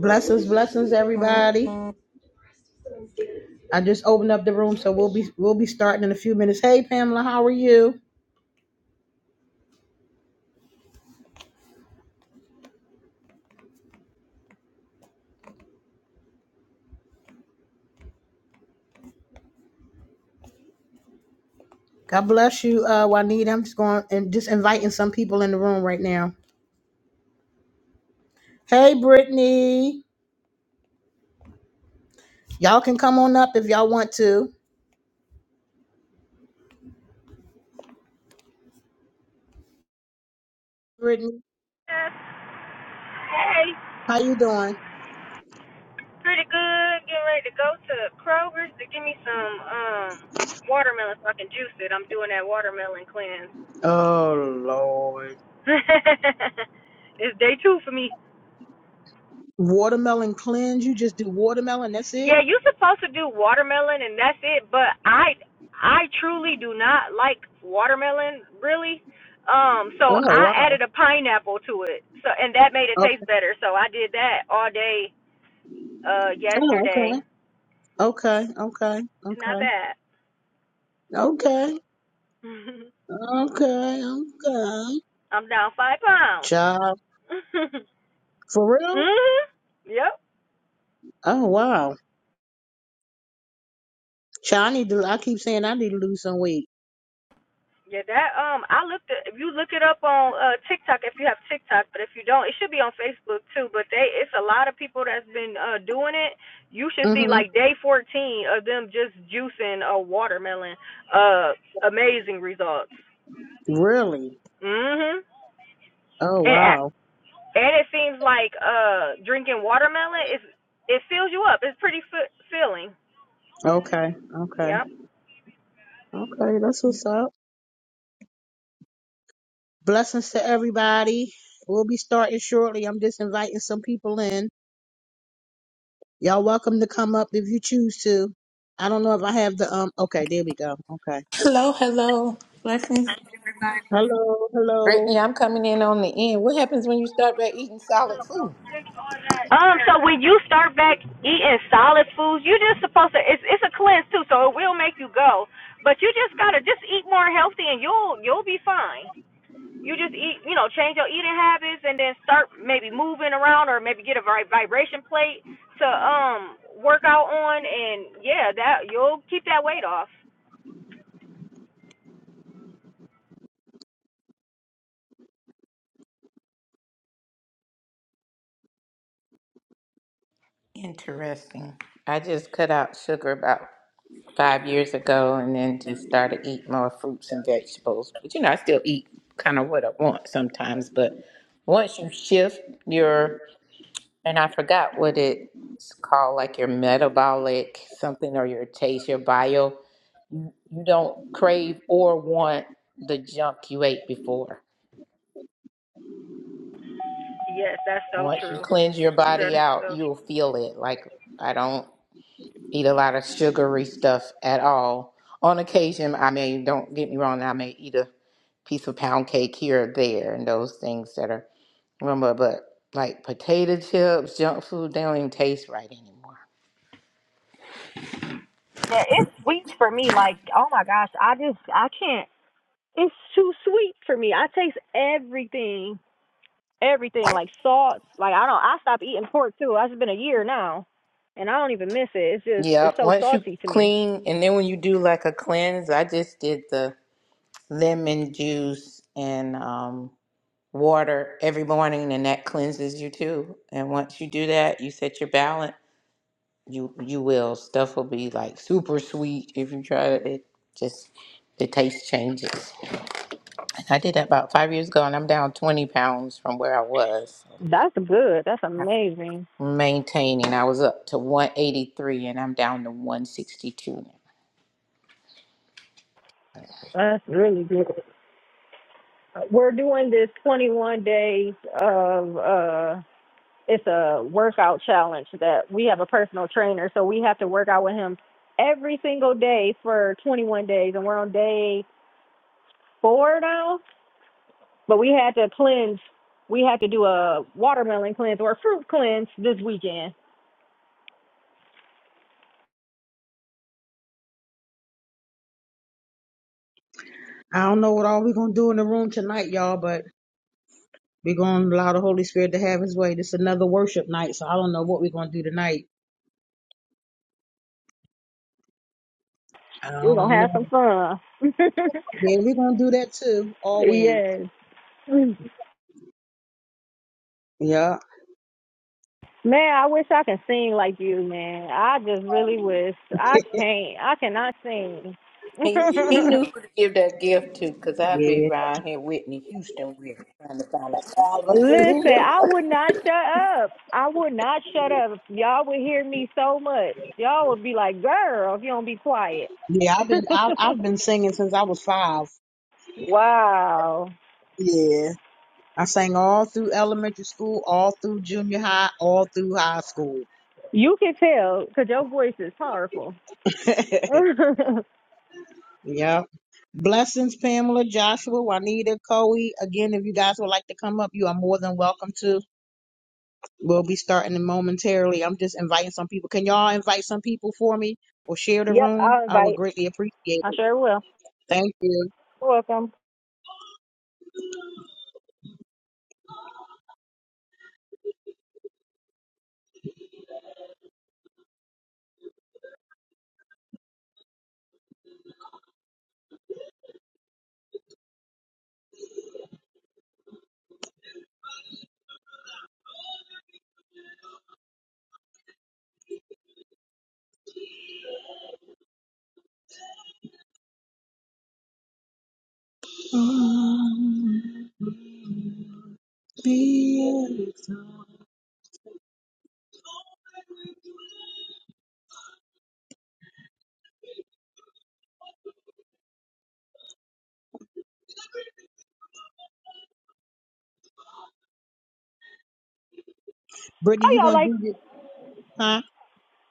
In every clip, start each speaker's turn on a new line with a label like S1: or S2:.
S1: Blessings, blessings, everybody. I just opened up the room, so we'll be we'll be starting in a few minutes. Hey, Pamela, how are you? God bless you, uh, Juanita. I'm just going and just inviting some people in the room right now. Hey, Brittany, y'all can come on up if y'all want to. Brittany,
S2: Hey,
S1: how you doing?
S2: pretty good. Getting ready to go to Kroger's to give me some um watermelon so I can juice it. I'm doing that watermelon cleanse.
S1: Oh Lord,
S2: it's day two for me.
S1: watermelon cleanse. You just do watermelon. That's it.
S2: Yeah, you are supposed to do watermelon and that's it, but I I truly do not like watermelon, really. Um, so
S1: Oh
S2: I
S1: wow.
S2: added a pineapple to it. So and that made it
S1: Okay.
S2: taste better. So I did that all day uh
S1: Oh,
S2: yesterday.
S1: okay. Okay. Okay.
S2: It's not
S1: Okay.
S2: bad.
S1: Okay. Okay.
S2: I'm down five pounds.
S1: Okay.
S2: mhm.
S1: For real?
S2: Yep.
S1: Oh wow. Child, I need to. I keep saying I need to lose some weight.
S2: Yeah, that um I looked at if you look it up on uh TikTok if you have TikTok, but if you don't, it should be on Facebook too, but they it's a lot of people that's been uh doing it. You should see
S1: Mhm.
S2: like day 14 of them just juicing a watermelon. Uh amazing results.
S1: Really?
S2: Mhm.
S1: Oh
S2: And ac-
S1: wow.
S2: and it seems like uh drinking watermelon is it fills you up. It's pretty f- filling.
S1: Okay. Okay.
S2: Yeah.
S1: Okay. That's what's up. Blessings to everybody. We'll be starting shortly. I'm just inviting some people in. Y'all welcome to come up if you choose to. I don't know if I have the um. Okay, there we go. Okay.
S3: Hello, hello. Blessings.
S1: Hello. Hello.
S3: Brittany, I'm coming in on the end. What happens when you start by eating solid food?
S2: Um, so when you start back eating solid foods, you're just supposed to. It's it's a cleanse too, so it will make you go. But you just gotta just eat more healthy, and you'll you'll be fine. You just eat, you know, change your eating habits, and then start maybe moving around, or maybe get a vib- vibration plate to um work out on, and yeah, that you'll keep that weight off.
S3: Interesting. I just cut out sugar about five years ago and then just started eating more fruits and vegetables. But you know, I still eat kind of what I want sometimes. But once you shift your, and I forgot what it's called, like your metabolic something or your taste, your bio, you don't crave or want the junk you ate before.
S2: Yes, that's so
S3: Once you
S2: true.
S3: cleanse your
S2: That
S3: body
S2: is
S3: out,
S2: so
S3: you'll
S2: true.
S3: feel it. Like I don't eat a lot of sugary stuff at all. On occasion, I may, don't get me wrong, I may eat a piece of pound cake here or there and those things that are, remember, but like potato chips, junk food, they don't even taste right anymore.
S2: Yeah, it's sweets for me. Like, oh my gosh, I just I can't. It's too sweet for me. I taste everything, everything like salts. Like I don't. I stopped eating pork too. It's been a year now, and I don't even miss it. It's just
S3: Yeah,
S2: it's so
S3: once you
S2: salty to me.
S3: clean, and then when you do like a cleanse, I just did the lemon juice and um water every morning and that cleanses you too. And once you do that, you set your balance, you you will. Stuff will be like super sweet if you try it. It just the taste changes. And I did that about five years ago and I'm down twenty pounds from where I was.
S2: That's good. That's amazing.
S3: Maintaining. I was up to one eighty three and I'm down to one sixty two now.
S2: That's really good. We're doing this 21 days of uh, it's a workout challenge that we have a personal trainer, so we have to work out with him every single day for 21 days, and we're on day four now But we had to cleanse. We had to do a watermelon cleanse or a fruit cleanse this weekend.
S1: I don't know what all we're gonna do in the room tonight, y'all, but we're gonna allow the Holy Spirit to have His way. This is another worship night, so I don't know what we're gonna do tonight. I
S2: We're gonna
S1: don't know.
S2: have some fun.
S1: Yeah, we're gonna do that too, always.
S2: yes.
S1: Yeah.
S2: Man, I wish I could sing like you, man. I just really wish. I can't. I cannot sing.
S3: He he knew who to give that gift to because I'd be
S1: Yeah.
S3: around here Whitney Houston with it, trying to find an
S2: Listen,
S3: album.
S2: I would not shut up. I would not shut up. Y'all would hear me so much. Y'all would be like, girl, if you don't be quiet.
S1: Yeah, I've been I I've been singing since I was five.
S2: wow.
S1: Yeah. I sang all through elementary school, all through junior high, all through high school.
S2: You can tell because your voice is powerful.
S1: yeah. Blessings, Pamela, Joshua, Juanita, Coe. Again, if you guys would like to come up, you are more than welcome to. We'll be starting it momentarily. I'm just inviting some people. Can y'all invite some people for me or share the
S2: Yep,
S1: room?
S2: I'll
S1: I would
S2: invite.
S1: greatly appreciate
S2: I
S1: it.
S2: sure will.
S1: Thank you.
S2: You're Welcome.
S1: Brittany,
S2: How
S1: you
S2: y'all
S1: gonna
S2: like?
S1: do this, huh?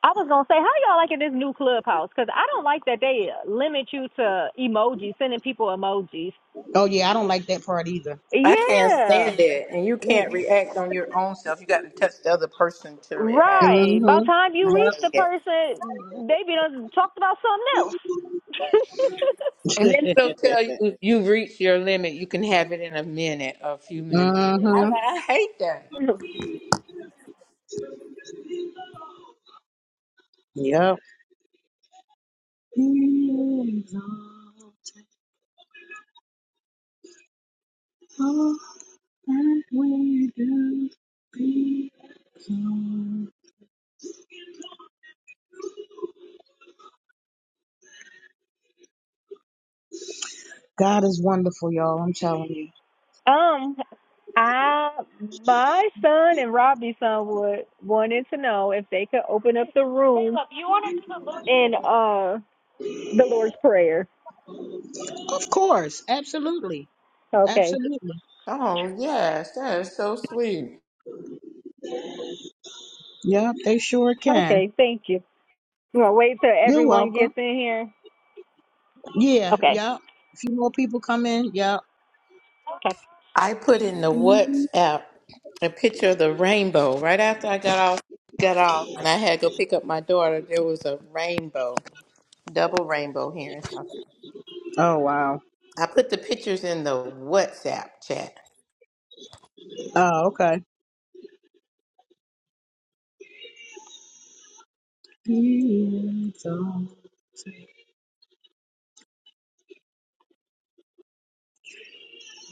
S2: I was gonna say, how y'all liking this new clubhouse? Because I don't like that they limit you to emojis, sending people emojis.
S1: Oh yeah, I don't like that part either.
S3: I can't
S2: Yeah,
S3: stand it, and you
S2: Mm,
S3: can't react on your own self. You got to touch the other person to react.
S2: right.
S3: I,
S2: By the
S1: Mm-hmm.
S2: time you
S3: I
S2: reach the
S3: hate it.
S2: person, they be done talked about something
S3: And then
S1: Yep.
S3: it'll tell you you've reached your limit. You can have it in a minute, a few minutes. I,
S1: mm-hmm.
S3: I hate that.
S2: else.
S1: Yep. Be exalted, and we do be exalted. God is wonderful, y'all. I'm telling you.
S2: Um, I my son and Robbie's son would wanted to know if they could open up the room in uh the Lord's Prayer.
S1: Of course, absolutely,
S2: Okay.
S1: absolutely.
S3: Oh yes, that is so sweet.
S1: Yep, they sure can.
S2: Okay, thank you. You wanna wait till
S1: You're
S2: everyone
S1: welcome.
S2: gets in here?
S1: Yeah,
S2: Okay.
S1: yep. A few more people come in. Yep.
S2: Okay.
S3: I put in the WhatsApp a picture of the rainbow right after I got off. Got off, and I had to go pick up my daughter. There was a rainbow, double rainbow here in South Carolina.
S1: Oh wow.
S3: I put the pictures in the WhatsApp chat.
S1: Oh okay. So,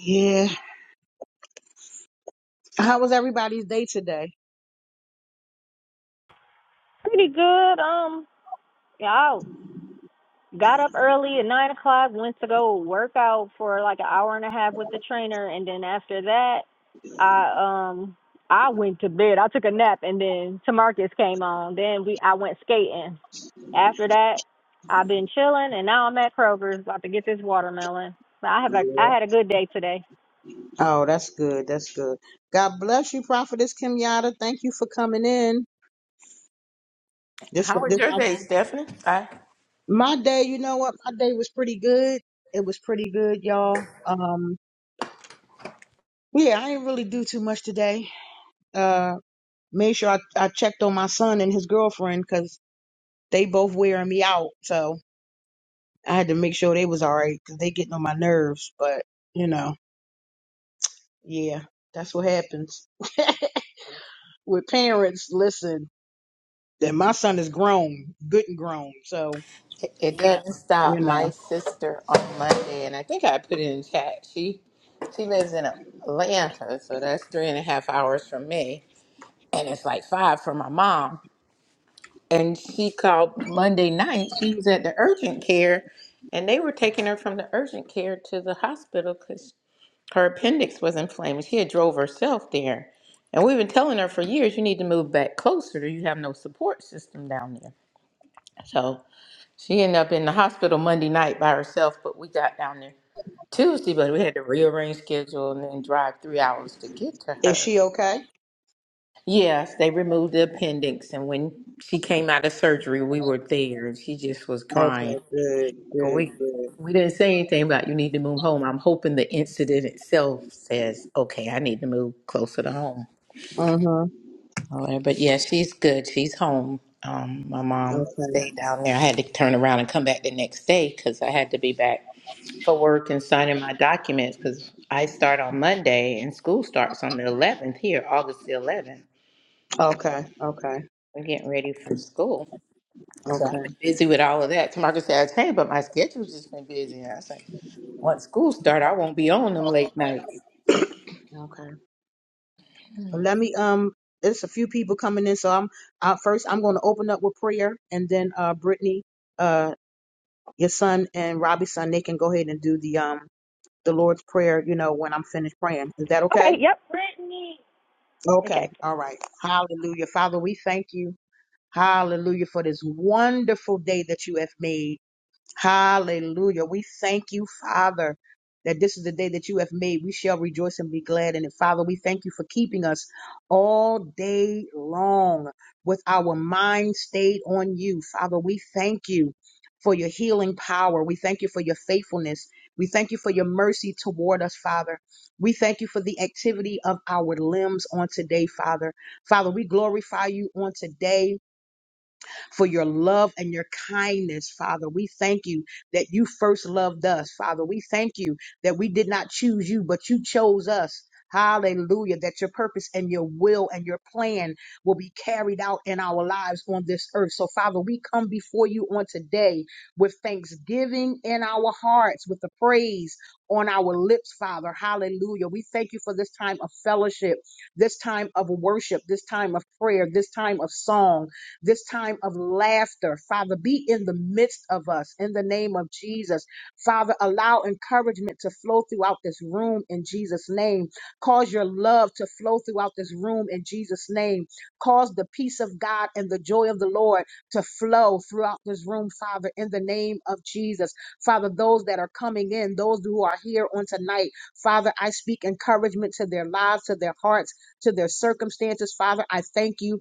S1: Yeah. How was everybody's day today?
S2: Pretty good. Um yeah, Got up early at nine o'clock, went to go work out for like an hour and a half with the trainer, and then after that, I um I went to bed. I took a nap, and then Tamarcus came on. Then we I went skating. After that, I've been chilling, and now I'm at Kroger's about to get this watermelon. But I have a I had a good day today.
S1: Oh, that's good. That's good. God bless you, Prophetess Kenyatta. Thank you for coming in. This
S3: How was
S1: this
S3: your day, Stephanie? I
S1: my day. You know what? My day was pretty good. It was pretty good, y'all. Um, yeah, I didn't really do too much today. Uh, made sure I, I checked on my son and his girlfriend because they both wearing me out. So I had to make sure they was all right because they getting on my nerves. But you know, yeah, that's what happens with parents. Listen, that my son is grown, good and grown. So
S3: it it doesn't
S1: you
S3: stop. My
S1: know,
S3: sister on Monday, and I think I put it in chat. She she lives in Atlanta, so that's three and a half hours from me, and it's like five from my mom. And she called Monday night. She was at the urgent care, and they were taking her from the urgent care to the hospital because her appendix was inflamed. She had drove herself there, and we've been telling her for years, you need to move back closer. You have no support system down there. So She ended up in the hospital Monday night by herself, but we got down there Tuesday, but we had to rearrange schedule and then drive three hours to get to
S1: is
S3: her.
S1: she okay?
S3: Yes, they removed the appendix, and when she came out of surgery, we were there, and she just was
S1: Okay,
S3: crying.
S1: good, good,
S3: We
S1: good.
S3: we didn't say anything about you need to move home. I'm hoping the incident itself says, okay, I need to move closer to home.
S1: Uh huh.
S3: All right, but yeah, she's good. She's home. Um, my mom
S1: Okay,
S3: stayed down there. I had to turn around and come back the next day because I had to be back for work and signing my documents because I start on Monday and school starts on the 11th here, August the 11th.
S1: okay, okay,
S3: We're getting ready for school. So
S1: okay,
S3: I've been busy with all of that. Tamarcus says, hey, but my schedule's just been busy. And I say, once school start, I won't be on them late nights.
S1: okay. Well, let me um. It's a few people coming in, so I'm uh, first. I'm going to open up with prayer, and then uh, Brittany, uh, your son and Robbie's son, they can go ahead and do the um the Lord's Prayer, you know, when I'm finished praying. Is that
S2: Okay.
S1: okay?
S2: Yep. Brittany. Okay.
S1: Okay. All right. Hallelujah. Father, we thank you. Hallelujah for this wonderful day that you have made. Hallelujah. We thank you, Father, that this is the day that you have made. We shall rejoice and be glad in it. Father, we thank you for keeping us all day long with our mind stayed on you. Father, we thank you for your healing power. We thank you for your faithfulness. We thank you for your mercy toward us, Father. We thank you for the activity of our limbs on today, Father. Father, we glorify you on today for your love and your kindness, Father. We thank you that you first loved us, Father. We thank you that we did not choose you, but you chose us. Hallelujah, that your purpose and your will and your plan will be carried out in our lives on this earth. So, Father, we come before you on today with thanksgiving in our hearts, with the praise on our lips, Father. Hallelujah. We thank you for this time of fellowship, this time of worship, this time of prayer, this time of song this time of laughter. Father, be in the midst of us in the name of Jesus. Father, allow encouragement to flow throughout this room in Jesus' name. Cause your love to flow throughout this room in Jesus' name. Cause the peace of God and the joy of the Lord to flow throughout this room, Father, in the name of Jesus. Father, those that are coming in, those who are here on tonight, Father, I speak encouragement to their lives, to their hearts, to their circumstances. Father, I thank you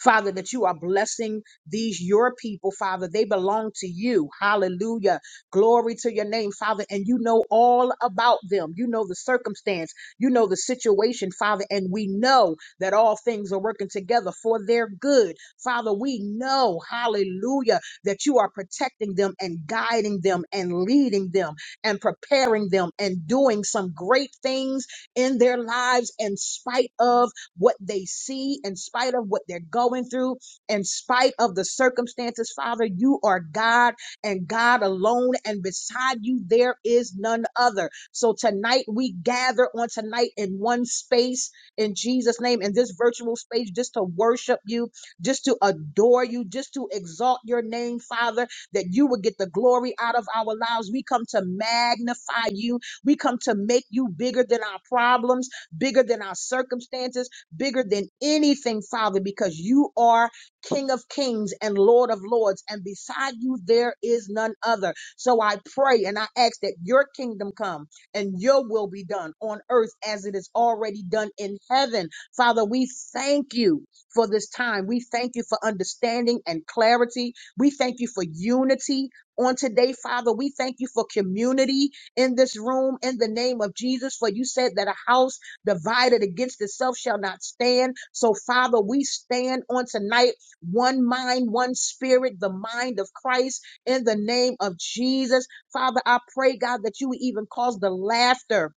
S1: Father, that you are blessing these your people, Father. They belong to you. Hallelujah. Glory to your name, Father. And you know all about them. You know the circumstance. You know the situation, Father. And we know that all things are working together for their good. Father, we know, hallelujah, that you are protecting them and guiding them and leading them and preparing them and doing some great things in their lives in spite of what they see, in spite of what they're going through, in spite of the circumstances. Father, you are God and God alone, and beside you, there is none other. So tonight, we gather on tonight in one space in Jesus' name, in this virtual space, just to worship you, just to adore you, just to exalt your name, Father, that you would get the glory out of our lives. We come to magnify you. We come to make you bigger than our problems, bigger than our circumstances bigger than anything, Father, because you are King of kings and Lord of lords, and beside you there is none other. So I pray and I ask that your kingdom come and your will be done on earth as it is already done in heaven. Father, we thank you for this time. We thank you for understanding and clarity. We thank you for unity on today, Father. We thank you for community in this room in the name of Jesus, for you said that a house divided against itself shall not stand. So, Father, we stand on tonight, one mind, one spirit, the mind of Christ in the name of Jesus. Father, I pray, God, that you would even cause the laughter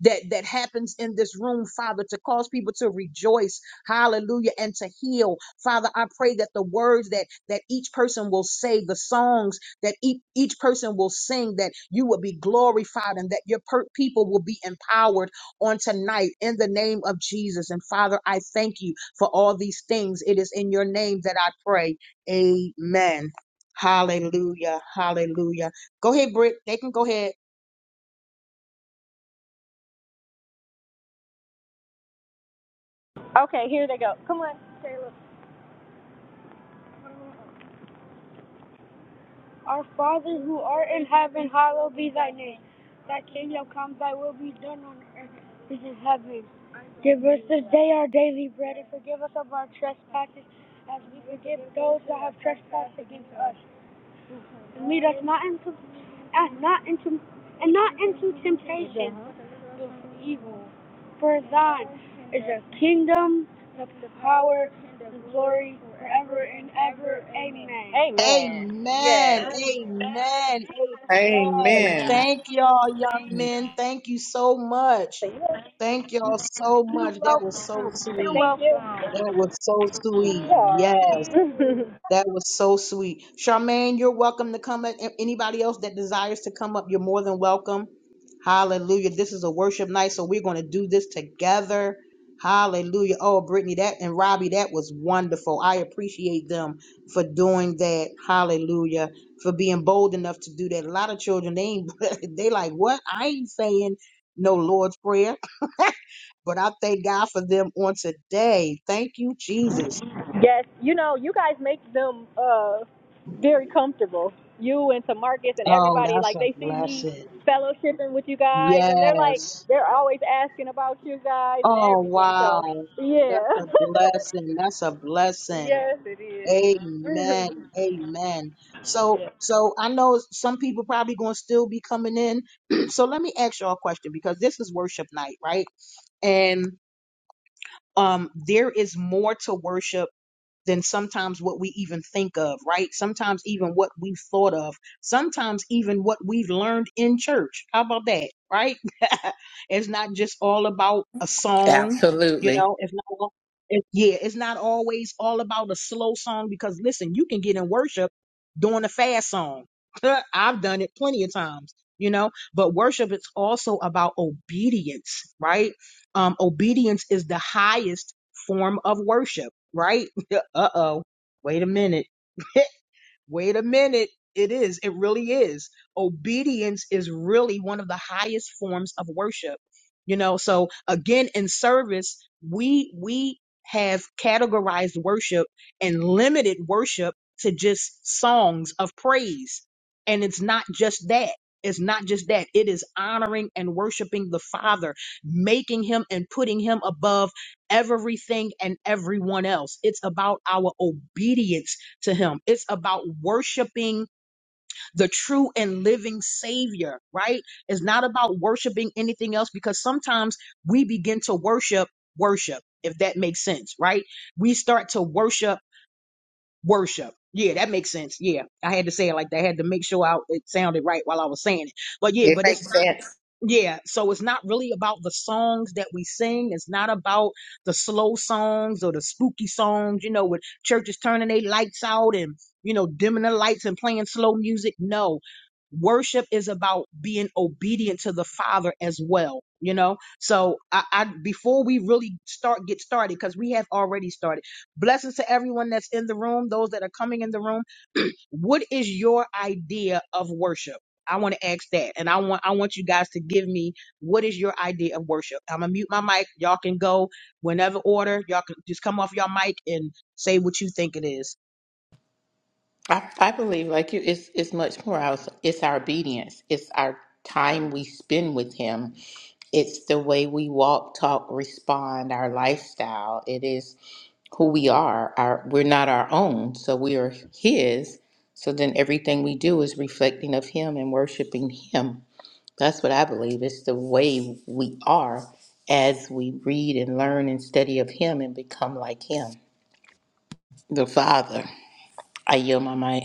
S1: that that happens in this room, Father, to cause people to rejoice, hallelujah, and to heal. Father, I pray that the words that that each person will say, the songs that each, each person will sing, that you will be glorified and that your per- people will be empowered on tonight in the name of Jesus. And Father, I thank you for all these things. It is in your name that I pray. Amen. Hallelujah. Hallelujah. Go ahead, Britt. They can go ahead.
S2: Okay, Here they go. Come on. Taylor. Our Father who art in heaven, hallowed be thy name. Thy kingdom come, thy will be done on earth as in heaven. Give us this day our daily bread and forgive us of our trespasses as we forgive those that have trespassed against us. And lead us not into and not into and not into temptation but from evil. For thine is the kingdom, the power, and the glory forever and ever. Amen. Amen.
S1: Amen.
S2: Yes.
S1: Amen. Amen.
S3: Amen.
S1: Thank y'all, young men. Thank you so much. Thank y'all so
S2: You're
S1: much. That was
S2: welcome.
S1: so
S2: You're
S1: sweet.
S2: thank you. welcome.
S1: That was so sweet.
S2: Yeah.
S1: Yes. That was so sweet. Charmaine, you're welcome to come up. A- Anybody else that desires to come up, you're more than welcome. Hallelujah. This is a worship night, so we're going to do this together. Hallelujah. Oh, Brittany, that and Robbie, that was wonderful. I appreciate them for doing that. Hallelujah. For being bold enough to do that. A lot of children, they ain't, they like, what? I ain't saying no Lord's Prayer. But I thank God for them on today. Thank you, Jesus.
S2: Yes, you know, you guys make them uh very comfortable. You and Tamarcus and
S1: Oh,
S2: everybody,
S1: that's
S2: like
S1: a
S2: they see me
S1: blessing.
S2: fellowshipping with you guys and they're like
S1: Yes.
S2: they're always asking about you guys and
S1: Oh,
S2: everything.
S1: wow.
S2: So
S1: That's
S2: yeah.
S1: a blessing. That's a blessing.
S2: Yes, it is.
S1: Amen. Amen. So,
S2: yeah.
S1: so I know some people probably going to still be coming in. so let me ask y'all a question because this is worship night, right? And um, there is more to worship than sometimes what we even think of, right? Sometimes even what we've thought of, sometimes even what we've learned in church. How about that, right? it's not just all about a song, you
S3: Absolutely.
S1: know, it's not all, it, yeah, it's not always all about a slow song because listen, you can get in worship doing a fast song. I've done it plenty of times, you know, but worship is also about obedience, right? Um, obedience is the highest form of worship, right? uh oh, wait a minute. Wait a minute. It is. It really is. Obedience is really one of the highest forms of worship. You know, so again, in service, we, we have categorized worship and limited worship to just songs of praise. And it's not just that. It's not just that. It is honoring and worshiping the Father, making him and putting him above everything and everyone else. It's about our obedience to him. It's about worshiping the true and living savior, right? It's not about worshiping anything else because sometimes we begin to worship worship, if that makes sense, right? We start to worship worship. Yeah, that makes sense. Yeah. I had to say it like that. I had to make sure I, it sounded right while I was saying it. But yeah,
S3: It
S1: but it's not.
S3: makes sense.
S1: Yeah, so it's not really about the songs that we sing. It's not about the slow songs or the spooky songs, you know, with churches turning their lights out and, you know, dimming the lights and playing slow music. No, worship is about being obedient to the Father as well, you know? So I, I before we really start, get started, because we have already started. Blessings to everyone that's in the room, those that are coming in the room. What is your idea of worship? I want to ask that, and I want I want you guys to give me what is your idea of worship. I'm gonna mute my mic. Y'all can go whenever order. Y'all can just come off your mic and say what you think it is.
S3: I, I believe, like you, it's it's much more. else. It's our obedience. It's our time we spend with Him. It's the way we walk, talk, respond, our lifestyle. It is who we are. Our we're not our own, so we are His. So then everything we do is reflecting of Him and worshiping Him. That's what I believe. It's the way we are as we read and learn and study of Him and become like Him, the Father. I yield my mic.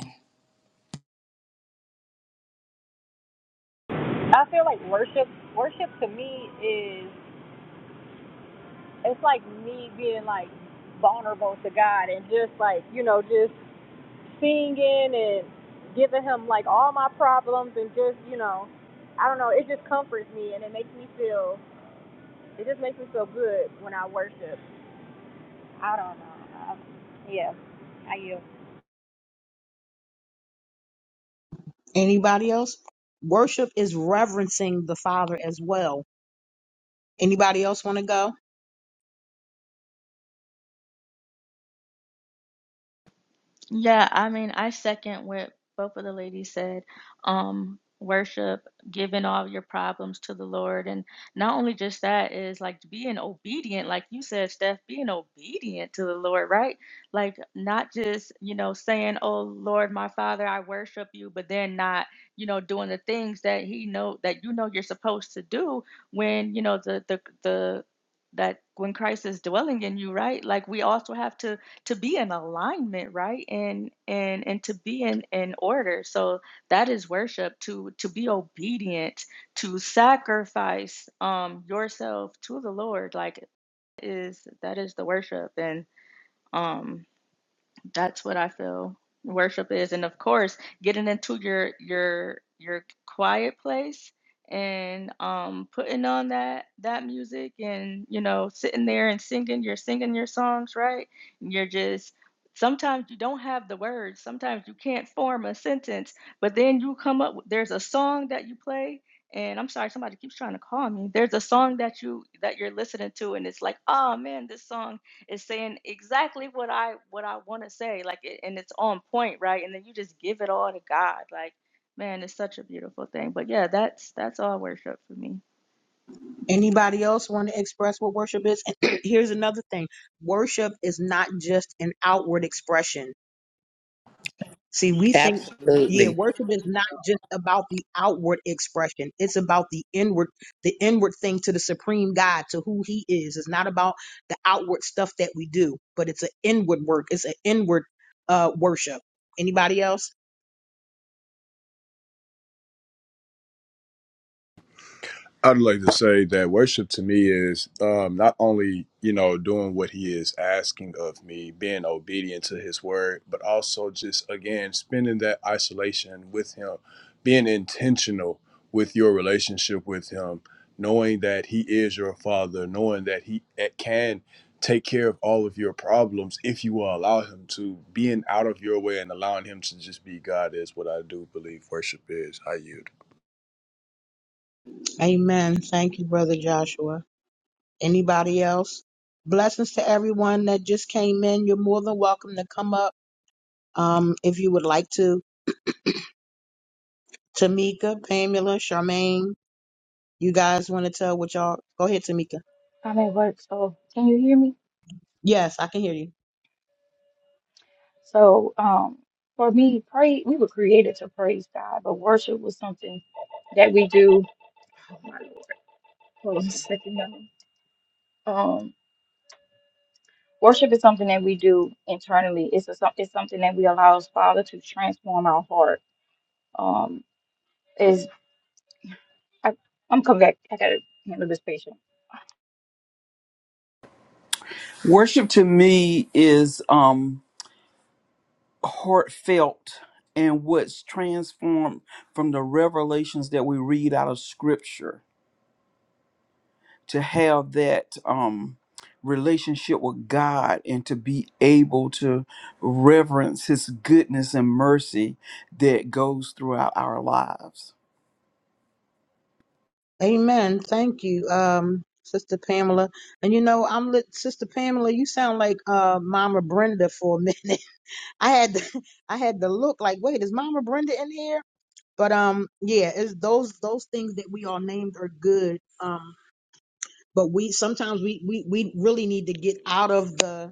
S2: I feel like worship worship to me is it's like me being like vulnerable to God and just like, you know, just singing and giving him like all my problems and just you know i don't know it just comforts me and it makes me feel it just makes me feel good when i worship i don't know I, yeah i yield
S1: Anybody else? Worship is reverencing the Father as well. Anybody else want to go?
S4: Yeah, I mean, I second what both of the ladies said. Um, worship, giving all your problems to the Lord, and not only just that is like being obedient, like you said, Steph, being obedient to the Lord, right? Like not just you know saying, "Oh Lord, my Father, I worship you," but then not you know doing the things that He know that you know you're supposed to do when you know the the the that when Christ is dwelling in you, right? Like we also have to to be in alignment right and and and to be in in order so that is worship to to be obedient to sacrifice um yourself to the lord like is that is the worship and um that's what I feel worship is. And of course, getting into your your your quiet place and um putting on that that music and you know sitting there and singing you're singing your songs right and you're just sometimes you don't have the words sometimes you can't form a sentence but then you come up with- there's a song that you play and i'm sorry somebody keeps trying to call me there's a song that you that you're listening to and it's like oh man this song is saying exactly what I what I want to say, like, it, and it's on point, right? And then you just give it all to God, like, man, it's such a beautiful thing. But yeah, that's that's all worship for me.
S1: Anybody else want to express what worship is? here's another thing: worship is not just an outward expression See, we think, yeah,
S3: Absolutely.
S1: worship is not just about the outward expression. It's about the inward, the inward thing to the supreme God, to who he is. It's not about the outward stuff that we do, but it's an inward work. It's an inward uh, worship. Anybody else?
S5: I'd like to say that worship to me is um, not only you know doing what He is asking of me, being obedient to His word, but also just again spending that isolation with Him, being intentional with your relationship with Him, knowing that He is your Father, knowing that He eh, can take care of all of your problems if you will allow Him to, being out of your way and allowing Him to just be God is what I do believe worship is. I yield.
S1: Amen. Thank you, Brother Joshua. Anybody else? Blessings to everyone that just came in. You're more than welcome to come up um, if you would like to. Tamika, Pamela, Charmaine, you guys want to tell what y'all? Go ahead, Tamika.
S6: I'm at work, so can you hear me?
S1: Yes, I can hear you.
S6: So, um, for me, praise, we were created to praise God, but worship was something that we do. Oh my Lord, hold on a second. y'all. Um, worship is something that we do internally. It's a, so, it's something that we allow us, Father to transform our heart. Um, is I, I'm coming back. I gotta handle this patient.
S7: Worship to me is um heartfelt and what's transformed from the revelations that we read out of scripture to have that um relationship with God and to be able to reverence his goodness and mercy that goes throughout our lives.
S1: Amen. Thank you, um, Sister Pamela. And you know, I'm lit, Sister Pamela. You sound like uh, Mama Brenda for a minute. I had to, I had to look like, wait, is Mama Brenda in here? But um, yeah, it's those those things that we all named are good. Um, but we sometimes we we we really need to get out of the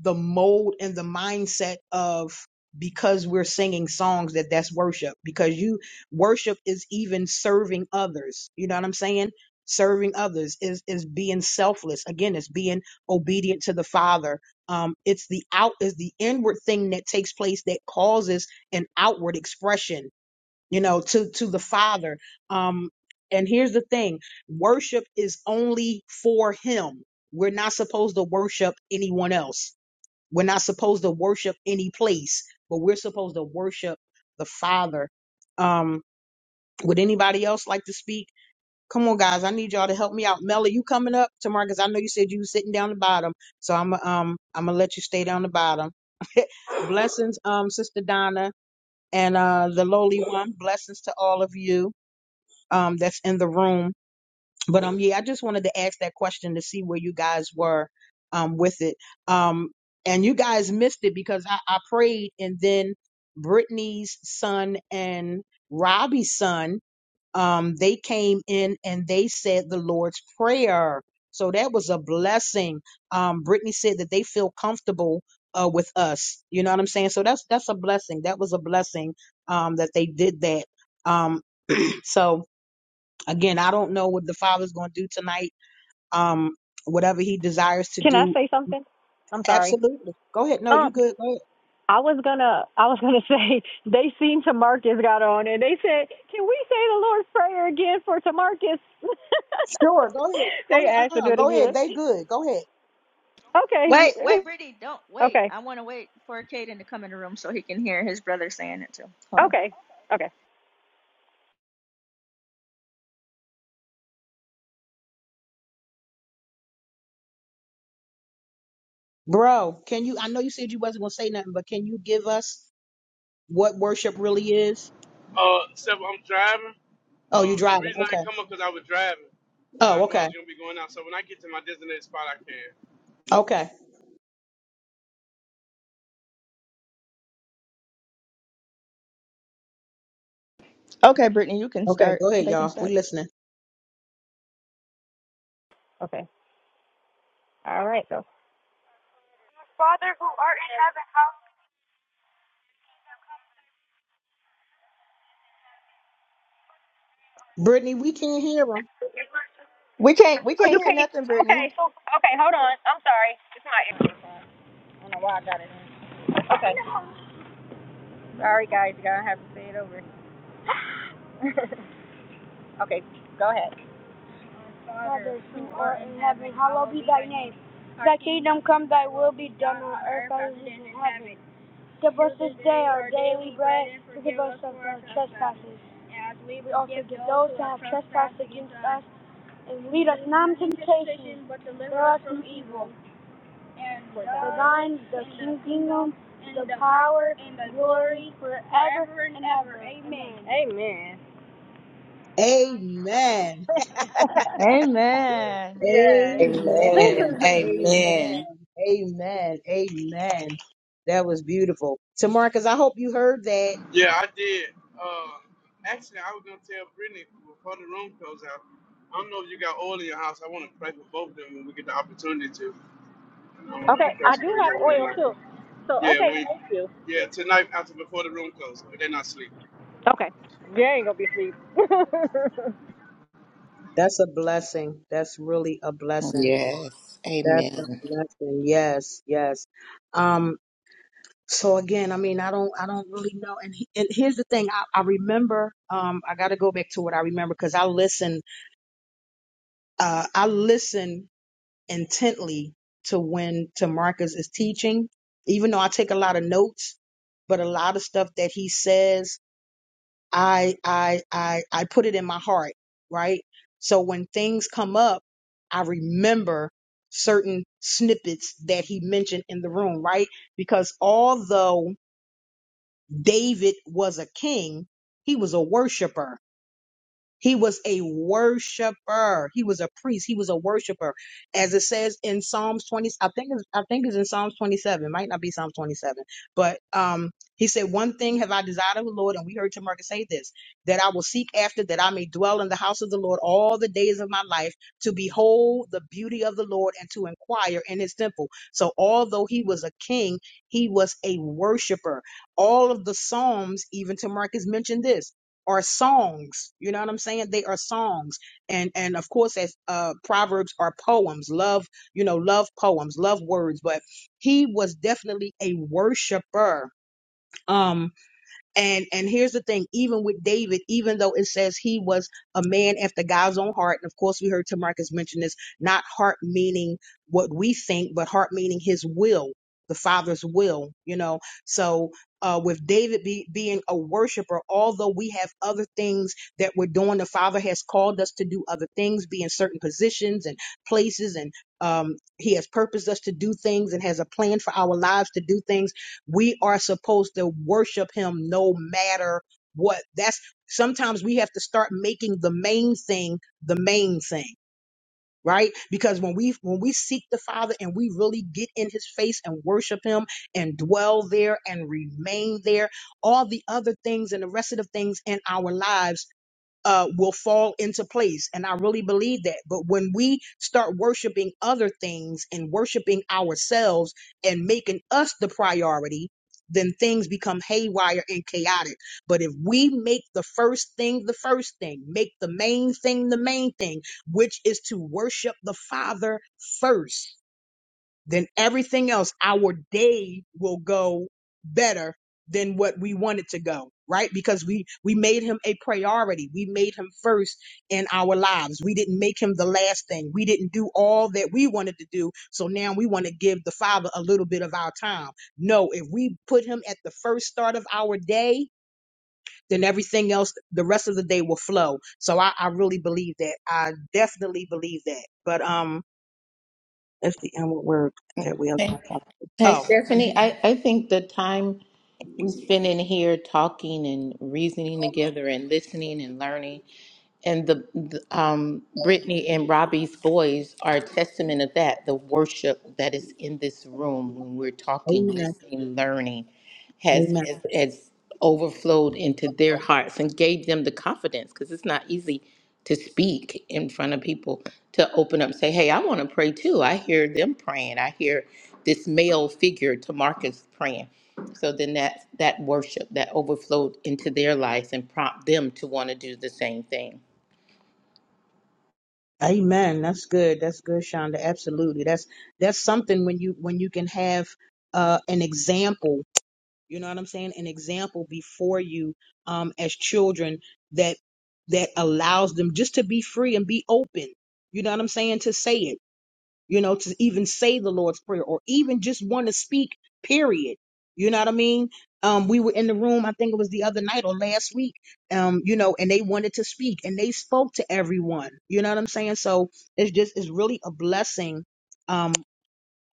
S1: the mold and the mindset of because we're singing songs that that's worship because you worship is even serving others you know what i'm saying serving others is is being selfless again it's being obedient to the father um it's the out is the inward thing that takes place that causes an outward expression you know to to the father um and here's the thing worship is only for him we're not supposed to worship anyone else we're not supposed to worship any place, but we're supposed to worship the Father. Um, would anybody else like to speak? Come on, guys. I need y'all to help me out. Melly, you coming up tomorrow? Because I know you said you were sitting down the bottom, so I'm um I'm gonna let you stay down the bottom. blessings, um, Sister Donna and uh the lowly one. Blessings to all of you um that's in the room. But um, yeah, I just wanted to ask that question to see where you guys were um with it. Um, and you guys missed it because I, I prayed, and then Brittany's son and Robbie's son, um, they came in and they said the Lord's prayer. So that was a blessing. Um, Brittany said that they feel comfortable uh with us. You know what I'm saying? So that's that's a blessing. That was a blessing um that they did that. Um, so again, I don't know what the Father's going to do tonight um, whatever he desires to
S2: Can I
S1: do.
S2: say something? I'm sorry.
S1: Absolutely. Go ahead. No, you
S2: Um,
S1: good. Go ahead.
S2: I was gonna, I was gonna say they seen Tamarcus got on, and they said, "Can we say the Lord's Prayer again for Tamarcus?"
S1: Sure. Go ahead. Go
S2: they
S1: ahead.
S2: asked to
S1: Uh-uh.
S2: do it
S1: Go ahead.
S2: again.
S1: They good. Go ahead.
S2: Okay,
S4: Wait, wait, Brittany, don't wait.
S2: okay,
S4: I want to wait for Caden to come in the room so he can hear his brother saying it too. Hold on.
S2: okay, okay.
S1: Bro, can you, I know you said you wasn't going to say nothing, but can you give us what worship really is? Oh, you driving. Okay. Oh, okay. Okay.
S4: Okay, Brittany, you can
S1: Okay.
S4: start.
S1: Go ahead,
S4: They can
S1: y'all. We
S4: start.
S1: listening.
S2: Father who art in heaven.
S1: Brittany, we can't hear him.
S4: We can't we
S2: Oh,
S4: can't
S2: you
S4: hear
S2: can't.
S4: nothing, Brittany.
S2: Okay. Okay, hold on. I'm sorry. It's my. I don't know why I got it. Okay. Sorry, guys. You're gonna have to say it over. okay, go ahead. Father who art in heaven, hallowed be thy name. Thy kingdom come, thy will be done on earth as it is in heaven. Give us this day our daily bread, and forgive us of our trespasses. We also forgive those who have trespassed against us, and lead us not into temptation, but deliver us from evil. the thine, the kingdom, the power, and the glory forever and ever. Amen. Amen.
S1: Amen.
S4: Amen.
S2: yes.
S1: Amen.
S3: Amen. Amen.
S1: Amen. Amen. Amen. That was beautiful. So, Marcus, I hope you heard that
S2: okay, I do have oil too. So okay, thank you. Okay. You ain't gonna be asleep. okay,
S1: That's a blessing. That's really a blessing.
S3: Yes.
S1: That's a
S3: Amen.
S1: blessing. Yes, yes. Um, so again, I mean, I don't, I don't really know. And, he- and here's the thing. I, I remember, um, I got to go back to what I remember because I listen, uh, I listen intently to when to is teaching, even though I take a lot of notes, but a lot of stuff that he says I I I I put it in my heart, right? So when things come up, I remember certain snippets that he mentioned in the room, right? Because although David was a king, he was a worshiper he was a worshiper. He was a priest. He was a worshiper. As it says in Psalms 20, I think it's, I think it's in Psalms 27. It might not be Psalms 27. But um he said, One thing have I desired of the Lord, and we heard Tamarcus say this, that I will seek after, that I may dwell in the house of the Lord all the days of my life, to behold the beauty of the Lord and to inquire in his temple. So although he was a king, he was a worshiper. All of the Psalms, even Tamarcus mentioned this are songs. You know what I'm saying? They are songs. And and of course as uh proverbs are poems, love, you know, love poems, love words, but he was definitely a worshiper. Um and and here's the thing, even with David, even though it says he was a man after God's own heart, and of course we heard Tamarcus mention this, not heart meaning what we think, but heart meaning his will, the Father's will, you know. So uh, with David be, being a worshiper, although we have other things that we're doing, the Father has called us to do other things, be in certain positions and places, and um, He has purposed us to do things and has a plan for our lives to do things we are supposed to worship him no matter what. That's sometimes we have to start making the main thing the main thing, right? Because when we when we seek the Father and we really get in his face and worship him and dwell there and remain there, all the other things and the rest of the things in our lives uh, will fall into place. And I really believe that. But when we start worshiping other things and worshiping ourselves and making us the priority, then things become haywire and chaotic. But if we make the first thing the first thing, make the main thing the main thing, which is to worship the Father first then everything else, our day will go better than what we want it to go, right? Because we we made him a priority. We made him first in our lives. We didn't make him the last thing. We didn't do all that we wanted to do. So now we want to give the Father a little bit of our time. No, if we put him at the first start of our day, then everything else, the rest of the day will flow. So I, I really believe that. I definitely believe that. But um that's the inward work that we are
S3: Hey,
S1: going to
S3: hey,
S1: Oh,
S3: Stephanie,
S1: mhm.
S3: I, I think the time we spend in here talking and reasoning together and listening and learning And the, the um, Brittany and Robbie's boys are a testament of that. The worship that is in this room when we're talking,
S1: amen,
S3: listening, learning, has
S1: amen,
S3: has, has overflowed into their hearts and gave them the confidence because it's not easy to speak in front of people to open up and say, "Hey, I want to pray too." I hear them praying. I hear this male figure Tamarcus, praying. So then that that worship that overflowed into their lives and prompt them to want to do the same thing.
S1: amen. That's good. That's good, Shonda. Absolutely. That's that's something when you when you can have uh, an example. You know what I'm saying? An example before you um, as children that that allows them just to be free and be open. You know what I'm saying? To say it. you know, to even say the Lord's Prayer or even just want to speak, period. You know what I mean? Um, we were in the room, I think it was the other night or last week, um, you know, and they wanted to speak and they spoke to everyone. You know what I'm saying? So it's just, it's really a blessing. Um,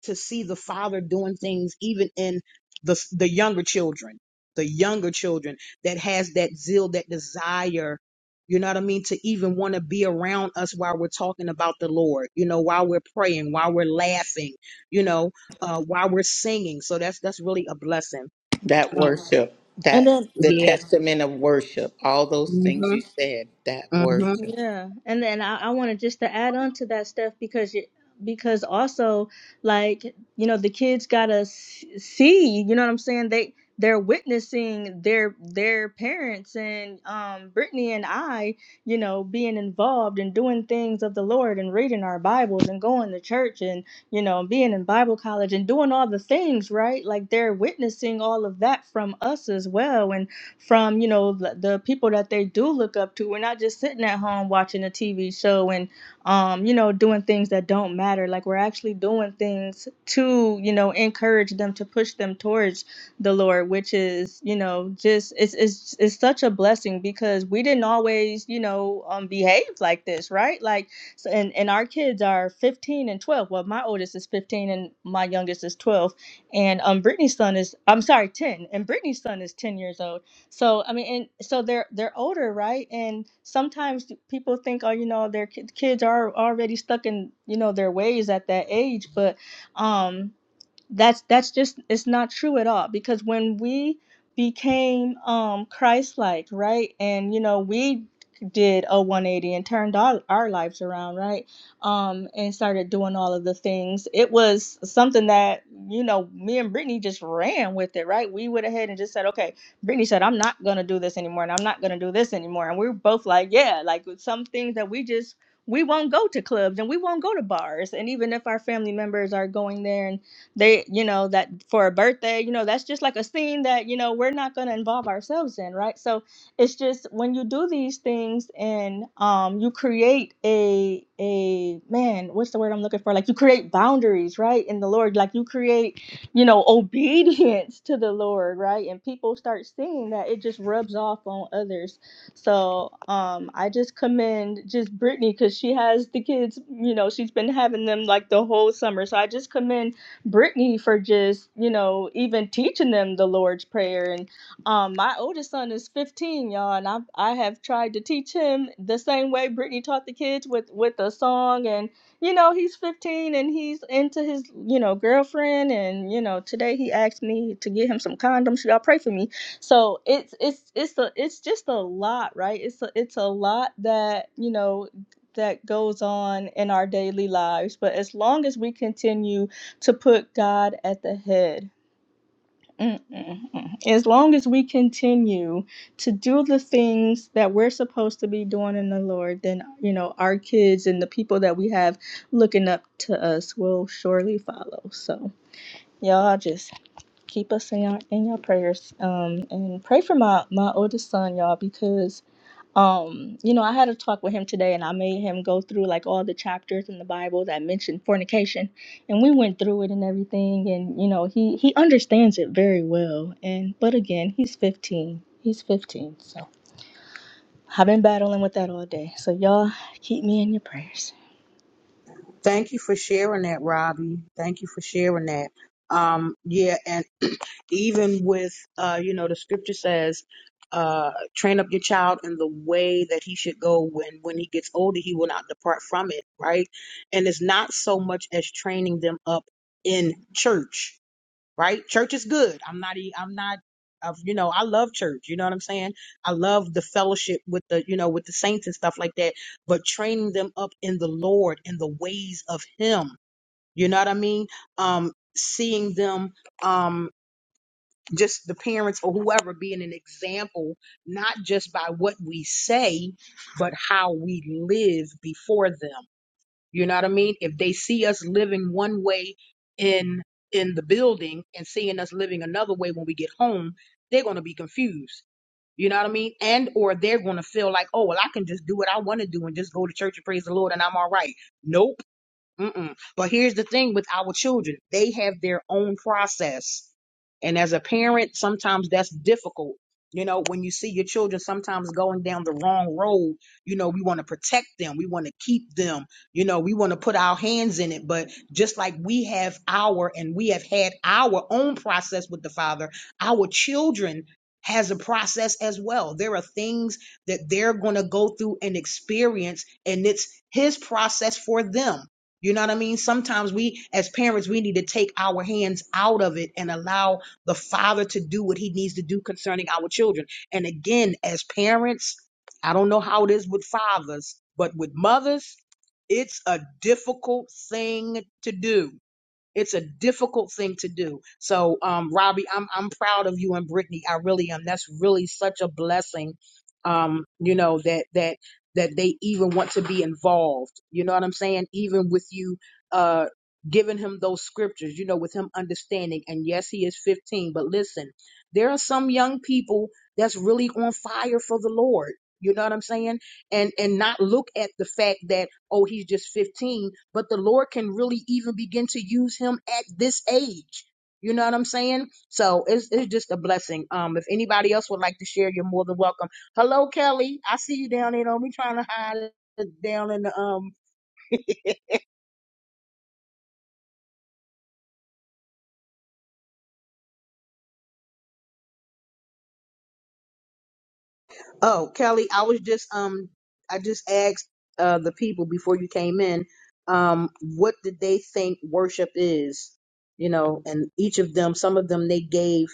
S1: to see the father doing things even in the the younger children the younger children that has that zeal that desire you know what i mean to even want to be around us while we're talking about the lord you know while we're praying while we're laughing you know uh while we're singing so that's that's really a blessing
S3: That
S1: um,
S3: worship,
S4: And
S3: that
S4: then
S3: the
S1: yeah
S3: testament of worship. All those things you
S1: hmm
S3: said, that worship.
S4: Yeah, and then I, I wanted just to add on to that stuff because you, because also like you know the kids gotta s- see you know what I'm saying they they're witnessing their their parents and um Brittany and I you know being involved and doing things of the Lord and reading our Bibles and going to church and you know being in Bible college and doing all the things right like they're witnessing all of that from us as well and from you know the, the people that they do look up to. We're not just sitting at home watching a TV show and um, you know doing things that don't matter. Like we're actually doing things to you know encourage them to push them towards the Lord, which is you know just it's it's it's such a blessing because we didn't always you know um, behave like this, right? Like so, and and our kids are 15 and 12. Well, my oldest is 15 and my youngest is 12 and um Brittany's son is I'm sorry 10 and Brittany's son is 10 years old so I mean, and so they're they're older, right? And sometimes people think, oh, you know, their ki- kids are already stuck in you know their ways at that age, but um that's that's just it's not true at all because when we became um christ-like right and you know we did a 180 and turned our, our lives around right um and started doing all of the things it was something that you know me and brittany just ran with it right we went ahead and just said okay brittany said i'm not gonna do this anymore and i'm not gonna do this anymore and we were both like yeah like with some things that we just we won't go to clubs and we won't go to bars and even if our family members are going there and they you know that for a birthday you know that's just like a scene that you know we're not going to involve ourselves in right so it's just when you do these things and um you create a a man what's the word i'm looking for like you create boundaries right in the lord like you create you know obedience to the lord right and people start seeing that it just rubs off on others so um, I just commend just Brittany because she has the kids. You know, she's been having them like the whole summer. So I just commend Brittany for just, you know, even teaching them the Lord's Prayer. And um, my oldest son is 15, y'all, and I, I have tried to teach him the same way Brittany taught the kids with, with a song. And, you know, he's 15 and he's into his, you know, girlfriend. And, you know, today he asked me to get him some condoms. Y'all pray for me. So it's, it's, it's a, it's just a lot, right? It's a, it's a lot that, you know, that goes on in our daily lives. But as long as we continue to put God at the head. Mm-mm-mm. As long as we continue to do the things that we're supposed to be doing in the Lord, then, you know, our kids and the people that we have looking up to us will surely follow. So, y'all just keep us in your, in your prayers um, and pray for my, my oldest son, y'all, because um you know i had a talk with him today and i made him go through like all the chapters in the bible that mention fornication and we went through it and everything and you know he he understands it very well and but again he's 15 he's 15 so i've been battling with that all day so y'all keep me in your prayers
S1: Thank you for sharing that, Robbie. Thank you for sharing that. Um, yeah, and even with uh, you know, the scripture says, uh, train up your child in the way that he should go when when he gets older, he will not depart from it, right? And it's not so much as training them up in church right? Church is good. I'm not, e- I'm not, uh, you know, I love church. You know what I'm saying? I love the fellowship with the, you know, with the saints and stuff like that, but training them up in the Lord and the ways of Him. You know what I mean? Um, seeing them, um, just the parents or whoever being an example, not just by what we say, but how we live before them. You know what I mean? If they see us living one way in in the building and seeing us living another way when we get home, they're going to be confused. You know what I mean? And or they're going to feel like, "Oh, well I can just do what I want to do and just go to church and praise the Lord and I'm all right." Nope Mm-mm. But here's the thing with our children, they have their own process. And as a parent, sometimes that's difficult. You know, when you see your children sometimes going down the wrong road, you know, we want to protect them. We want to keep them. You know, we want to put our hands in it. But just like we have our and we have had our own process with the Father, our children has a process as well. There are things that they're going to go through and experience, and it's His process for them you know what I mean? Sometimes we, as parents, we need to take our hands out of it and allow the father to do what he needs to do concerning our children. And again, as parents, I don't know how it is with fathers, but with mothers, it's a difficult thing to do. It's a difficult thing to do. So, um, Robbie, I'm I'm proud of you and Brittany. I really am. That's really such a blessing. Um, you know that that that they even want to be involved. You know what I'm saying? Even with you, uh, giving him those scriptures. You know, with him understanding. And yes, he is 15. But listen, there are some young people that's really on fire for the Lord. You know what I'm saying? and and not look at the fact that oh he's just 15 but the lord can really even begin to use him at this age you know what i'm saying so it's, it's just a blessing um if anybody else would like to share you're more than welcome hello kelly i see you down there don't be trying to hide it down in the um Oh, Kelly, I was just um I just asked uh the people before you came in um what did they think worship is, you know, and each of them some of them they gave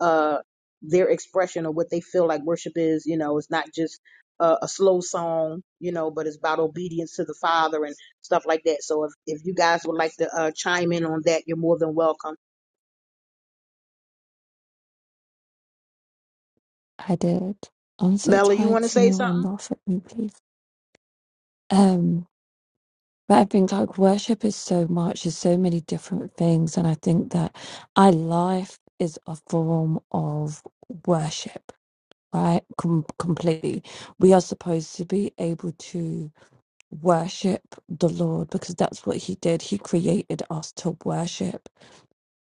S1: uh their expression of what they feel like worship is, you know, it's not just a, a slow song, you know, but it's about obedience to the Father and stuff like that. So if if you guys would like to uh chime in on that, you're more than welcome.
S8: I did. I'm so
S1: Mela, you
S8: tired,
S1: want to
S8: so no
S1: say something?
S8: one laugh at me, please. Um, but I think like worship is so much, there's so many different things, and I think that our life is a form of worship, right? Com- completely. We are supposed to be able to worship the Lord because that's what He did. He created us to worship.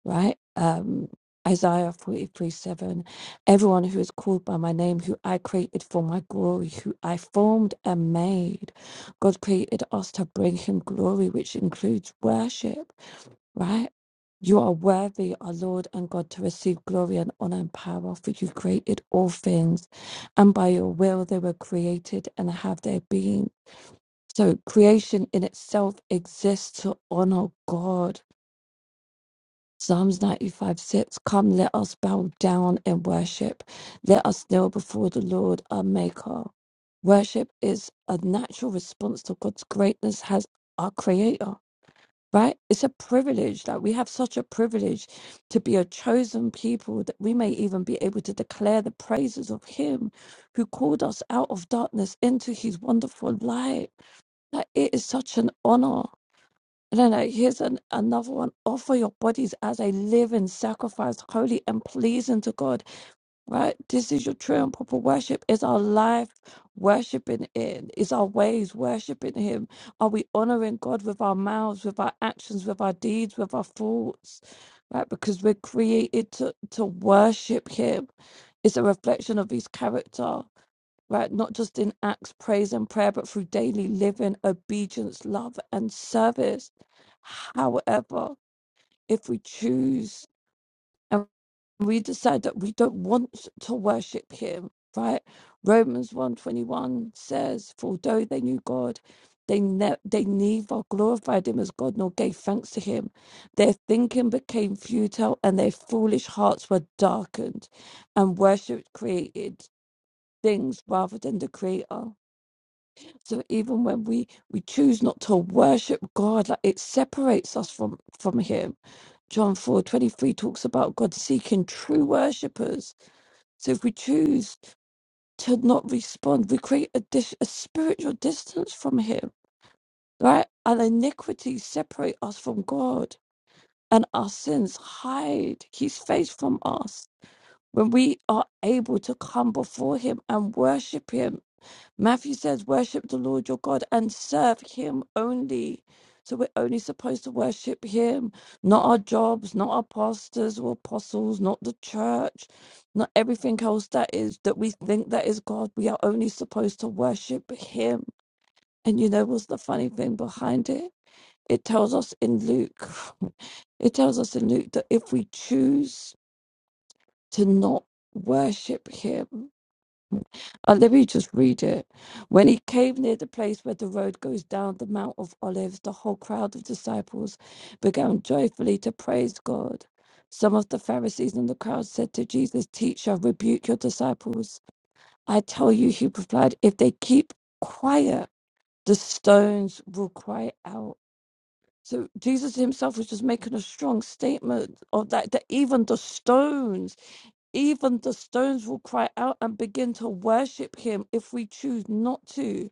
S8: right? Um, Isaiah 43 7. Everyone who is called by my name, who I created for my glory, who I formed and made. God created us to bring him glory, which includes worship, right? You are worthy, our Lord and God, to receive glory and honor and power, for you created all things, and by your will they were created and have their being. So creation in itself exists to honor God Psalms 95 6 Come, let us bow down and worship. Let us kneel before the Lord our Maker. Worship is a natural response to God's greatness as our Creator, right? It's a privilege that we have such a privilege to be a chosen people that we may even be able to declare the praises of Him who called us out of darkness into His wonderful light. Like it is such an honor and then uh, here's an, another one offer your bodies as a living sacrifice, holy and pleasing to God, right? This is your true and proper worship. Is our life worshiping Him? Is our ways worshiping Him? Are we honoring God with our mouths, with our actions, with our deeds, with our thoughts, right? Because we're created to, to worship Him. It's a reflection of his character, right? Not just in acts, praise, and prayer, but through daily living, obedience, love, and service. However, if we choose and we decide that we don't want to worship him, right? Romans 121 says, For although they knew God, they, ne- they neither glorified him as God nor gave thanks to him. Their thinking became futile and their foolish hearts were darkened and worship created things rather than the creator. So even when we we choose not to worship God, like it separates us from from him. John 4 23 talks about God seeking true worshippers. So if we choose to not respond, we create a dis- a spiritual distance from him, right? And iniquities separate us from God and our sins hide his face from us. When we are able to come before him and worship him Matthew says, Worship the Lord your God and serve him only. So we're only supposed to worship him, not our jobs, not our pastors or apostles, not the church, not everything else that is that we think that is God. We are only supposed to worship him. And you know what's the funny thing behind it? It tells us in Luke, it tells us in Luke that if we choose to not worship him, uh, let me just read it. When he came near the place where the road goes down the Mount of Olives, the whole crowd of disciples began joyfully to praise God. Some of the Pharisees and the crowd said to Jesus, Teacher, rebuke your disciples. I tell you, he replied, if they keep quiet, the stones will cry out. So Jesus himself was just making a strong statement of that, that even the stones even the stones will cry out and begin to worship him if we choose not to.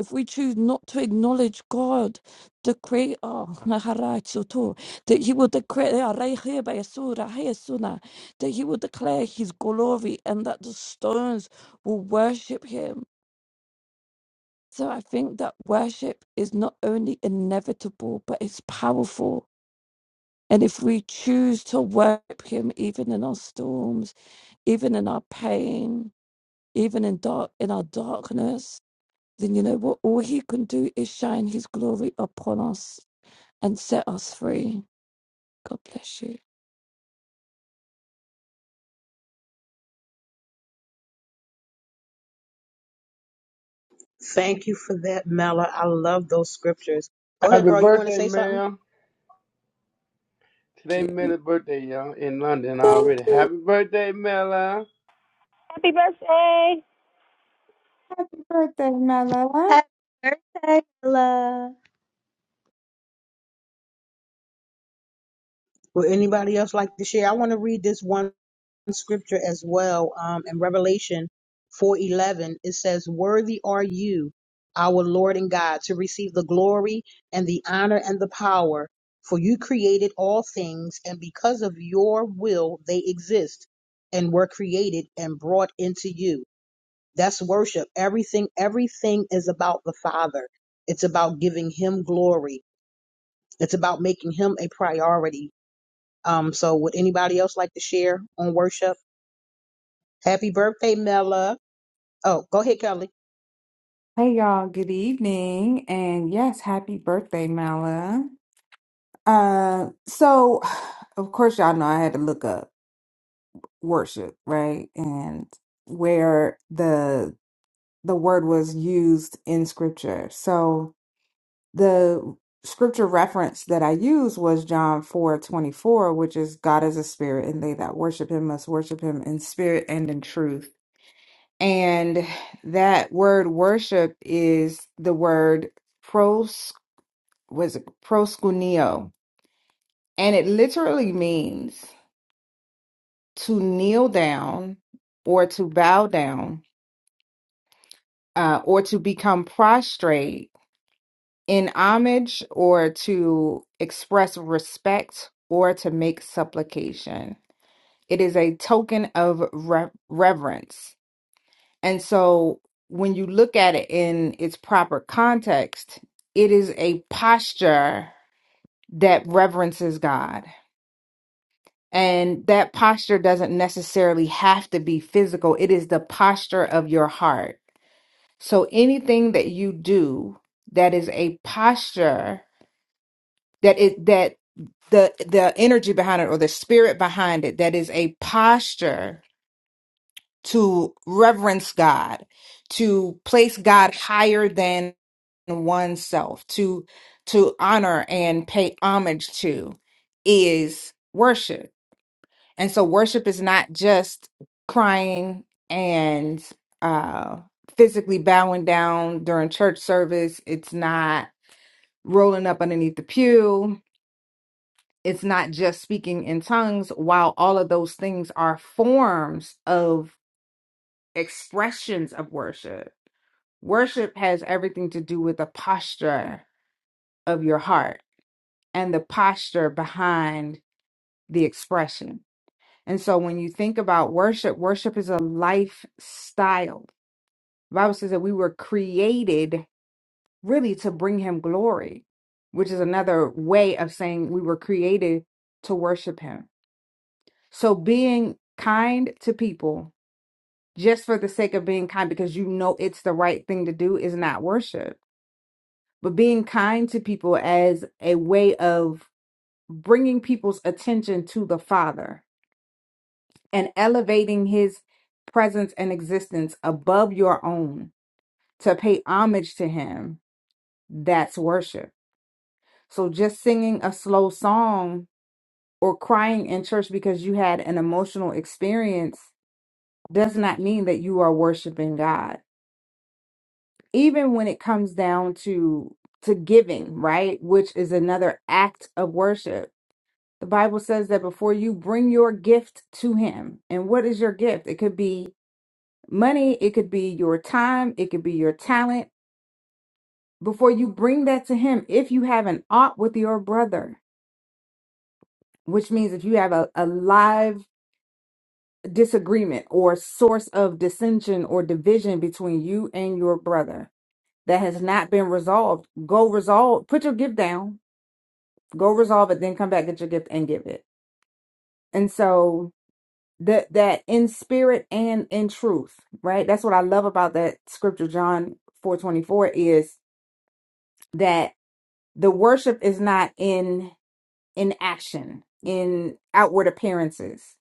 S8: If we choose not to acknowledge God, the Creator, that He will declare that He will declare His glory and that the stones will worship Him. So I think that worship is not only inevitable, but it's powerful. And if we choose to worship Him, even in our storms, even in our pain, even in dark in our darkness, then you know what all he can do is shine his glory upon us and set us free. God bless you.
S1: Thank you for that, Mella. I love those scriptures. Go ahead,
S9: Happy
S1: bro. You want to
S9: birthday,
S1: say something?
S9: ma'am.
S8: Thank you. Thank you.
S10: Happy birthday, Mella.
S4: Happy birthday, love.
S1: Would anybody else like to share? I want to read this one. scripture as well um, in revelation 4.11 it says worthy are you our lord and god to receive the glory and the honor and the power for you created all things and because of your will they exist and were created and brought into you that's worship everything everything is about the father it's about giving him glory it's about making him a priority um so would anybody else like to share on worship Happy birthday, Mella. Oh, go ahead, Kelly.
S10: Hey, y'all. Good evening. And yes, happy birthday, Mella. Uh, so, of course, y'all know I had to look up worship, right? And where the the word was used in scripture. So the scripture reference that I used was John four twenty four, which is God is a spirit, and they that worship him must worship him in spirit and in truth. And that word worship is the word pros was it proskuneo. And it literally means to kneel down or to bow down uh, or to become prostrate in homage or to express respect or to make supplication. It is a token of re- reverence And so when you look at it in its proper context, it is a posture that reverences God. And that posture doesn't necessarily have to be physical, it is the posture of your heart. So anything that you do that is a posture that it that the the energy behind it or the spirit behind it that is a posture to reverence God, to place God higher than oneself, to to honor and pay homage to is worship. And so worship is not just crying and uh physically bowing down during church service. It's not rolling up underneath the pew. It's not just speaking in tongues, while all of those things are forms of expressions of worship Worship has everything to do with the posture of your heart and the posture behind the expression. And so when you think about worship, worship is a lifestyle. The Bible says that we were created really to bring him glory, which is another way of saying we were created to worship him. So being kind to people just for the sake of being kind because you know it's the right thing to do is not worship but being kind to people as a way of bringing people's attention to the Father and elevating his presence and existence above your own to pay homage to him. That's worship. So just singing a slow song or crying in church because you had an emotional experience does not mean that you are worshiping God. Even when it comes down to to giving, right? Which is another act of worship The Bible says that before you bring your gift to Him, and what is your gift? It could be money, it could be your time, it could be your talent. Before you bring that to Him, if you have an ought with your brother, which means if you have a, a live disagreement or source of dissension or division between you and your brother that has not been resolved, go resolve, put your gift down, go resolve it, then come back, get your gift and give it. And so that that in spirit and in truth right that's what i love about that scripture john 424 is that the worship is not in in action in outward appearances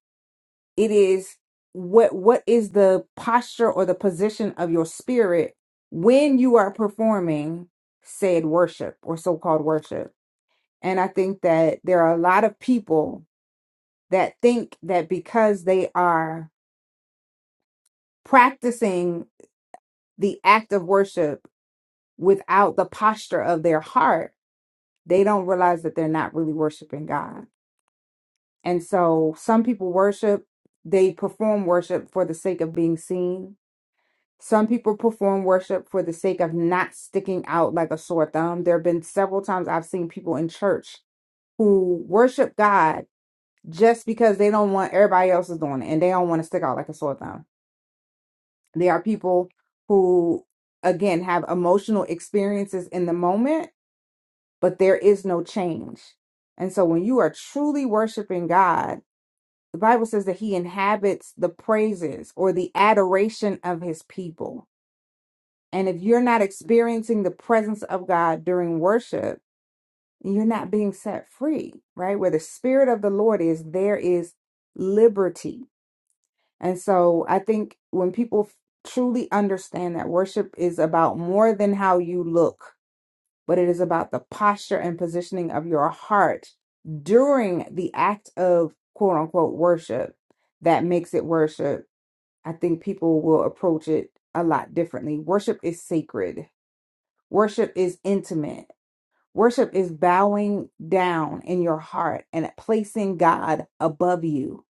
S10: it is what what is the posture or the position of your spirit when you are performing said worship or so-called worship and i think that there are a lot of people that think that because they are practicing the act of worship without the posture of their heart, they don't realize that they're not really worshiping God. And so some people worship, they perform worship for the sake of being seen. Some people perform worship for the sake of not sticking out like a sore thumb. There have been several times I've seen people in church who worship God just because they don't want everybody else is doing it and they don't want to stick out like a sore thumb. There are people who, again, have emotional experiences in the moment but there is no change. And so when you are truly worshiping God, the Bible says that he inhabits the praises or the adoration of his people. And if you're not experiencing the presence of God during worship, you're not being set free, right? Where the spirit of the Lord is, there is liberty. And so I think when people truly understand that worship is about more than how you look, but it is about the posture and positioning of your heart during the act of quote unquote worship that makes it worship. I think people will approach it a lot differently. Worship is sacred, worship is intimate. Worship is bowing down in your heart and placing God above you.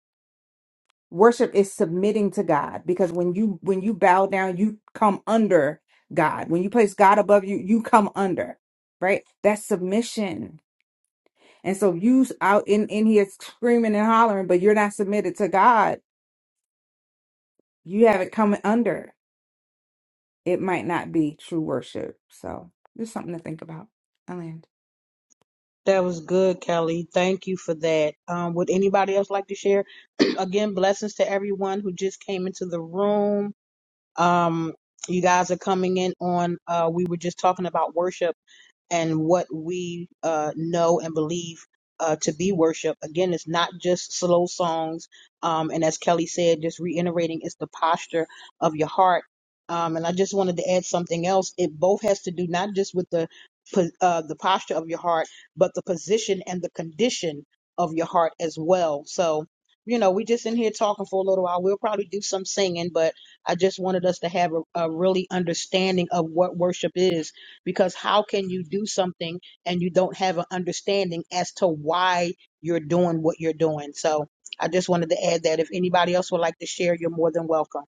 S10: Worship is submitting to God because when you when you bow down, you come under God. When you place God above you, you come under, right? That's submission And so you out in, in here screaming and hollering, but you're not submitted to God. You have it coming under. It might not be true worship. So just something to think about. Alan.
S1: That was good, Kelly. Thank you for that. Um, would anybody else like to share? Again, blessings to everyone who just came into the room. Um, you guys are coming in on, uh, we were just talking about worship and what we uh, know and believe uh, to be worship. Again, it's not just slow songs. Um, and as Kelly said, just reiterating, it's the posture of your heart. Um, and I just wanted to add something else. It both has to do not just with the po- uh, the posture of your heart, but the position and the condition of your heart as well. So, you know, we just in here talking for a little while. We'll probably do some singing, but I just wanted us to have a, a really understanding of what worship is because how can you do something and you don't have an understanding as to why you're doing what you're doing? So I just wanted to add that if anybody else would like to share, you're more than welcome.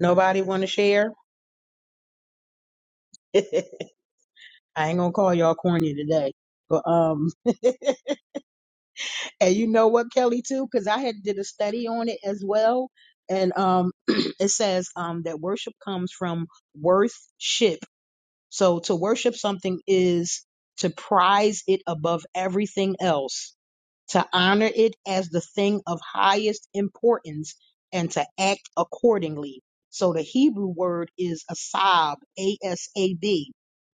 S1: Nobody want to share? I ain't gonna call y'all corny today, but um. And you know what, Kelly, too, because I had did a study on it as well, and um, it says um that worship comes from worthship. So to worship something is to prize it above everything else, to honor it as the thing of highest importance, and to act accordingly. So the Hebrew word is asab, a s a b.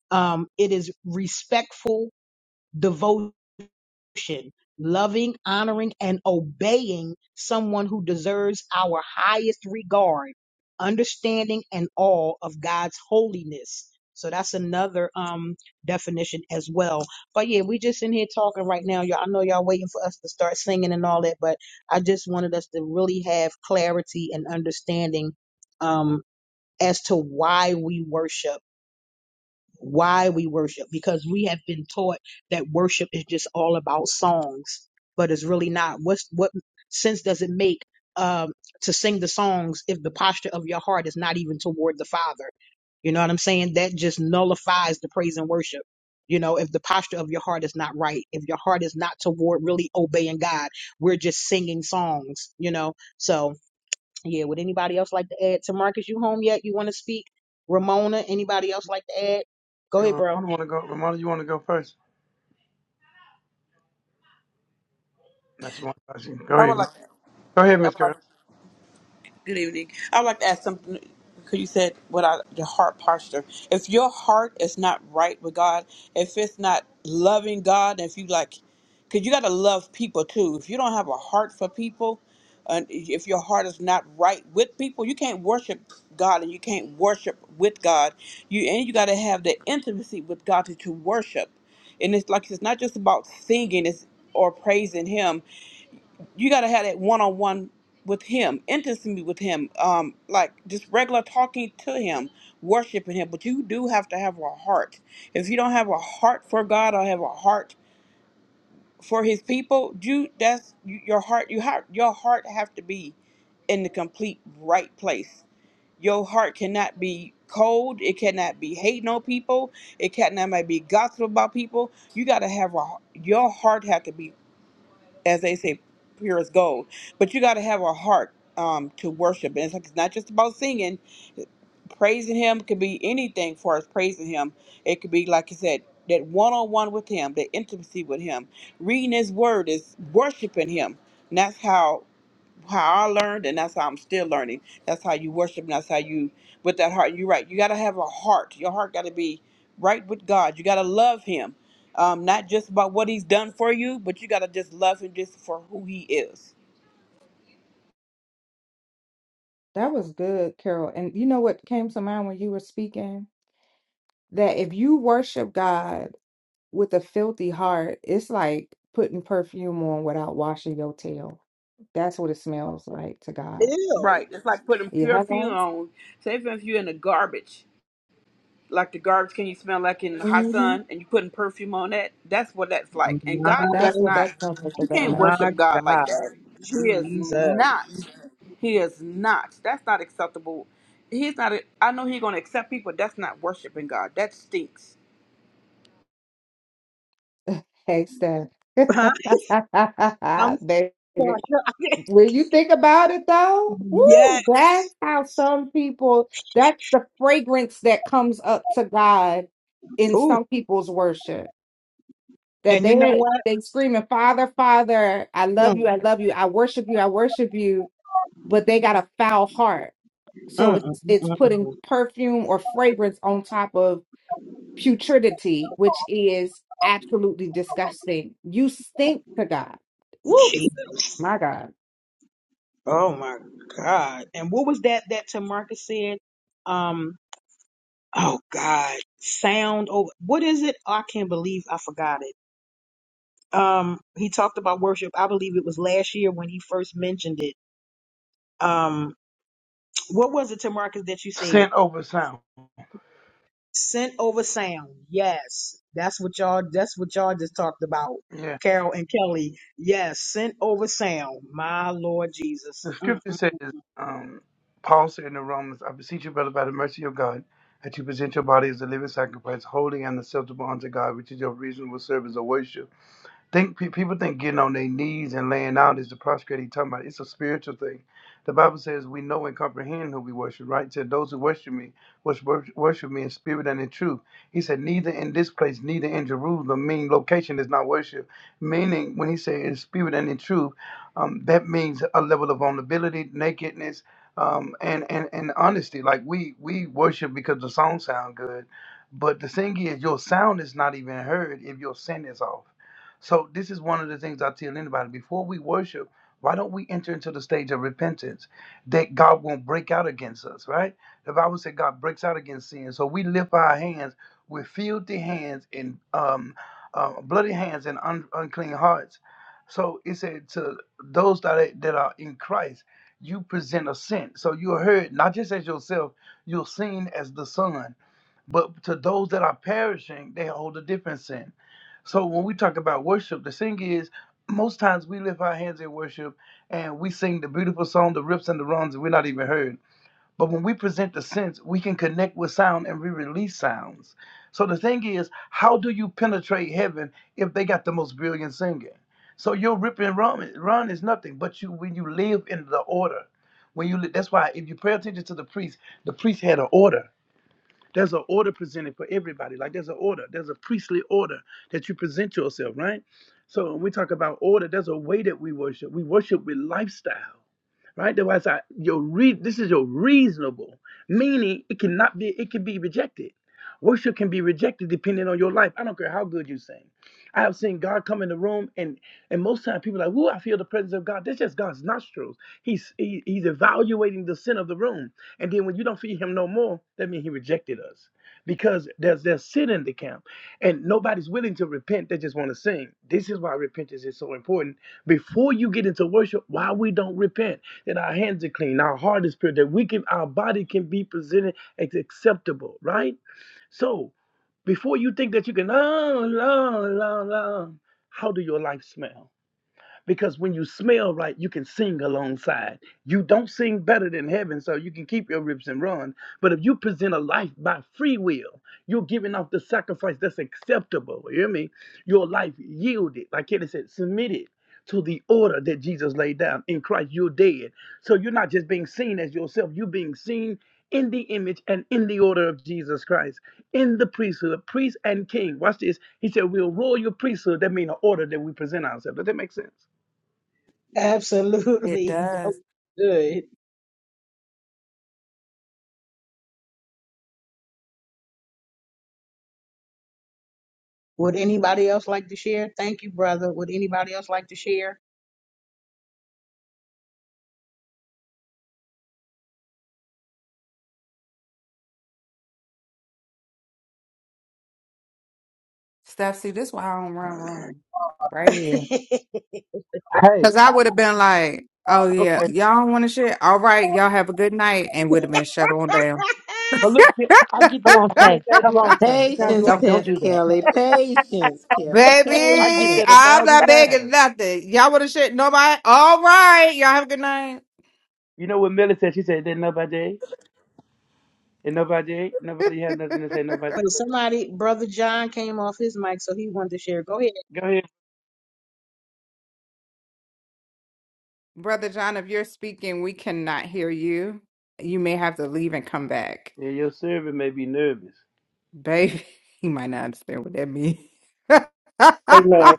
S1: Um, it is respectful devotion devotion, loving, honoring, and obeying someone who deserves our highest regard, understanding and awe of God's holiness. So that's another um definition as well. But yeah, we just in here talking right now. Y'all I know y'all waiting for us to start singing and all that, but I just wanted us to really have clarity and understanding um as to why we worship why we worship because we have been taught that worship is just all about songs but it's really not what's what sense does it make um to sing the songs if the posture of your heart is not even toward the father you know what i'm saying that just nullifies the praise and worship you know if the posture of your heart is not right if your heart is not toward really obeying god we're just singing songs you know so yeah, would anybody else like to add? To Marcus, you home yet? You want to speak? Ramona, anybody else like to add? Go
S9: Hey,
S1: ahead,
S9: Ramona,
S1: bro.
S9: want to go? Ramona, you want to go first? No, she want to go. Go
S11: I
S9: ahead.
S11: would
S9: Go
S11: like. to,
S9: ahead,
S11: I
S9: Miss
S11: would like.
S9: Girl.
S11: Good evening. I would like to ask something because you said without your heart posture. If your heart is not right with God, if it's not loving God, if you like, because you got to love people too. If you don't have a heart for people, and if your heart is not right with people, you can't worship God and you can't worship with God. You and you got to have the intimacy with God to, to worship. And it's like it's not just about singing it's, or praising Him you got to have that one on one with Him, intimacy with Him, um, like just regular talking to Him, worshiping Him. But you do have to have a heart. If you don't have a heart for God or have a heart for His people, you that's you, your heart. You heart your heart have to be in the complete right place. Your heart cannot be cold. It cannot be hating on people. It cannot be gossip about people. You got to have a your heart have to be as they say, pure as gold. But you got to have a heart um, to worship. And it's, like, it's not just about singing. Praising Him could be anything for us praising Him. It could be, like you said, that one on one with Him, that intimacy with Him. Reading His Word is worshiping Him. And that's how how I learned, and that's how I'm still learning. That's how you worship, and that's how you, with that heart. You're right. You got to have a heart. Your heart got to be right with God. You got to love Him, um, not just about what He's done for you, but you got to just love Him just for who He is.
S10: That was good, Carol. And you know what came to mind when you were speaking? That if you worship God with a filthy heart, it's like putting perfume on without washing your tail. That's what it smells like to God.
S1: Ew.
S11: Right. It's like putting
S10: You
S11: perfume
S10: hello?
S11: on. Same thing if you're in the garbage. like the garbage can you smell like in the hot
S10: hmm
S11: sun and you putting perfume on that that's what that's like and
S1: My,
S11: god
S10: That's
S11: does
S10: what
S11: not
S10: that smells like to
S11: you can't
S10: God.
S1: my
S11: worship god like that
S1: God.
S11: he is
S1: Jesus.
S11: not he is not that's not acceptable he's not a, i know he's going to accept people that's not worshiping god that stinks
S10: Case that.
S1: Huh? I'm
S10: Baby.
S1: sorry.
S10: When you think about it though, woo,
S1: yes.
S10: that's how some people, that's the fragrance that comes up to God in
S1: Ooh.
S10: some people's worship. That
S1: And you know
S10: they
S1: what?
S10: they screaming, Father, Father, I love
S1: Mm,
S10: you, I love you, I worship you, I worship you, but they got a foul heart.
S1: mm,
S10: So
S1: mm,
S10: it's
S1: mm,
S10: it's
S1: mm,
S10: putting
S1: mm.
S10: perfume or fragrance on top of putridity, which is absolutely disgusting. You stink to God. Woo,
S1: Jesus.
S10: my God.
S1: Oh my God. And what was that that Tamarcus said? Um, Oh God. sound over. What is it? Oh, I can't believe I forgot it. um he talked about worship. I believe it was last year when he first mentioned it. Um what was it, Tamarcus, that you said?
S9: Sent over sound.
S1: Scent over sound. Yes. That's what y'all that's what y'all just talked about.
S9: Yeah.
S1: Carol and Kelly. Yes, scent over sound. My Lord Jesus.
S9: The scripture
S1: Mm-mm.
S9: says, um, Paul said in the Romans, I beseech you, brother, by the mercy of God, that you present your body as a living sacrifice, holy and acceptable unto God, which is your reasonable service of worship. Think pe- people think getting on their knees and laying out is the prostrating talking about. It's a spiritual thing. The Bible says we know and comprehend who we worship, right? It said those who worship me worship, worship me in spirit and in truth. He said neither in this place, neither in Jerusalem, meaning location is not worship. Meaning when he said in spirit and in truth, um, that means a level of vulnerability, nakedness, um, and, and and honesty. Like we we worship because the song sound good, but the thing is your sound is not even heard if your sin is off. So this is one of the things I tell anybody before we worship, why don't we enter into the stage of repentance that God won't break out against us, right? The Bible said God breaks out against sin. So we lift our hands with filthy hands and um, uh, bloody hands and un- unclean hearts. So it said to those that are, that are in Christ, you present a sin. So you're heard not just as yourself, you're seen as the Son. But to those that are perishing, they hold a different sin. So when we talk about worship, the thing is, most times we lift our hands in worship and we sing the beautiful song, the rips and the runs, and we're not even heard. But when we present the sense, we can connect with sound and we release sounds. So the thing is, how do you penetrate heaven if they got the most brilliant singer? So your rip and run, run is nothing, but you when you live in the order, when you li- that's why if you pay attention to the priest, the priest had an order there's an order presented for everybody. Like there's an order, there's a priestly order that you present yourself, right? So when we talk about order, there's a way that we worship. We worship with lifestyle. Right? That's why like your re- this is your reasonable, meaning it cannot be, it can be rejected. Worship can be rejected depending on your life. I don't care how good you sing. I have seen God come in the room, and and most times people are like, "Woo, I feel the presence of God." That's just God's nostrils. He's he, he's evaluating the sin of the room, and then when you don't feel Him no more, that means He rejected us because there's there's sin in the camp, and nobody's willing to repent. They just want to sing. This is why repentance is so important. Before you get into worship, why we don't repent? that our hands are clean, our heart is pure, that we can, our body can be presented as acceptable, right? So before you think that you can, oh, la, la, la, how do your life smell? because when you smell right, you can sing alongside. You don't sing better than heaven, so you can keep your rips and run. But if you present a life by free will, you're giving off the sacrifice that's acceptable. You hear me? Your life yielded, like Kenny said, submitted to the order that Jesus laid down. In Christ, you're dead. So you're not just being seen as yourself, you're being seen in the image and in the order of Jesus Christ, in the priesthood, priest and king. Watch this. He said, We're royal priesthood. That means an order that we present ourselves. Does that make sense?
S10: It
S1: Absolutely. That
S10: does.
S1: was good. Would anybody else like to share? Thank you, brother. Would anybody else like to share?
S10: Steph, see, this why I don't run room right here.
S9: Hey,
S10: Because I
S9: I,
S10: would have been like, oh, yeah,
S9: okay,
S10: y'all don't want to shit. All right, y'all have a good night. And would have been shut on down.
S9: but look, I get
S12: Come
S9: that.
S12: on,
S9: How many
S12: saints.
S9: times
S12: Come
S9: do I? How
S12: on, saints.
S9: many times
S12: Don't
S9: do
S3: Patience,
S9: I
S12: don't
S9: get
S12: don't
S3: Ke-
S9: that?
S12: do that.
S3: Kelly. Patience, Kelly.
S9: I get
S10: Baby,
S3: Patience.
S9: that a
S10: I'm
S9: thousand
S10: not begging
S9: times.
S10: nothing. Y'all want to shit? Nobody? All right, y'all have a good night.
S9: You know what Millie said? She said that nobody, and nobody, nobody has nothing to say. Nobody.
S1: Wait, somebody, Brother John came off his mic, so he wanted to share. Go ahead.
S9: Go ahead.
S10: Brother John, if you're speaking, we cannot hear you. You may have to leave and come back.
S9: Yeah, your servant may be nervous.
S10: Baby, he might not understand what that means.
S12: Amen.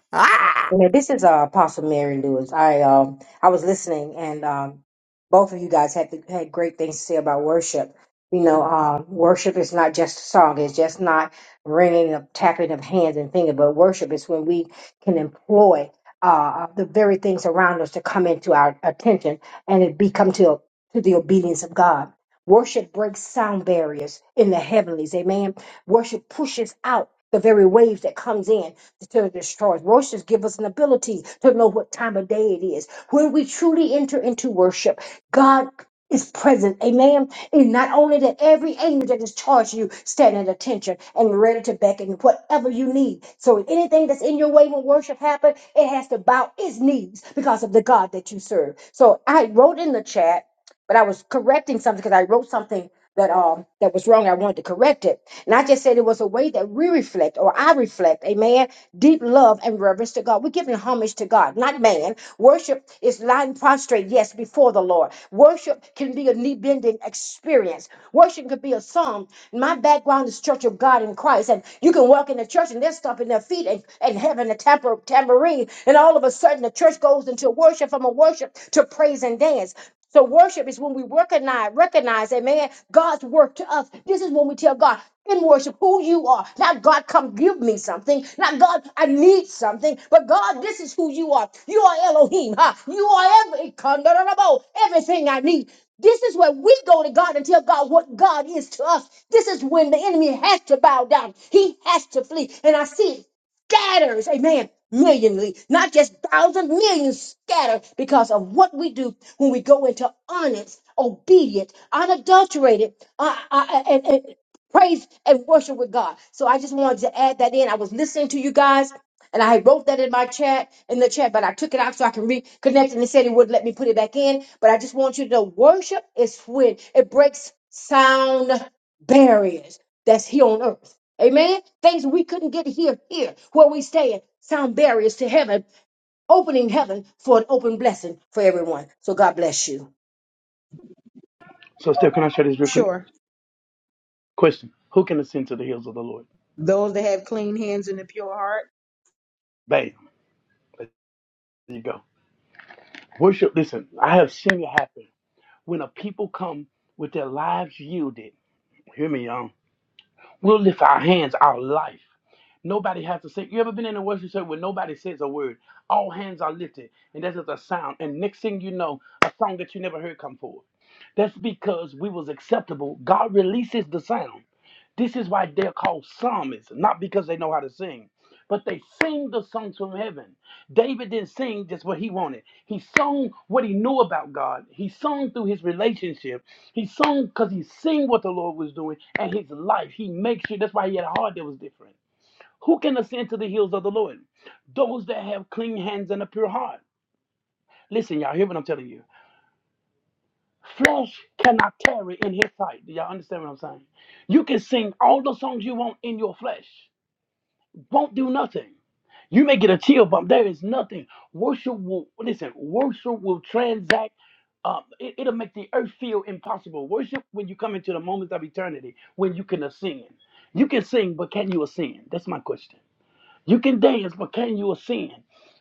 S12: Yeah, this is uh, Apostle Mary Lewis. I um I was listening, and um, both of you guys had had great things to say about worship. You know, um, worship is not just a song; it's just not ringing of tapping of hands and fingers. But worship is when we can employ uh uh, the very things around us to come into our attention, and it become to to the obedience of God. Worship breaks sound barriers in the heavenlies. Amen. Worship pushes out the very waves that comes in to destroy. Roshas give us an ability to know what time of day it is. When we truly enter into worship, God is present. Amen. And not only that, every angel that is charged you stand at attention and ready to beckon whatever you need. So if anything that's in your way when worship happens, it has to bow its knees because of the God that you serve. So I wrote in the chat, but I was correcting something because I wrote something that um that was wrong. I wanted to correct it. And I just said it was a way that we reflect or I reflect, amen. Deep love and reverence to God. We're giving homage to God, not man. Worship is lying prostrate, yes, before the Lord. Worship can be a knee bending experience. Worship could be a song. My background is Church of God in Christ. And you can walk in the church and they're stomping their feet and, and having a tamper, tambourine. And all of a sudden the church goes into worship from a worship to praise and dance. So worship is when we recognize, recognize, amen, God's work to us. This is when we tell God in worship who you are. Not God, come give me something. Not God, I need something. But God, this is who you are. You are Elohim. Huh? You are every, Kandarabo, everything I need. This is where we go to God and tell God what God is to us. This is when the enemy has to bow down. He has to flee. And I see it scatters, amen, millionly, not just thousands, millions scattered because of what we do when we go into honest, obedient, unadulterated, uh, uh, uh, and, and praise and worship with God. So I just wanted to add that in. I was listening to you guys. And I wrote that in my chat, in the chat, but I took it out so I can reconnect and it said it would let me put it back in. But I just want you to know worship is when it breaks sound barriers that's here on earth. Amen. Things we couldn't get here, here where we stay, sound barriers to heaven, opening heaven for an open blessing for everyone. So God bless you.
S9: So, Steph, can I share this real quick?
S1: Sure.
S9: Question: Who can ascend to the hills of the Lord?
S1: Those that have clean hands and a pure heart.
S9: Bam. There you go. Worship. Listen, I have seen it happen when a people come with their lives yielded. Hear me, y'all. We'll lift our hands, our life. Nobody has to say. You ever been in a worship service where nobody says a word? All hands are lifted, and there's just a sound. And next thing you know, a song that you never heard come forth. That's because we was acceptable. God releases the sound. This is why they're called psalmists, not because they know how to sing, but they sing the songs from heaven. David didn't sing just what he wanted. He sung what he knew about God. He sung through his relationship. He sung because he sing what the Lord was doing and his life. He makes sure that's why he had a heart that was different. Who can ascend to the hills of the Lord? Those that have clean hands and a pure heart. Listen, y'all, hear what I'm telling you. Flesh cannot tarry in his sight. Do y'all understand what I'm saying? You can sing all the songs you want in your flesh, won't do nothing. You may get a chill bump. There is nothing. Worship will, listen, worship will transact. Uh, it, it'll make the earth feel impossible. Worship when you come into the moments of eternity, when you can ascend. You can sing, but can you ascend? That's my question. You can dance, but can you sin?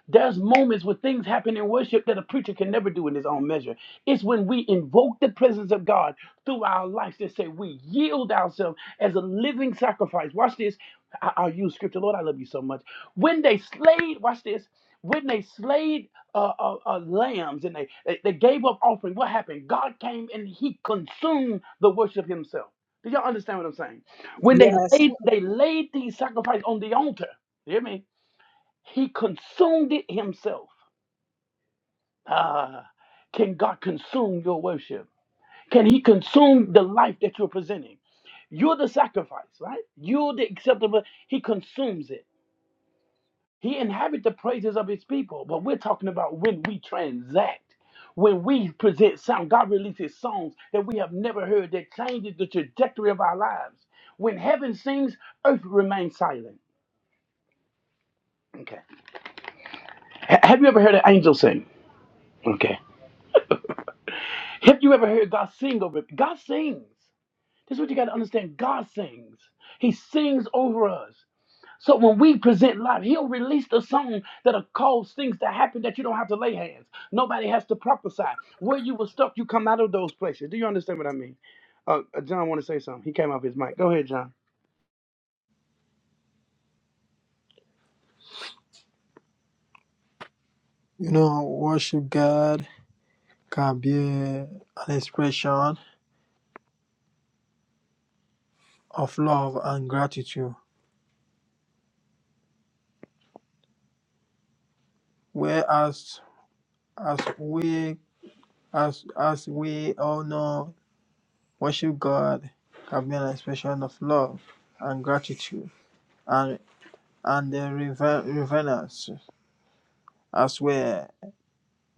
S9: There's moments where things happen in worship that a preacher can never do in his own measure. It's when we invoke the presence of God through our lives to say we yield ourselves as a living sacrifice. Watch this. I- I'll use scripture. Lord, I love you so much. When they slayed, watch this. When they slayed uh, uh, uh, lambs and they, they, they gave up offering, what happened? God came and he consumed the worship himself. Do y'all understand what I'm saying? When they
S1: Yes.
S9: laid they laid these sacrifices on the altar, you hear me? He consumed it himself. Ah, can God consume your worship? Can He consume the life that you're presenting? You're the sacrifice, right? You're the acceptable. He consumes it. He inhabits the praises of His people. But we're talking about when we transact, when we present sound. God releases songs that we have never heard that changes the trajectory of our lives. When heaven sings, earth remains silent. Okay. Ha- have you ever heard an angel sing? Okay. Have you ever heard God sing over it? God sings. This is what you got to understand. God sings. He sings over us. So when we present life, he'll release the song that'll cause things to happen that you don't have to lay hands. Nobody has to prophesy. Where you were stuck, you come out of those places. Do you understand what I mean? Uh, uh, John want to say something. He came off his mic. Go ahead, John.
S13: You know, worship God can be an expression of love and gratitude, whereas as we as as we all know, worship God can be an expression of love and gratitude and and the rever- reverence as well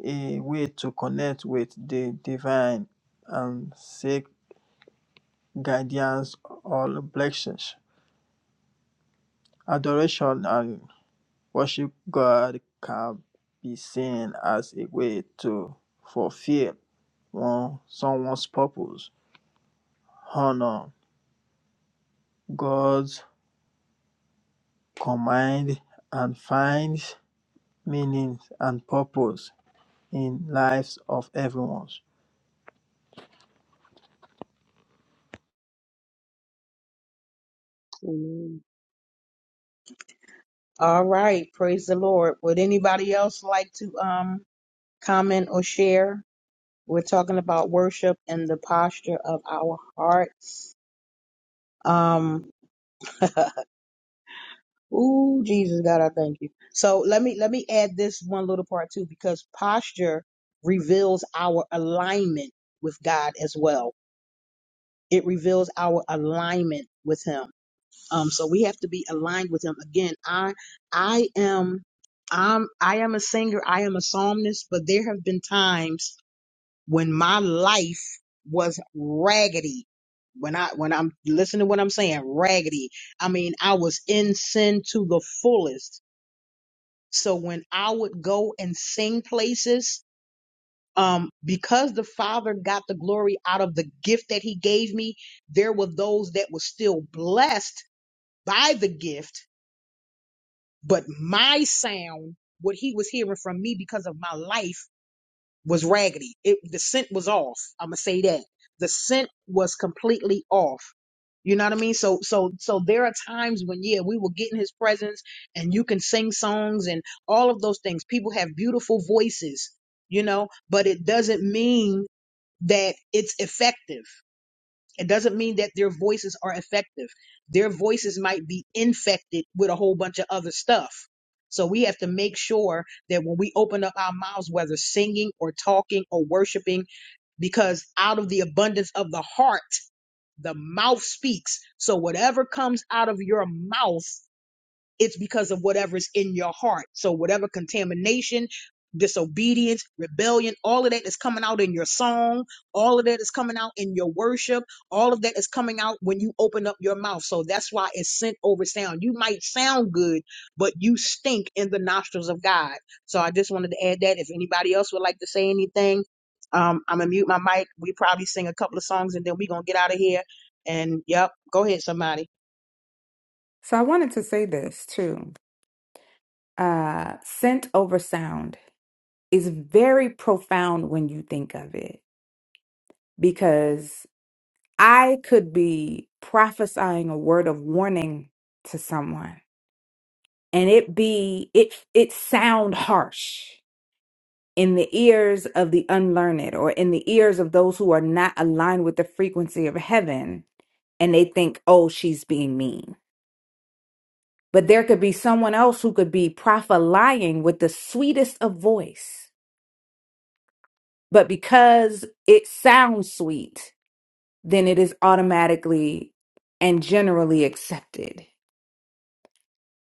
S13: a way to connect with the divine and seek guidance or blessings. Adoration and. Worship God can be seen as a way to fulfill one, someone's purpose, honor God's command, and find meaning and purpose in lives of everyone.
S14: Amen.
S1: All right. Praise the Lord. Would anybody else like to um comment or share? We're talking about worship and the posture of our hearts. Um Ooh, Jesus God, I thank you. So let me let me add this one little part too, because posture reveals our alignment with God as well It reveals our alignment with him. Um, so we have to be aligned with him. Again, I I am I'm I am a singer, I am a psalmist, but there have been times when my life was raggedy. When I when I'm listening to what I'm saying, raggedy. I mean, I was in sin to the fullest. So when I would go and sing places, um, because the Father got the glory out of the gift that He gave me, there were those that were still blessed by the gift, but my sound, what He was hearing from me because of my life, was raggedy. It, the scent was off. I'm gonna say that the scent was completely off. You know what I mean? So, so, so there are times when, yeah, we will get in his presence and you can sing songs and all of those things. People have beautiful voices, you know, but it doesn't mean that it's effective. It doesn't mean that their voices are effective. Their voices might be infected with a whole bunch of other stuff. So we have to make sure that when we open up our mouths, whether singing or talking or worshiping, because out of the abundance of the heart, the mouth speaks. So whatever comes out of your mouth it's because of whatever's in your heart. So whatever contamination, disobedience, rebellion, all of that is coming out in your song, all of that is coming out in your worship, all of that is coming out when you open up your mouth. So that's why it's scent over sound. You might sound good, but you stink in the nostrils of God. So I just wanted to add that. If anybody else would like to say anything, um, I'm gonna mute my mic. We probably sing a couple of songs and then we're gonna get out of here. And yep, go ahead, somebody.
S10: so I wanted to say this too. Uh, scent over sound is very profound when you think of it because I could be prophesying a word of warning to someone and it be it it sound harsh in the ears of the unlearned or in the ears of those who are not aligned with the frequency of heaven and they think, oh, she's being mean. But there could be someone else who could be prophesying with the sweetest of voice. But because it sounds sweet, then it is automatically and generally accepted.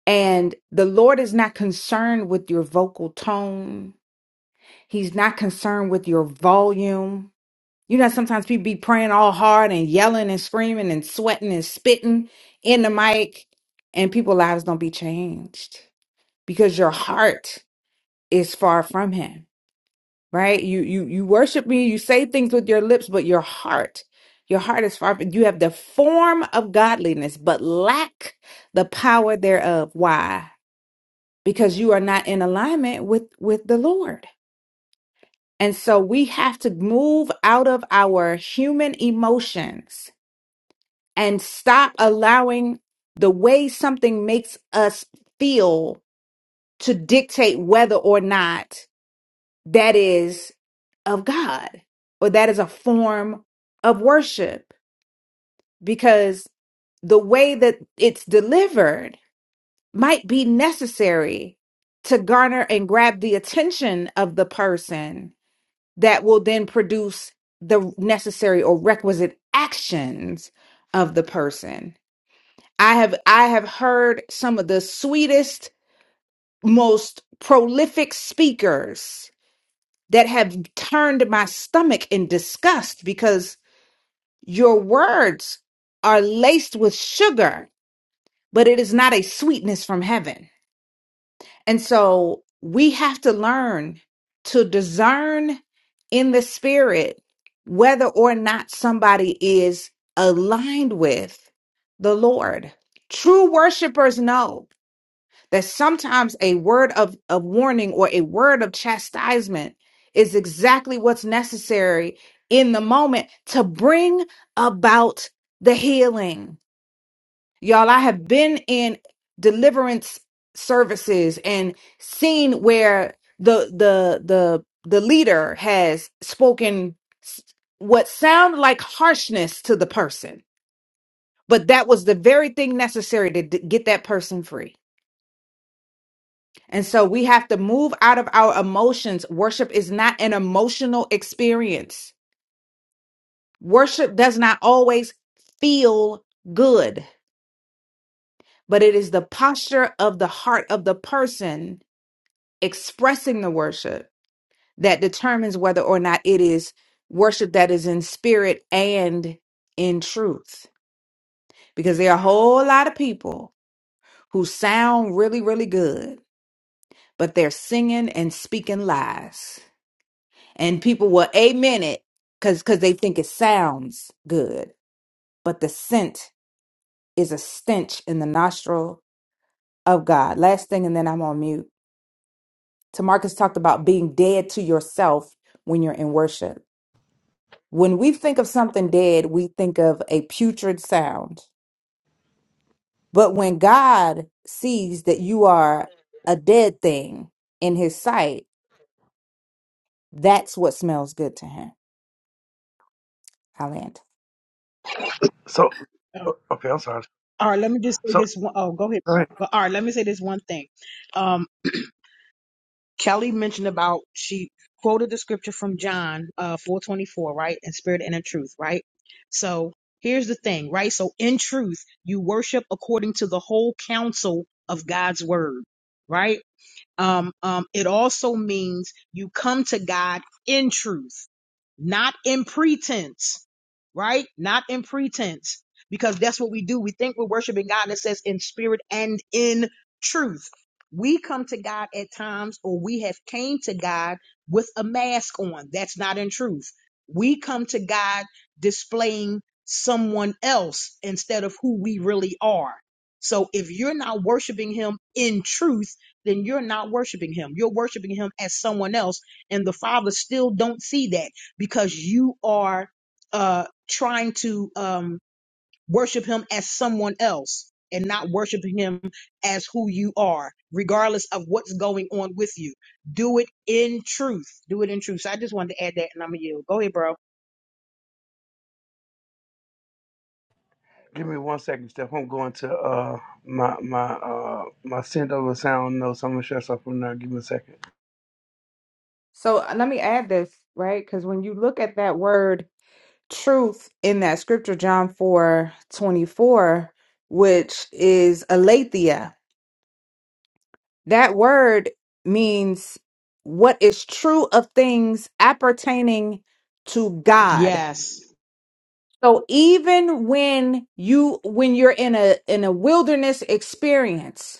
S10: And the Lord is not concerned with your vocal tone. He's not concerned with your volume. You know, sometimes people be praying all hard and yelling and screaming and sweating and spitting in the mic, and people's lives don't be changed because your heart is far from him, right? You you you worship me, you say things with your lips, but your heart, your heart is far from you have the form of godliness, but lack the power thereof. Why? Because you are not in alignment with with the Lord. And so we have to move out of our human emotions and stop allowing the way something makes us feel to dictate whether or not that is of God or that is a form of worship because the way that it's delivered might be necessary to garner and grab the attention of the person that will then produce the necessary or requisite actions of the person I have I have heard some of the sweetest, most prolific speakers that have turned my stomach in disgust because your words are laced with sugar, but it is not a sweetness from heaven. And so we have to learn to discern in the spirit whether or not somebody is aligned with the Lord. True worshipers know that sometimes a word of, of warning or a word of chastisement is exactly what's necessary in the moment to bring about the healing. Y'all, I have been in deliverance services and seen where the the the the leader has spoken s- what sound like harshness to the person, but that was the very thing necessary to d- get that person free And so we have to move out of our emotions. Worship is not an emotional experience. Worship does not always feel good, but it is the posture of the heart of the person expressing the worship that determines whether or not it is worship that is in spirit and in truth. Because there are a whole lot of people who sound really, really good, but they're singing and speaking lies and people will amen it because because they think it sounds good but the scent is a stench in the nostril of god last thing and then i'm on mute tamarcus talked about being dead to yourself when you're in worship when we think of something dead we think of a putrid sound but when god sees that you are a dead thing in his sight that's what smells good to him i land
S9: So okay, I'm sorry.
S1: All right, let me just say
S9: So
S1: this one. Oh, go ahead,
S9: go
S1: bro.
S9: ahead.
S1: But all right, let me say this one thing. Um, Kelly mentioned about she quoted the scripture from John uh four twenty four, right? In spirit and in truth, right? So here's the thing, right? So in truth, you worship according to the whole counsel of God's word, right? Um, um, it also means you come to God in truth, not in pretense, right? Not in pretense, because that's what we do. We think we're worshiping God, and it says in spirit and in truth. We come to God at times, or we have came to God with a mask on. That's not in truth. We come to God displaying someone else instead of who we really are. So if you're not worshiping Him in truth, then you're not worshiping him. You're worshiping him as someone else. And the Father still don't see that because you are uh, trying to um, worship him as someone else and not worshiping him as who you are, regardless of what's going on with you. Do it in truth. Do it in truth. So I just wanted to add that and I'm going to yield. Go ahead, bro.
S9: Give me one second, Steph. I'm going to uh my my uh my send over sound notes. I'm gonna shut something now. Give me a second.
S10: So uh, let me add this, right? Because when you look at that word truth in that scripture, John 4 24, which is aletheia, that word means what is true of things appertaining to God.
S1: Yes.
S10: So even when you when you're in a in a wilderness experience,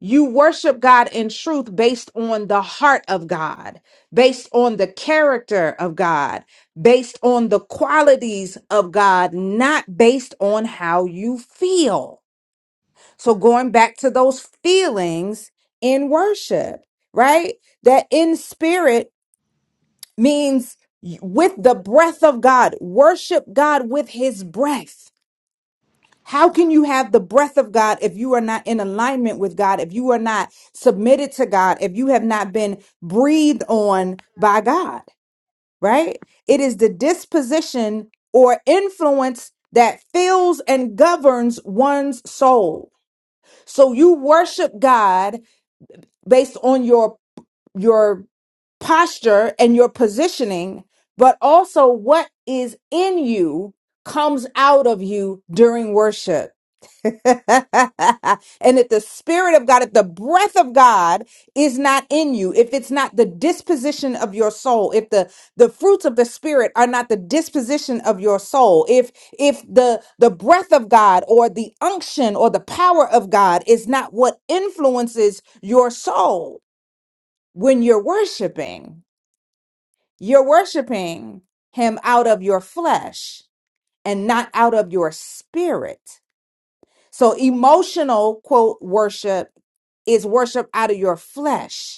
S10: You worship God in truth based on the heart of God, based on the character of God, based on the qualities of God, not based on how you feel. So, going back to those feelings in worship, right? That in spirit means with the breath of God, worship God with his breath how can you have the breath of God if you are not in alignment with God, if you are not submitted to God, if you have not been breathed on by God, right? It is the disposition or influence that fills and governs one's soul. So you worship God based on your your posture and your positioning, but also what is in you comes out of you during worship. and if the Spirit of God, if the breath of God is not in you, if it's not the disposition of your soul, if the the fruits of the Spirit are not the disposition of your soul, if if the the breath of God or the unction or the power of God is not what influences your soul when you're worshiping, you're worshiping Him out of your flesh and not out of your spirit so emotional quote worship is worship out of your flesh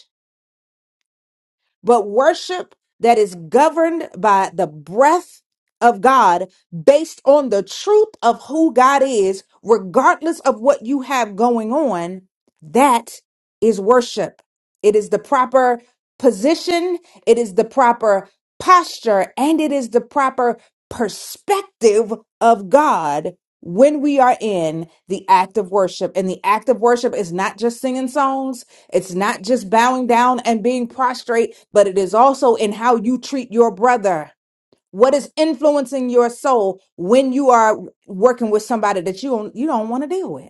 S10: but worship that is governed by the breath of God based on the truth of who God is, regardless of what you have going on, that is worship. It is the proper position, it is the proper posture, and it is the proper perspective of God when we are in the act of worship. And the act of worship is not just singing songs. It's not just bowing down and being prostrate, but it is also in how you treat your brother. What is influencing your soul when you are working with somebody that you don't you don't want to deal with?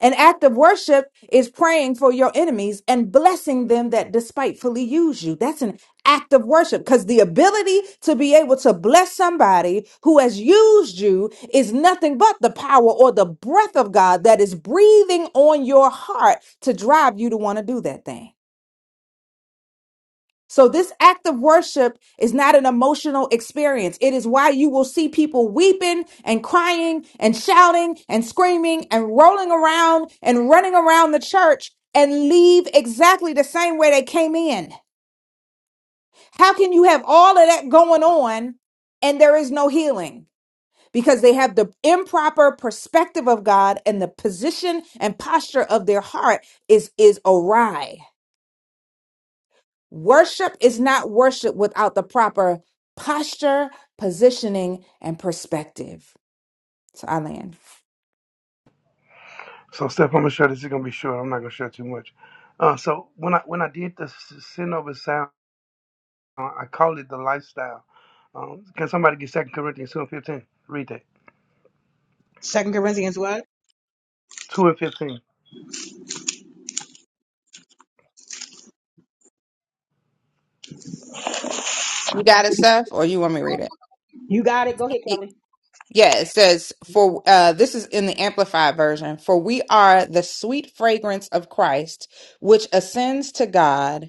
S10: An act of worship is praying for your enemies and blessing them that despitefully use you. That's an act of worship because the ability to be able to bless somebody who has used you is nothing but the power or the breath of God that is breathing on your heart to drive you to want to do that thing. So, this act of worship is not an emotional experience. It is why you will see people weeping and crying and shouting and screaming and rolling around and running around the church and leave exactly the same way they came in. How can you have all of that going on and there is no healing? Because they have the improper perspective of God and the position and posture of their heart is, is awry. Worship is not worship without the proper posture, positioning, and perspective. So I land.
S9: So Steph, I'm gonna share this. is gonna be short. I'm not gonna share too much. Uh, so when I when I did the s- sin over sound, I called it the lifestyle. Um, can somebody get Second Corinthians two and fifteen? Read that.
S1: Second Corinthians what?
S9: Two and fifteen.
S10: You got it, Steph, or you want me to read it?
S1: You got it. Go ahead,
S10: Y-
S1: Kelly.
S10: Yeah, it says, for uh, this is in the Amplified version, for we are the sweet fragrance of Christ, which ascends to God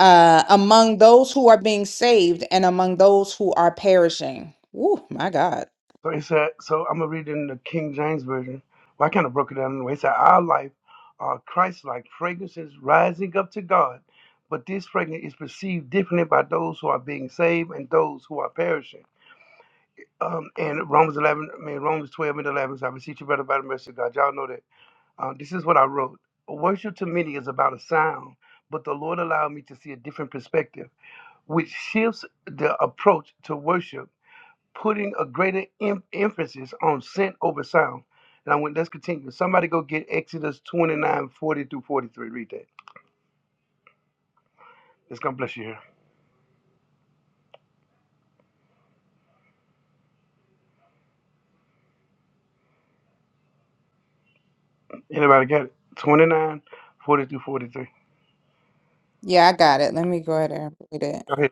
S10: uh, among those who are being saved and among those who are perishing. Woo, my God.
S9: So he said. So I'm gonna read it in the King James version. Well, I kind of broke it down anyway. It said, "Our life are Christ-like fragrances rising up to God, but this fragrance is perceived differently by those who are being saved and those who are perishing." Um, and Romans 11, I mean Romans 12 and 11. So I beseech you, brother, by the mercy of God. Y'all know that. Uh, this is what I wrote. Worship to many is about a sound, but the Lord allowed me to see a different perspective, which shifts the approach to worship, putting a greater em- emphasis on scent over sound. And I went, let's continue. Somebody go get Exodus 29 40 through 43. Read that. It's going to bless you here. Anybody got it? 29 40 through 43.
S10: Yeah, I got it. Let me go ahead and read it.
S9: Go ahead.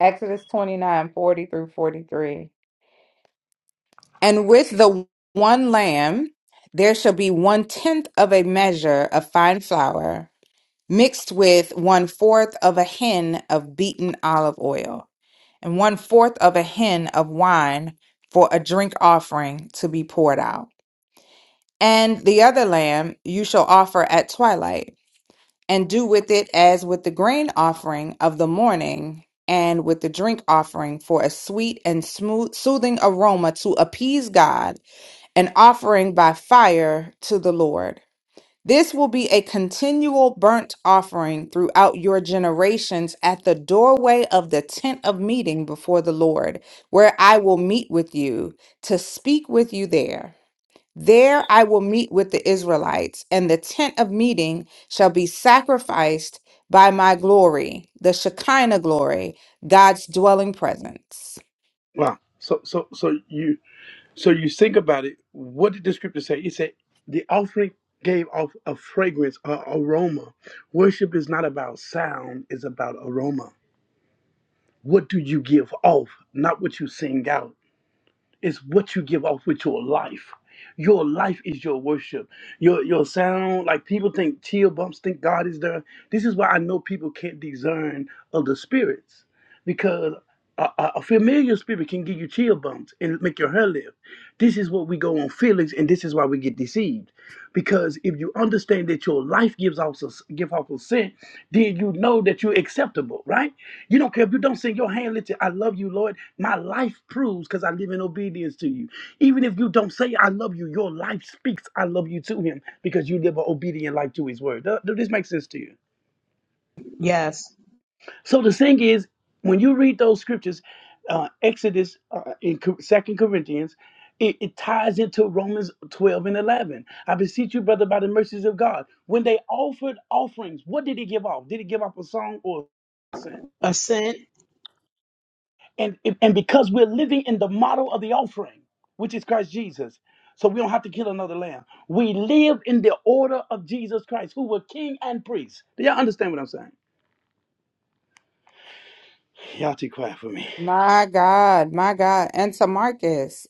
S10: Exodus 29 40 through 43. And with the one lamb, there shall be one tenth of a measure of fine flour mixed with one fourth of a hin of beaten olive oil, and one fourth of a hin of wine for a drink offering to be poured out. And the other lamb you shall offer at twilight, and do with it as with the grain offering of the morning. And with the drink offering for a sweet and smooth, soothing aroma to appease God an offering by fire to the Lord. This will be a continual burnt offering throughout your generations at the doorway of the tent of meeting before the Lord, where I will meet with you to speak with you there. There I will meet with the Israelites, and the tent of meeting shall be sacrificed by my glory, the Shekinah glory, God's dwelling presence.
S9: Wow. So, so, so you. So you think about it. What did the scripture say? It said the offering gave off a fragrance, a aroma. Worship is not about sound; it's about aroma. What do you give off, not what you sing out? It's what you give off with your life. Your life is your worship. Your your sound, like people think chill bumps think God is there. This is why I know people can't discern of the spirits. Because a, a, a familiar spirit can give you chill bumps and make your hair lift. This is what we go on feelings, and this is why we get deceived. Because if you understand that your life gives off a, give off a scent, then you know that you're acceptable, right? You don't care if you don't sing your hand lifted. I love you, Lord. My life proves because I live in obedience to you. Even if you don't say I love you, your life speaks I love you to him because you live an obedient life to his word. Does does this make sense to you?
S1: Yes.
S9: So the thing is, when you read those scriptures, uh, Exodus uh, in Co- Second Corinthians, it, it ties into Romans 12 and 11. I beseech you, brother, by the mercies of God. When they offered offerings, what did he give off? Did he give off a song or a sin?
S1: Ascent.
S9: and and because we're living in the model of the offering which is christ jesus so we don't have to kill another lamb we live in the order of jesus christ who were king and priest do y'all understand what i'm saying y'all too quiet for me
S10: My God, my God. And to Marcus,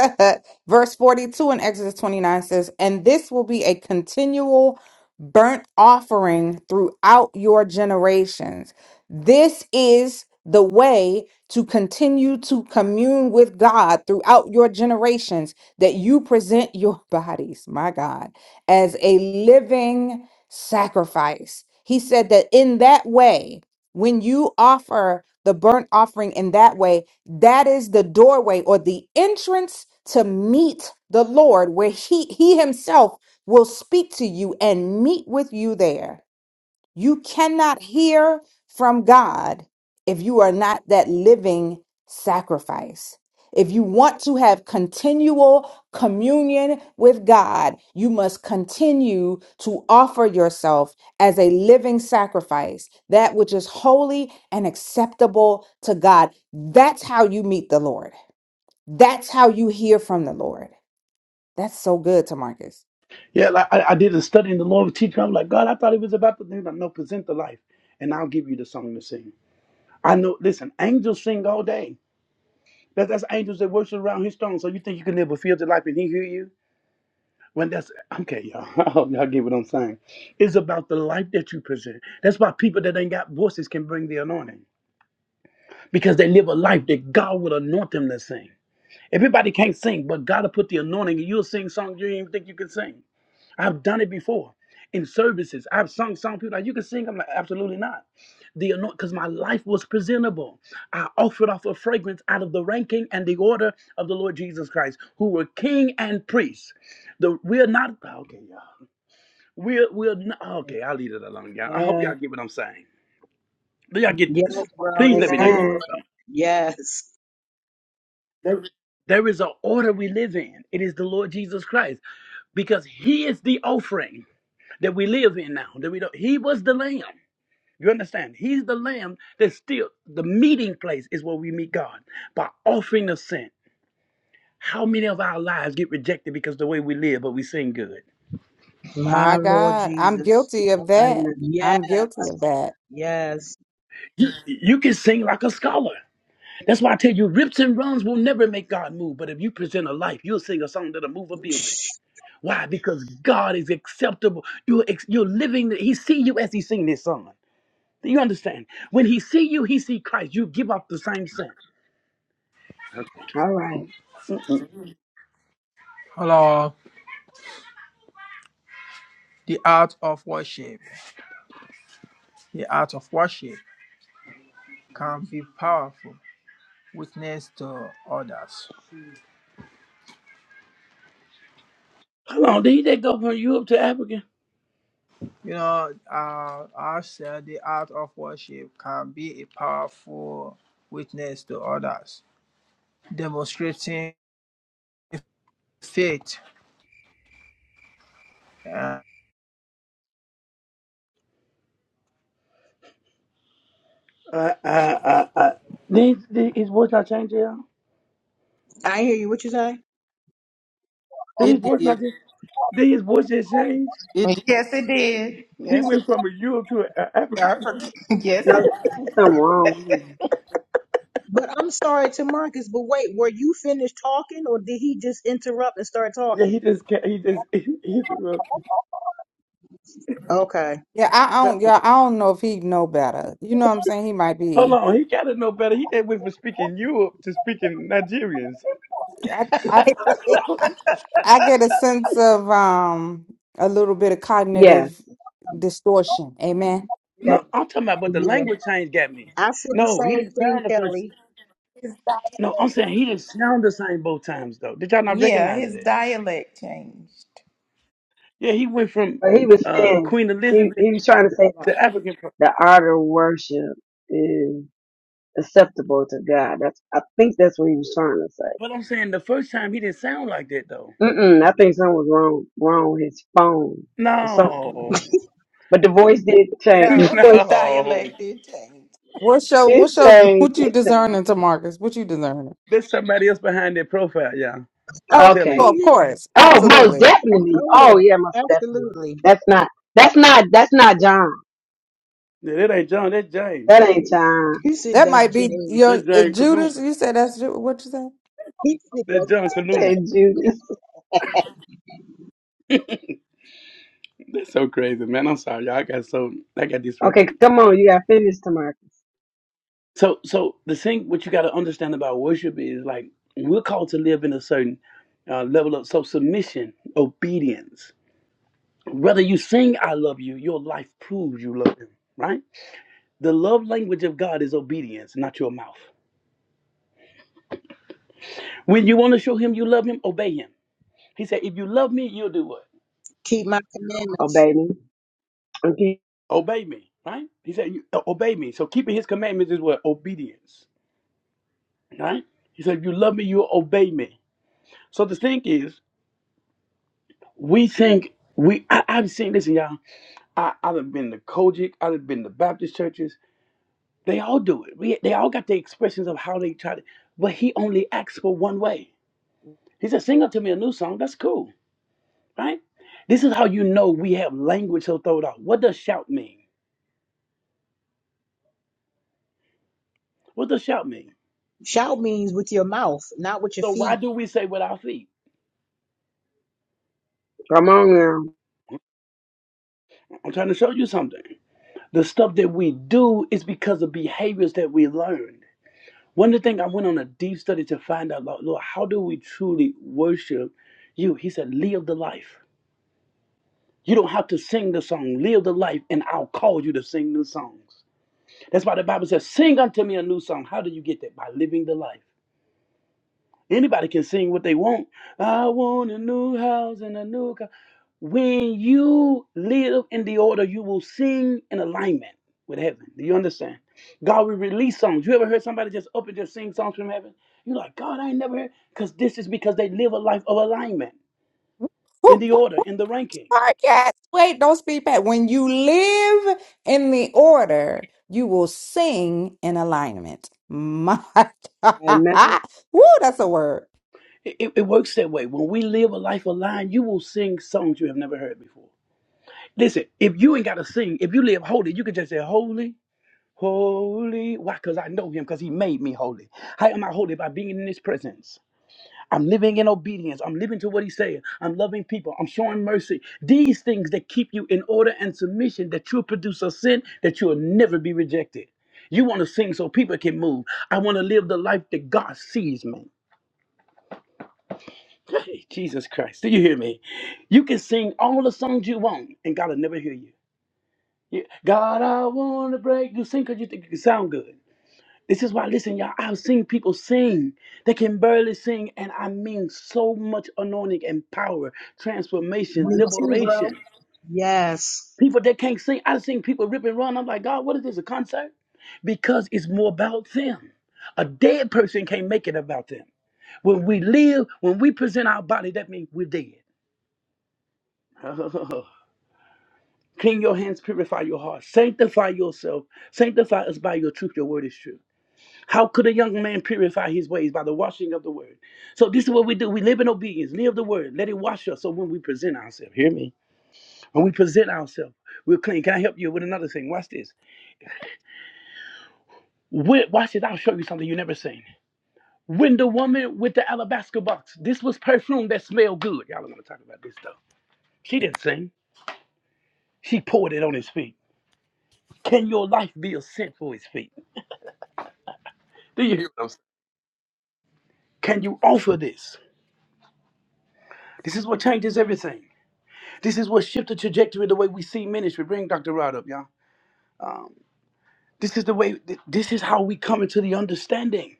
S10: verse 42 in Exodus 29 says, And this will be a continual burnt offering throughout your generations. This is the way to continue to commune with God throughout your generations that you present your bodies, my God, as a living sacrifice. He said that in that way, when you offer the burnt offering in that way, that is the doorway or the entrance to meet the Lord, where He He Himself will speak to you and meet with you there. You cannot hear from God if you are not that living sacrifice. If you want to have continual communion with God, you must continue to offer yourself as a living sacrifice, that which is holy and acceptable to God. That's how you meet the Lord. That's how you hear from the Lord. That's so good to Marcus.
S9: yeah like i, I did a study in the law of teaching i'm like god i thought it was about the thing that no present the life and i'll give you the song to sing i know listen angels sing all day that, that's angels that worship around his throne so you think you can live a filthy life and he hear you When that's okay, y'all. I hope y'all get what I'm saying. It's about the life that you present. That's why people that ain't got voices can bring the anointing because they live a life that God will anoint them to sing. Everybody can't sing, but God will put the anointing, and you'll sing songs you didn't even think you can sing. I've done it before in services. I've sung song people like you can sing. I'm like absolutely not. The anoint because my life was presentable. I offered off a fragrance out of the ranking and the order of the Lord Jesus Christ, who were King and priest. The we're not okay. We'll, we'll, n- okay, I'll leave it alone, y'all. I hope
S14: Yeah.
S9: y'all get what I'm saying. Do y'all get this?
S1: Yes, bro.
S9: Please
S1: This is
S9: let me know you
S1: good, bro.
S14: Amen.
S9: understand.
S1: Yes.
S9: There, there is an order we live in. It is the Lord Jesus Christ because He is the offering that we live in now. That we don't, He was the Lamb. You understand? He's the Lamb that's still the meeting place is where we meet God by offering of sin. How many of our lives get rejected because the way we live, but we sing good?
S10: My
S1: My Lord
S10: God, I'm
S1: Jesus.
S10: guilty of
S14: All right
S10: that.
S14: now.
S1: Yes.
S10: I'm guilty of that.
S1: Yes.
S9: You, you can sing like a scholar. That's why I tell you, rips and runs will never make God move. But if you present a life, you'll sing a song that'll move a building. Why? Because God is acceptable. You're ex- you're living. He see you as He sing this song. Do you understand? When He see you, He see Christ. You give up the same sin. Okay.
S14: All right.
S9: Mm-mm.
S13: Hello, the art of worship. The art of worship can be powerful witness to others.
S9: Hold on. Did they go from Europe to Africa?
S13: You know, uh, I've said the art of worship can be a powerful witness to others, demonstrating faith
S9: Uh, uh, uh, uh. Did, did his voice not change? Yeah.
S1: I hear you. What you say?
S9: Did his
S7: It
S9: voice not
S7: did.
S9: just? Did his voice just change?
S7: It did.
S3: Yes, it did.
S9: He
S3: Yes, it
S9: went from a Europe to a, a
S3: did.
S9: Africa.
S3: I forget. Yes,
S14: No, I
S3: it,
S14: think something wrong with you.
S1: But I'm sorry to Marcus, but wait, were you finished talking or did he just interrupt and start
S9: Yeah,
S1: talking?
S9: he just ca- he just he,
S1: Okay.
S10: Yeah, I, I
S1: Go-
S10: don't. Yeah, I don't know if he know better. You know what I'm saying? He might
S9: Hold
S10: be.
S9: on, he gotta know better. He can't wait from speaking Europe to speaking Nigerians.
S10: I, I,
S1: yeah.
S10: I I get a sense of um a little bit of
S14: Yes.
S10: cognitive distortion. Amen.
S14: Yes.
S9: no, I'm talking about, but the language change got me.
S1: I said the
S9: No, he
S1: same
S9: didn't
S1: thing,
S9: sound the first.
S1: Kelly.
S9: No, I'm saying he didn't sound the same both times though. Did y'all not
S3: yeah,
S9: recognize
S3: his
S9: that?
S3: dialect changed.
S9: Yeah, he went from
S14: But he was
S9: uh,
S14: saying
S9: Queen
S14: he,
S9: Elizabeth
S14: he was trying to say that
S9: to African. pro-
S14: the art of worship is acceptable to God. That's I think that's what he was trying to say.
S9: But I'm saying the first time he didn't sound like that though.
S14: Mm-mm, I think something was wrong wrong with his phone or something.
S9: No,
S14: But the voice did change. The
S3: No, his
S14: voice
S9: no,
S3: dialect did change.
S10: What's your
S14: did
S10: what's your
S14: change.
S10: what you
S14: It changed.
S10: discerning to Marcus? What you discerning?
S9: there's somebody else behind that profile, y'all. I'm
S1: Oh,
S10: Oh,
S9: telling
S14: Okay.
S1: oh
S9: you,
S10: oh, of
S1: yeah.
S10: course,
S1: Oh
S14: Oh,
S1: yeah.
S14: most
S10: absolutely.
S14: definitely.
S1: Oh
S14: Oh
S1: yeah.
S14: yeah, most definitely.
S1: Absolutely.
S14: That's not. That's not. That's not John.
S9: yeah, that ain't John. That's James.
S14: That ain't John.
S1: You said
S10: That
S1: that's
S10: might be
S1: James.
S10: your
S9: That's
S10: uh,
S9: James
S10: Judas.
S9: Kaluma.
S10: You said that's Ju- what you said.
S1: He said that
S9: That's John
S14: That
S9: Kaluna.
S14: ain't Judas.
S9: That's so crazy, man. I'm sorry, y'all. I got so I got
S14: Okay,
S9: disrupted.
S14: come on. You got finished, Tamarcus.
S9: So, so the thing what you got to understand about worship is like we're called to live in a certain uh, level of so submission, obedience. Whether you sing "I love you," your life proves you love Him, right? The love language of God is obedience, not your mouth. When you want to show Him you love Him, obey Him. He said, "If you love Me, you'll do what?
S1: keep my
S14: Oh
S1: commandments.
S14: baby. Okay,
S9: Obey Me." Right? He said, you, uh, "Obey Me." So keeping His commandments is what obedience, right? He said, "If you love Me, you'll obey Me." So the thing is, we think we I, I've seen this, and y'all. I I've been to Kojic, I've been to Baptist churches. They all do it. We, they all got their expressions of how they try to. But he only asks for one way. He said, "Sing up to me a new song." That's cool, right? This is how you know we have language so thrown out. What does shout mean? What does shout mean?
S1: Shout means with your mouth, not with your
S9: So why
S1: feet.
S9: do we say with our feet?
S14: come on now.
S9: I'm trying to show you something. The stuff that we do is because of behaviors that we learned. One of the things I went on a deep study to find out, Lord, Lord, how do we truly worship you? He said, live the life. You don't have to sing the song. Live the life, and I'll call you to sing new songs. That's why the Bible says, sing unto me a new song. How do you get that? By living the life. Anybody can sing what they want. I want a new house and a new car. When you live in the order, you will sing in alignment with heaven. Do you understand? God will release songs. You ever heard somebody just up and just sing songs from heaven? You're like, God, I ain't never heard. Because this is because they live a life of alignment in the order, in the ranking.
S10: podcast. Wait, don't speak back. When you live in the order, you will sing in alignment. My
S14: Amen.
S10: God. Woo, that's a word.
S9: It, it, it works that way. When we live a life aligned, you will sing songs you have never heard before. Listen, if you ain't got to sing, if you live holy, you can just say, Holy, holy. Why? Because I know him, because he made me holy. How am I holy? By being in his presence. I'm living in obedience. I'm living to what he's saying. I'm loving people. I'm showing mercy. These things that keep you in order and submission, that you'll produce a sin that you'll never be rejected. You want to sing so people can move. I want to live the life that God sees me. Hey, Jesus Christ, do you hear me? You can sing all the songs you want, and God will never hear you. You- God, I want to break. You sing because you think you sound good. This is why, listen, y'all, I've seen people sing. They can barely sing, and I mean so much anointing and power, transformation,
S1: Me too, bro.
S9: liberation.
S1: Yes.
S9: People that can't sing, I've seen people rip and run. I'm like, God, what is this, a concert? Because it's more about them. A dead person can't make it about them. When we live, when we present our body, that means we're dead. Clean your hands, purify your heart, sanctify yourself, sanctify us by your truth. Your word is true. How could a young man purify his ways by the washing of the word? So this is what we do. We live in obedience. Live the word. Let it wash us. So when we present ourselves, hear me. When we present ourselves, we're clean. Can I help you with another thing? Watch this. When, watch this. I'll show you something you never seen. When the woman with the alabaster box, this was perfume that smelled good. Y'all are gonna talk about this stuff. She didn't sing. She poured it on his feet. Can your life be a scent for his feet? Do you? Can you offer this? This is what changes everything. This is what shifted the trajectory of the way we see ministry. Bring Dr. Rod up, y'all. Um, this is the way, th- this is how we come into the understanding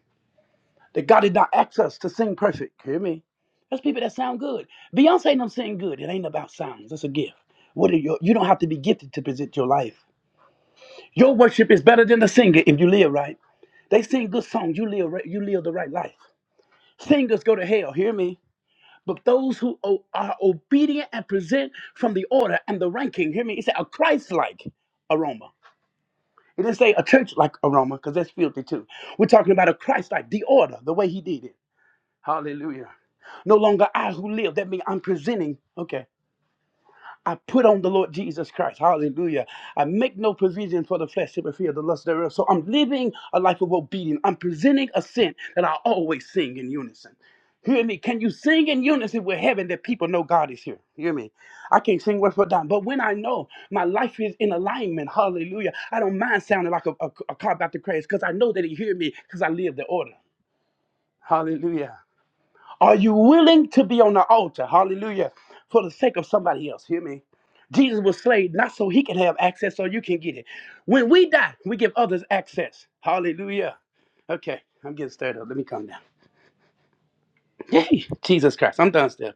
S9: that God did not ask us to sing perfect. Hear me? That's people that sound good. Beyonce and them sing good. It ain't about sounds. That's a gift. What are your, you don't have to be gifted to present your life. Your worship is better than the singer if you live right. They sing good songs. You live, right- you live the right life. Singers go to hell. Hear me? But those who o- are obedient and present from the order and the ranking, hear me, he said a Christ like aroma. It didn't say a church like aroma because that's filthy too. We're talking about a Christ like, the order, the way he did it. Hallelujah. No longer I who live. That means I'm presenting. Okay. I put on the Lord Jesus Christ. Hallelujah. I make no provision for the flesh to fulfill the lust thereof. So I'm living a life of obedience. I'm presenting a sin that I always sing in unison. Hear me. Can you sing in unison with heaven that people know God is here? Hear me. I can't sing word for dime, but when I know my life is in alignment, hallelujah, I don't mind sounding like a, a, a car about to crash because I know that He hear me because I live the order. Hallelujah. Are you willing to be on the altar? Hallelujah. For the sake of somebody else. Hear me. Jesus was slain not so he can have access so you can get it. When we die, we give others access. Hallelujah. Okay, I'm getting stirred up. Let me calm down. Yay, Jesus Christ. I'm done still.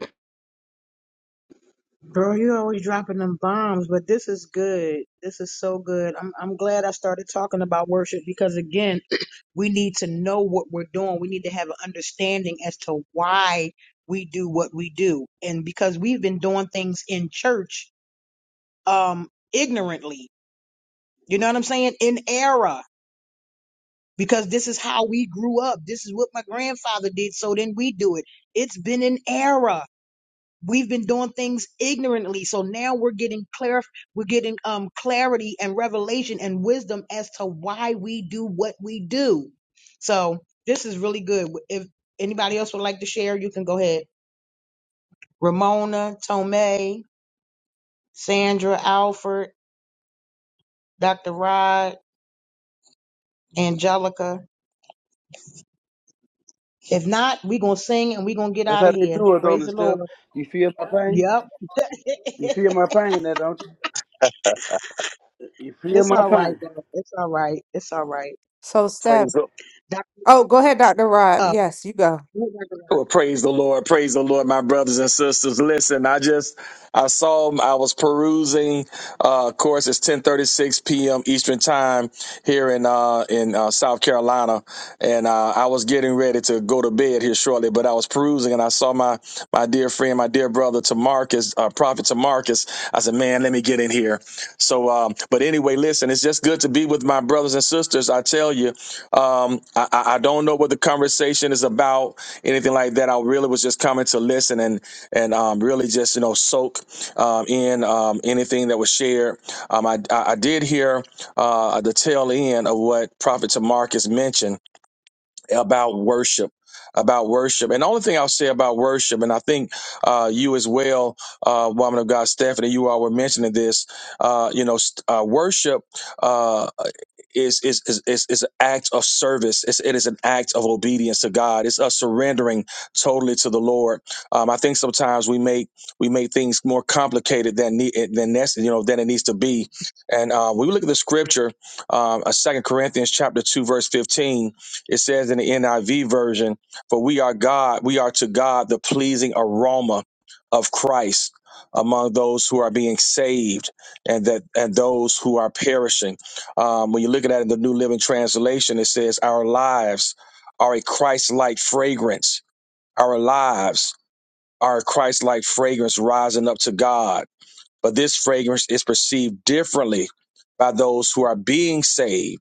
S1: Bro, you always dropping them bombs, but this is good. This is so good. I'm I'm glad I started talking about worship because again, we need to know what we're doing. We need to have an understanding as to why we do what we do. And because we've been doing things in church um ignorantly. You know what I'm saying? In error. Because this is how we grew up. This is what my grandfather did, so then we do it. It's been an error We've been doing things ignorantly. So now we're getting clar- we're getting um clarity and revelation and wisdom as to why we do what we do. So this is really good. If anybody else would like to share, you can go ahead. Ramona, Tomei, Sandra, Alfred, Dr. Rod, Angelica. If not, we're gonna sing and we're gonna get
S9: That's
S1: out
S9: how
S1: of
S9: they
S1: here.
S9: do it on
S1: Praise
S9: the
S1: the Lord.
S9: stuff. You feel my pain?
S1: Yep.
S9: You feel my pain now, don't you? You feel
S1: it's
S9: my
S1: all right,
S9: pain.
S1: though. It's all right. It's all right.
S10: So,
S15: Praise
S10: Steph.
S15: the
S1: Doc,
S10: Oh, go ahead, Dr. Rob.
S1: uh,
S10: Yes, you go.
S15: well, praise the Lord, praise the Lord, my brothers and sisters. Listen, I just I saw I was perusing. Uh, of course, it's ten thirty six p.m. Eastern time here in uh, in uh, South Carolina, and uh, I was getting ready to go to bed here shortly. But I was perusing, and I saw my my dear friend, my dear brother, Tamarcus, uh, Prophet Tamarcus. I said, "Man, let me get in here." So, um, but anyway, listen, it's just good to be with my brothers and sisters. I tell you, um, I, I I don't know what the conversation is about, anything like that. I really was just coming to listen and and um, really just you know soak um, in um, anything that was shared. Um, I, I I did hear uh, the tail end of what Prophet Tamarcus mentioned about worship about worship and the only thing i'll say about worship and i think uh, you as well uh, woman of god stephanie you all were mentioning this uh, you know st- uh, worship uh, is is is is, is an act of service. It's, it is an act of obedience to God. It's us surrendering totally to the Lord. Um, I think sometimes we make we make things more complicated than need than nec- you know than it needs to be. And uh, we look at the scripture, um, uh, Second Corinthians chapter two verse fifteen. It says in the NIV version, for we are God, we are to God the pleasing aroma of Christ among those who are being saved and that and those who are perishing. Um, when you look at that in the New Living Translation, it says, Our lives are a Christ-like fragrance. Our lives are a Christ-like fragrance rising up to God. But this fragrance is perceived differently by those who are being saved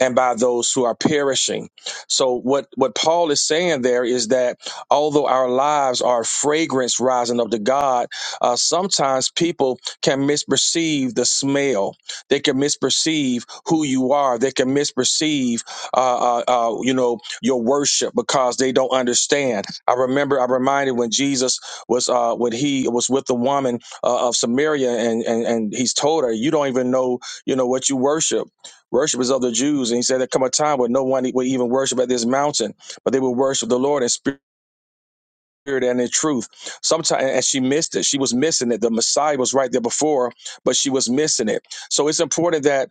S15: and by those who are perishing. So what what Paul is saying there is that although our lives are a fragrance rising up to God, uh, sometimes people can misperceive the smell. They can misperceive who you are. They can misperceive, uh, uh, uh, you know, your worship because they don't understand. I remember I reminded when Jesus was uh, when he was with the woman uh, of Samaria, and, and and he's told her, "You don't even know, you know, what you worship." Worship is of the Jews. And he said, There come a time when no one e-, would even worship at this mountain, but they would worship the Lord in spirit and in truth. Sometimes, and she missed it. She was missing it. The Messiah was right there before, but she was missing it. So it's important that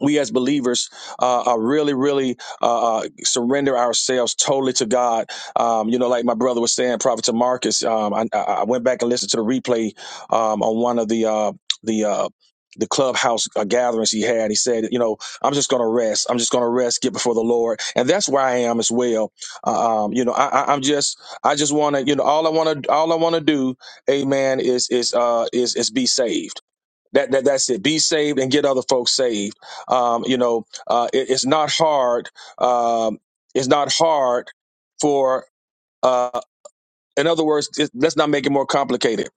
S15: we as believers uh, uh, really, really uh, uh, surrender ourselves totally to God. Um, you know, like my brother was saying, Prophet to Marcus. Um, I, I I went back and listened to the replay um, on one of the uh, the uh, the clubhouse uh, gatherings he had. He said, you know, I'm just going to rest. I'm just going to rest, get before the Lord, and that's where I am as well. Uh, um, you know, I, I, I'm just, I just want to, you know, all I want to, all I want to do, Amen, is is uh, is is be saved. That, that that's it. Be saved and get other folks saved. Um, you know, uh, it, it's not hard. Um, it's not hard for. Uh, in other words, it, let's not make it more complicated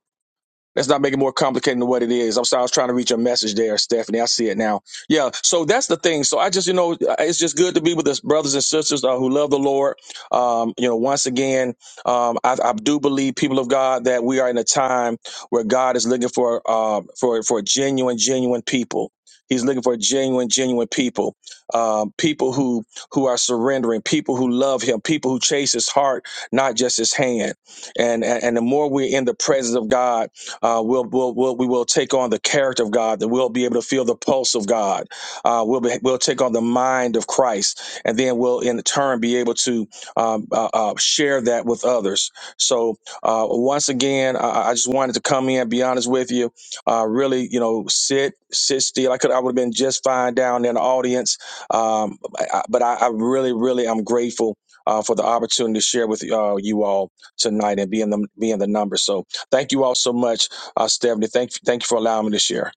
S15: Let's not make it more complicated than what it is. I'm sorry, I was trying to reach your message there, Stephanie. I see it now. Yeah, so that's the thing. So I just, you know, it's just good to be with us, brothers and sisters uh, who love the Lord. Um, you know, once again, um, I, I do believe, people of God, that we are in a time where God is looking for uh, for for genuine, genuine people. He's looking for genuine, genuine people, um, people who who are surrendering, people who love Him, people who chase His heart, not just His hand. And and, and the more we're in the presence of God uh, we'll, we'll, we'll, we will take on the character of God, that we'll be able to feel the pulse of God. Uh, we'll, be, we'll take on the mind of Christ, and then we'll in turn be able to um, uh, uh, share that with others. So, uh, once again, I, I just wanted to come in, be honest with you, uh, really, you know, sit, sit still. I could, I would have been just fine down in the audience, um, I, I- but I, I really, really, I'm grateful. Uh, for the opportunity to share with uh, you all tonight and be in the be in the number. So thank you all so much. Uh, Stephanie, thank thank you for allowing me to share.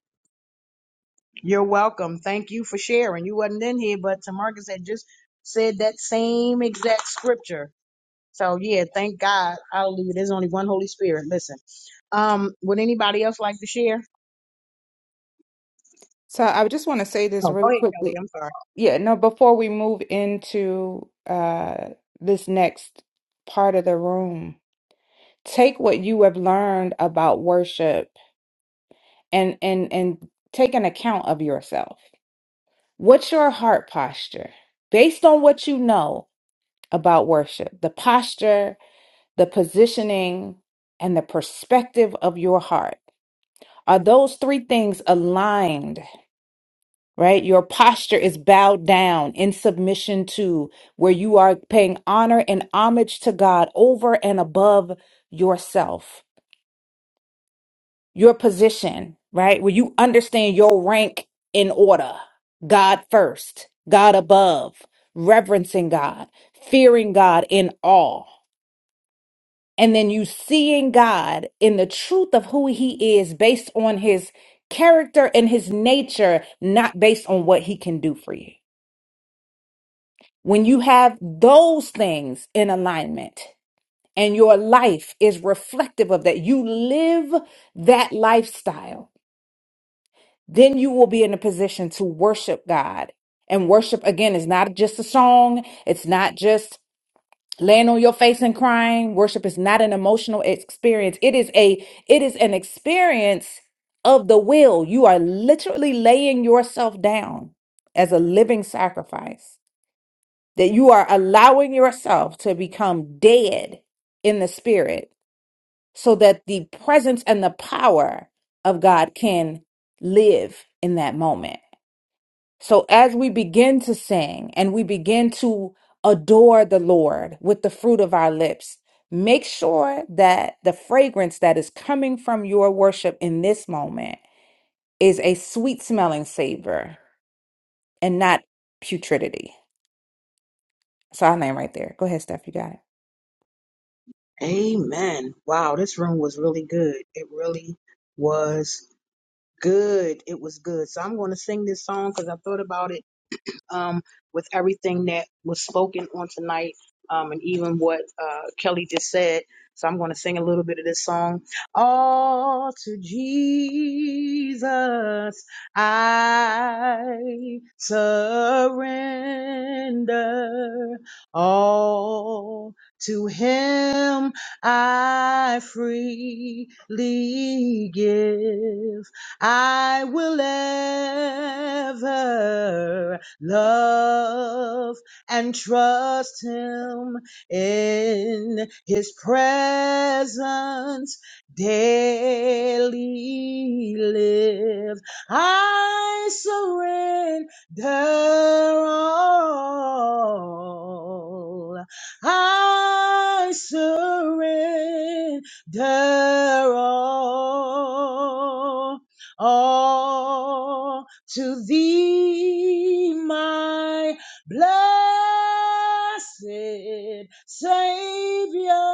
S1: You're welcome. Thank you for sharing. You wasn't in here, but Tamarcus had just said that same exact scripture. So yeah, thank God. Hallelujah. There's only one Holy Spirit. Listen. Um, would anybody else like to share?
S10: So, I just want to say this
S1: Oh, go
S10: really
S1: ahead, Kelly.
S10: quickly.
S1: I'm sorry.
S10: Yeah, no, before we move into uh, this next part of the room, take what you have learned about worship and and and take an account of yourself What's your heart posture? Based on what you know about worship, the posture, the positioning, and the perspective of your heart. Are those three things aligned, right? Your posture is bowed down in submission to where you are paying honor and homage to God over and above yourself. your position, right? Where you understand your rank in order. God first, God above, reverencing God, fearing God in awe. And then you seeing God in the truth of who he is based on his character and his nature, not based on what he can do for you. When you have those things in alignment and your life is reflective of that, you live that lifestyle then you will be in a position to worship God. And worship, again, is not just a song, it's not just laying on your face and crying. Worship is not an emotional experience. It is a it is an experience of the will. You are literally laying yourself down as a living sacrifice. That you are allowing yourself to become dead in the spirit so that the presence and the power of God can live in that moment. So as we begin to sing and we begin to adore the Lord with the fruit of our lips, make sure that the fragrance that is coming from your worship in this moment is a sweet smelling savor and not putridity. So I'll name right there. Go ahead, Steph. You got it.
S1: Amen. Wow, this room was really good. It really was good. It was good. So I'm going to sing this song because I thought about it um, with everything that was spoken on tonight um, and even what uh, Kelly just said. So I'm going to sing a little bit of this song. All to Jesus I surrender. All to Him I freely give. I will ever love and trust him in his presence daily live i surrender all i surrender all all to thee, my blessed Savior,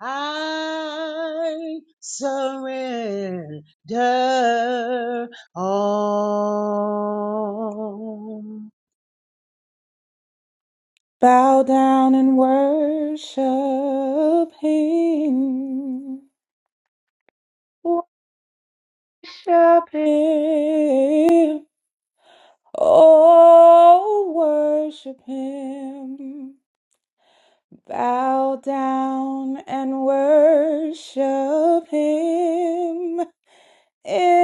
S1: I surrender all.
S10: Bow down and worship him. Worship him. Oh, worship him. Bow down and worship him. Enter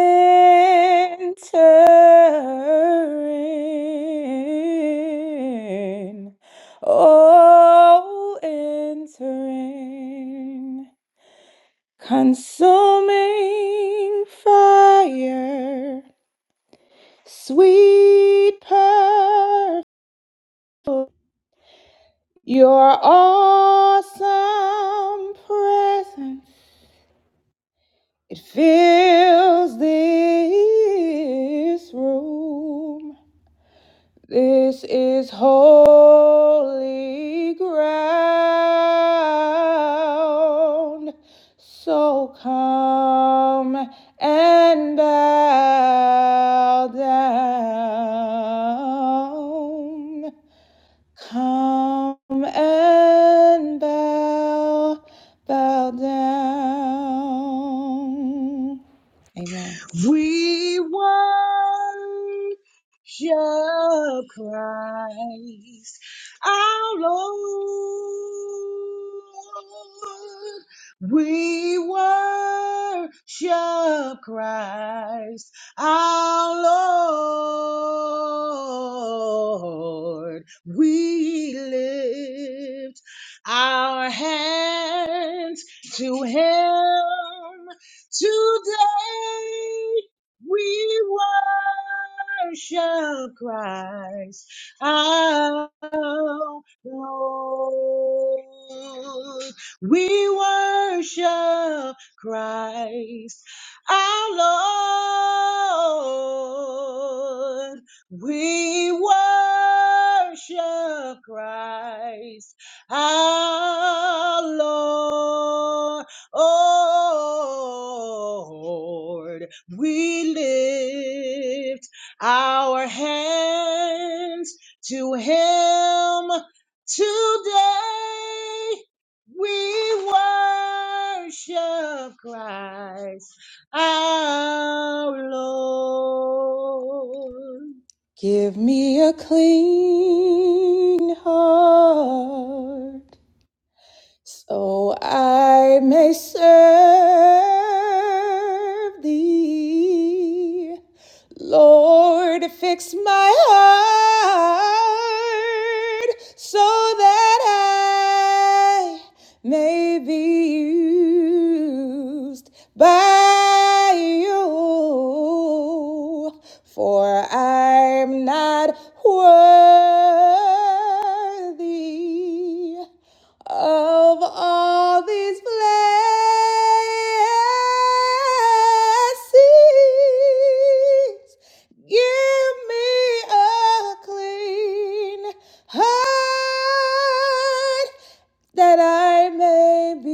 S10: in. Oh, enter in. Consuming fire, sweet perfume. Your awesome presence, it fills this room. This is holy ground. So come and bow down. Come and bow, bow down. Amen.
S1: We worship Christ, our Lord. We worship Christ, our Lord. We lift our hands to Him Today we worship Christ our Lord. We worship Christ our Lord. We worship Christ our Lord. Oh, Lord, we lift our hands to Him today. We worship Christ our Lord.
S10: Give me a clean heart so I may serve thee. Lord, fix my heart so that I may be used by you, for I'm not worthy of all these blessings. Give me a clean heart that I may be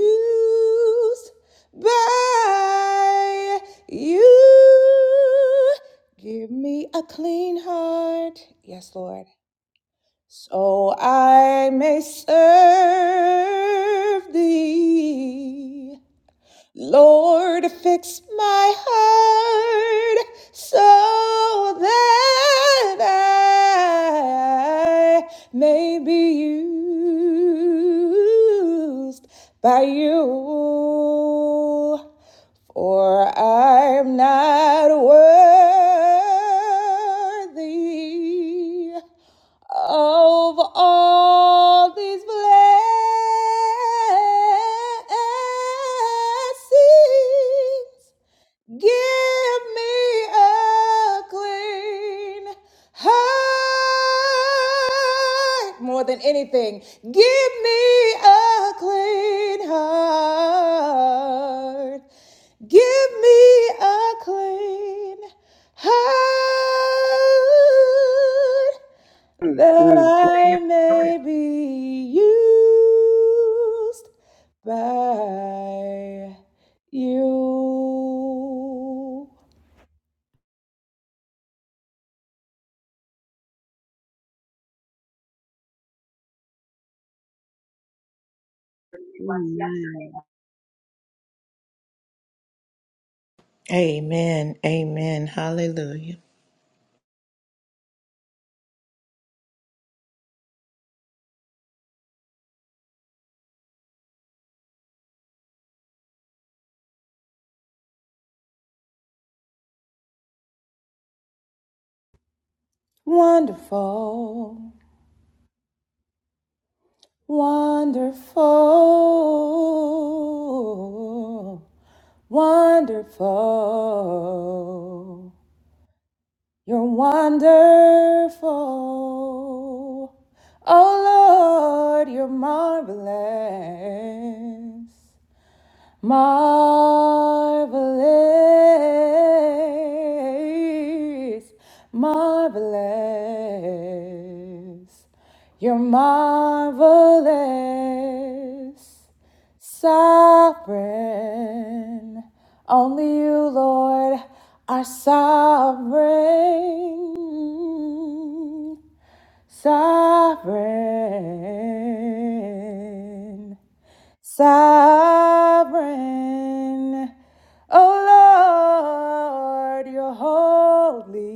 S10: used by you. Give me a clean heart. Yes, Lord so I may serve thee. Lord, fix my heart so that I may be used by you. For I'm not worthy of all these blessings, give me a clean heart. More than anything, give me a clean heart. Give me a clean heart
S14: Mm,
S10: that
S14: mm, mm,
S10: I may be used by you.
S14: mm.
S3: Amen. Amen. Hallelujah.
S10: Wonderful, wonderful, wonderful. You're wonderful. Oh Lord, you're marvelous. Marvelous, marvelous, you're marvelous, sovereign. Only you, Lord, are sovereign sovereign, sovereign. Oh Lord, you're holy.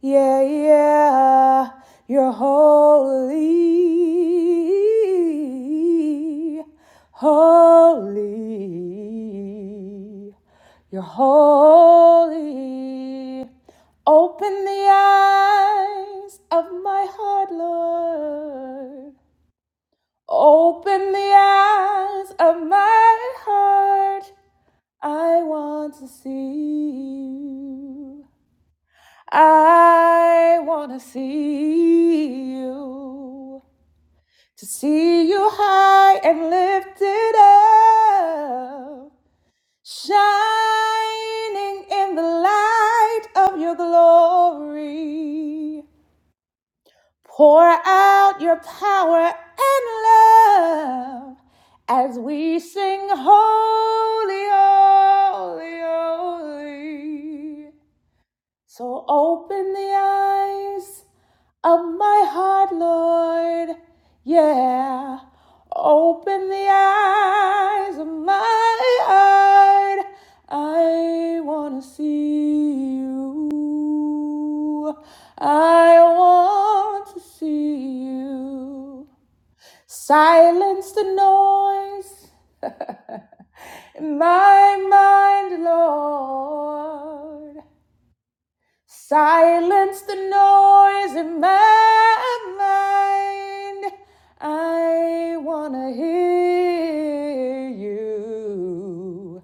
S10: Yeah, yeah, you're holy, holy. You're holy. Open the eyes of my heart, Lord. Open the eyes of my heart. I want to see you. I want to see you. To see you high and lifted up, shining in the light of your glory. Pour out your power and love as we sing holy, holy, holy. So open the eyes of my heart, Lord. Yeah. Open the eyes of my heart. I want to see you. I want to see you. Silence the noise in my mind, Lord. Silence the noise in my mind. I wanna hear you.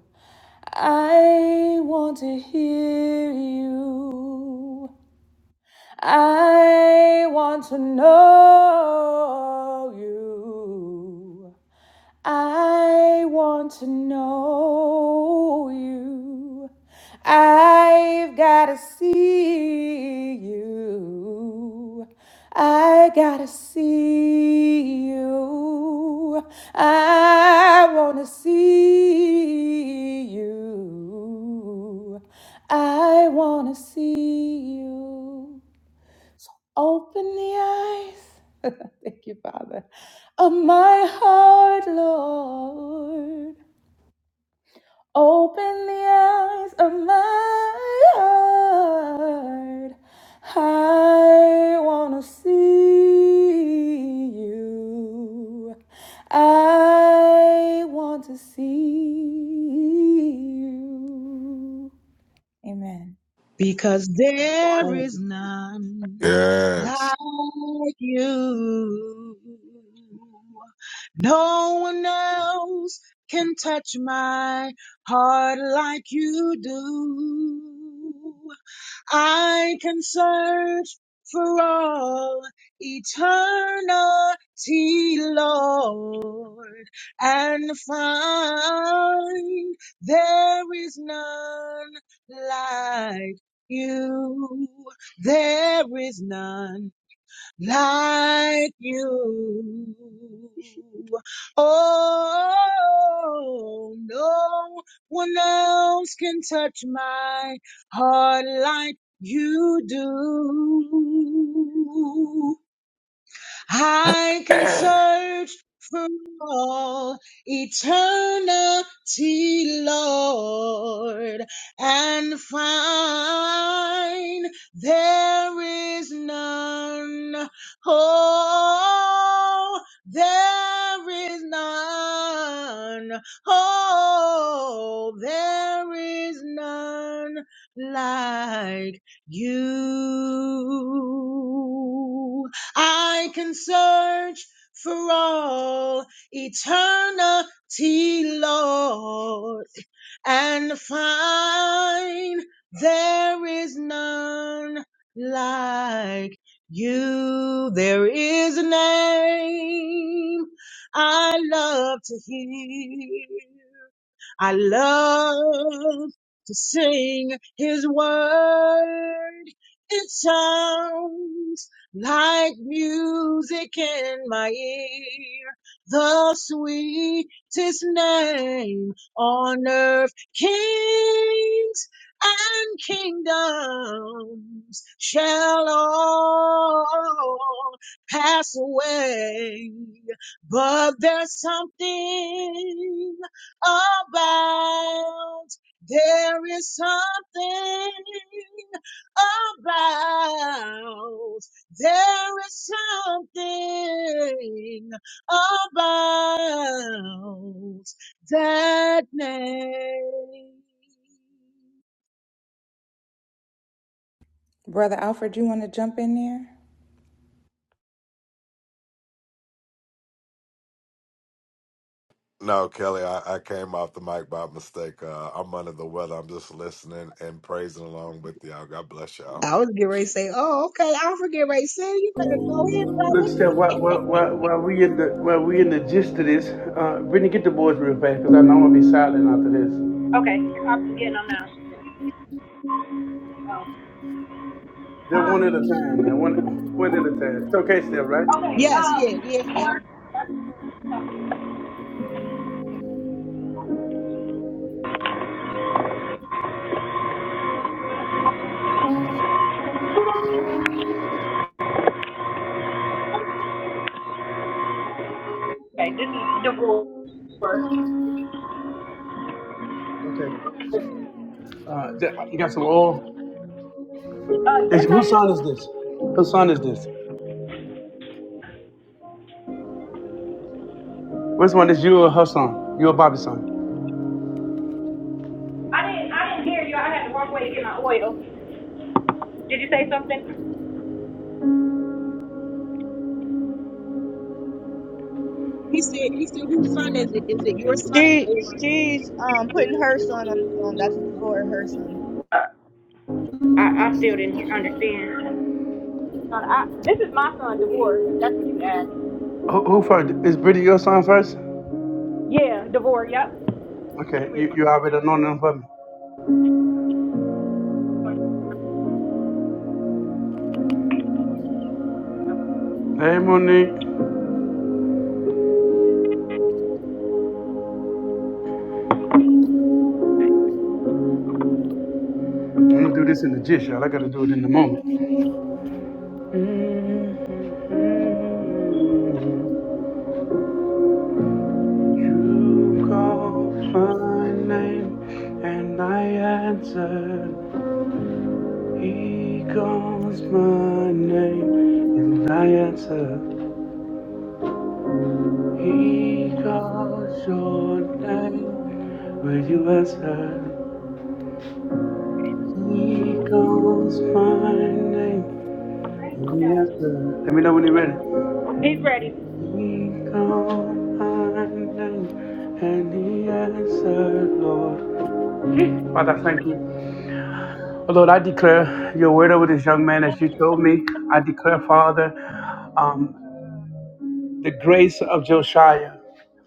S10: I want to hear you. I want to know you. I want to know you. I've got to see you. I got to see you. I want to see you. I want to see you. Open the eyes. Thank you, Father. Of my heart, Lord. Open the eyes of my heart. I want to see you. I want to see you. Amen.
S1: because there is none
S16: Yes.
S1: like you. No one else can touch my heart like you do. I can search for all eternity, Lord, and find there is none like you. There is none like you. Oh, no one else can touch my heart like you do. I can
S16: no,
S1: search for all eternity, Lord, and find there is none. Oh, there is none. Oh, there is none like you. I can search for all eternity, Lord, and find there is none like you. There is a name I love to hear. I love to sing his word. It sounds like music in my ear. The sweetest name on earth. Kings and kingdoms shall all pass away. But there's something about. There is something about. There is something about that name.
S16: Kelly, I, I came off the mic by mistake. Uh, I'm under the weather. I'm just listening and praising along with y'all. God bless y'all.
S1: I was getting ready to say, oh, okay, I'll forget right say you better go in,
S9: Look,
S1: brother.
S9: Steph, while, while, while, while we in the while we in the gist of this, uh Brittany, get the boys real fast, because I know I'm gonna be silent after this.
S2: I'm getting them now. Oh.
S9: They're one at a time, man. One, one at a time. Showcase them, right?
S2: Okay.
S1: Yes,
S2: Um.
S1: yeah, yeah, yeah.
S2: Okay, this is the rule. Uh,
S9: Okay. Uh, th- you got some oil. Is,
S2: yes, I
S9: whose
S2: did.
S9: son is this? Whose son is this? Which one is you or her son? You or Bobby's son?
S2: I didn't. I didn't hear you. I had to walk away to get my oil. Did you say something?
S1: He said he said whose son is it? Is it your son
S4: She
S1: or?"
S4: she's um putting her son on the phone. That's Devor, her son.
S2: I I still didn't understand. I, this is my son, DeVore, if that's what you asked.
S9: Who, who first? Is Brittany your son first?
S2: Yeah, DeVore, yep.
S9: Okay, you, you already know them for me. Hey, Monique. I'm gonna do this in the gist, y'all. I gotta do it in the moment. You call my name and I answer. He calls my name and I answer. He calls your name, will you answer? He calls my name and I answer. Let me know when you're ready.
S2: He's ready.
S9: He calls my name and he answered, Lord. Father, thank you. Oh, Lord, I declare your word over this young man as you told me. I declare, Father. um, the grace of Josiah.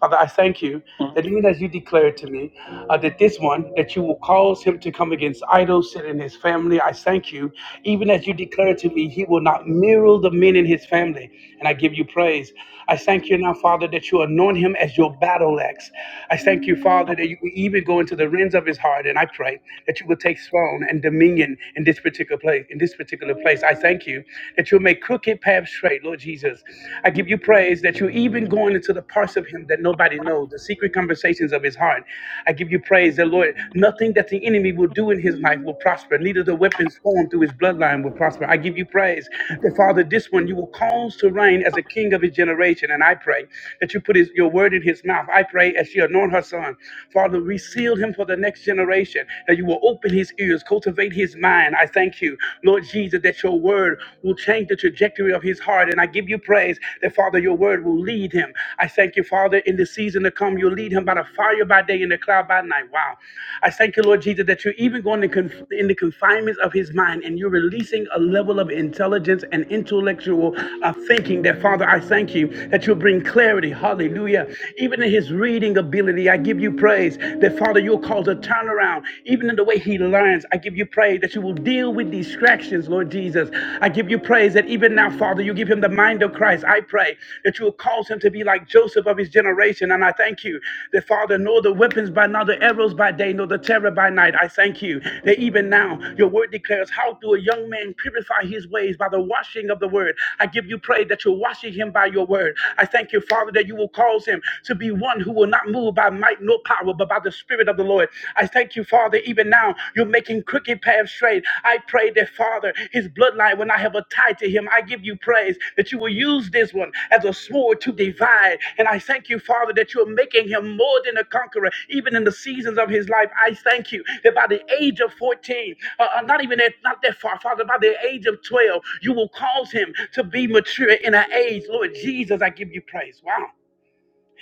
S9: Father, I thank you that even as you declared to me uh, that this one, that you will cause him to come against idols and in his family, I thank you. Even as you declared to me, he will not mirror the men in his family. And I give you praise. I thank you now, Father, that you anoint him as your battle axe. I thank you, Father, that you will even go into the reins of his heart. And I pray that you will take throne and dominion in this particular place. In this particular place, I thank you that you'll make crooked paths straight, Lord Jesus. Jesus. I give you praise that you're even going into the parts of him that nobody knows, the secret conversations of his heart. I give you praise that, Lord, nothing that the enemy will do in his life will prosper. Neither the weapons formed through his bloodline will prosper. I give you praise that, Father, this one you will cause to reign as a king of his generation. And I pray that you put his, your word in his mouth. I pray as she anoint her son. Father, reseal him for the next generation, that you will open his ears, cultivate his mind. I thank you, Lord Jesus. that that your word will change the trajectory of his heart. And I give you praise that, Father, your word will lead him. I thank you, Father, in the season to come, you'll lead him by the fire by day and the cloud by night. Wow. I thank you, Lord Jesus, that you're even going to conf- in the confinements of his mind and you're releasing a level of intelligence and intellectual uh, thinking that, Father, I thank you that you'll bring clarity. Hallelujah. Even in his reading ability, I give you praise that, Father, you'll cause a turnaround, even in the way he lions. I give you praise that you will deal with distractions, Lord Jesus. I give you praise that even now, Father, you give him the mind of Christ. I pray that you will cause him to be like Joseph of his generation. And I thank you that, Father, nor the weapons by night, nor the arrows by day, nor the terror by night. I thank you that even now your word declares, How do a young man purify his ways by the washing of the word? I give you praise that you're washing him by your word. I thank you, Father, that you will cause him to be one who will not move by might nor power but by the Spirit of the Lord. I thank you, Father, even now you're making crooked paths straight. I pray that, Father, his bloodline, when I have a tie to him, I give you praise that you will use this one as a sword to divide. And I thank you, Father, that you're making him more than a conqueror, even in the seasons of his life. I thank you that by the age of 14, uh, uh, not even that, not that far, Father, by the age of 12, you will cause him to be mature in an age. Lord Jesus, I give you praise. Wow.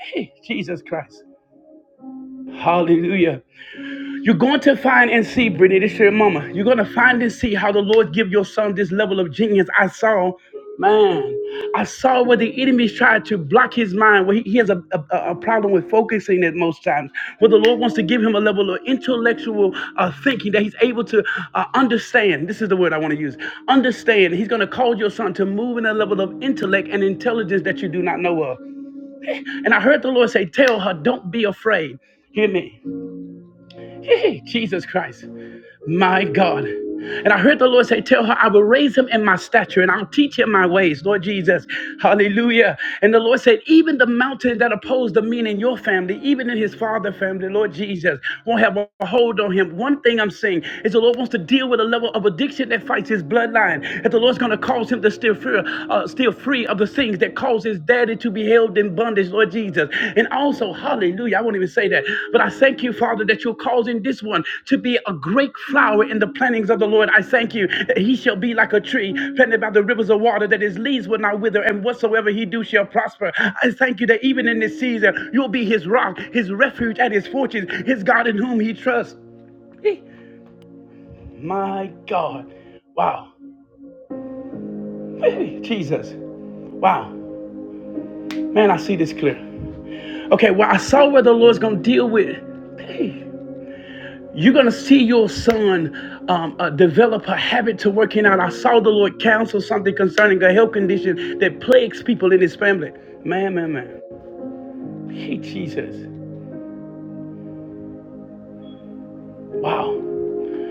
S9: Hey, Jesus Christ. Hallelujah. You're going to find and see, Brittany, this is your mama. You're going to find and see how the Lord give your son this level of genius. I saw, man, I saw where the enemies tried to block his mind, where he, he has a, a, a problem with focusing at most times, where the Lord wants to give him a level of intellectual uh, thinking that he's able to uh, understand. This is the word I want to use. Understand. He's going to cause your son to move in a level of intellect and intelligence that you do not know of. And I heard the Lord say, tell her, don't be afraid. Hear me. Hey, Jesus Christ. My God. And I heard the Lord say, Tell her, I will raise him in my stature and I'll teach him my ways, Lord Jesus. Hallelujah. And the Lord said, Even the mountain that opposed the men in your family, even in his father family, Lord Jesus, won't have a hold on him. One thing I'm saying is the Lord wants to deal with a level of addiction that fights his bloodline. And the Lord's going to cause him to steer free, uh, steer free of the things that cause his daddy to be held in bondage, Lord Jesus. And also, hallelujah, I won't even say that, but I thank you, Father, that you're causing this one to be a great flower in the plantings of the Lord. I thank you that he shall be like a tree planted by the rivers of water, that his leaves will not wither, and whatsoever he do shall prosper. I thank you that even in this season, you'll be his rock, his refuge, and his fortress, his God in whom he trusts. Eh, My God. Wow. Hey, Jesus. Wow. Man, I see this clear. Okay, well, I saw where the Lord's going to deal with. Hey, you're going to see your son um, uh, develop a habit to working out. I saw the Lord counsel something concerning a health condition that plagues people in his family. Man, man, man. Hey, Jesus. Wow.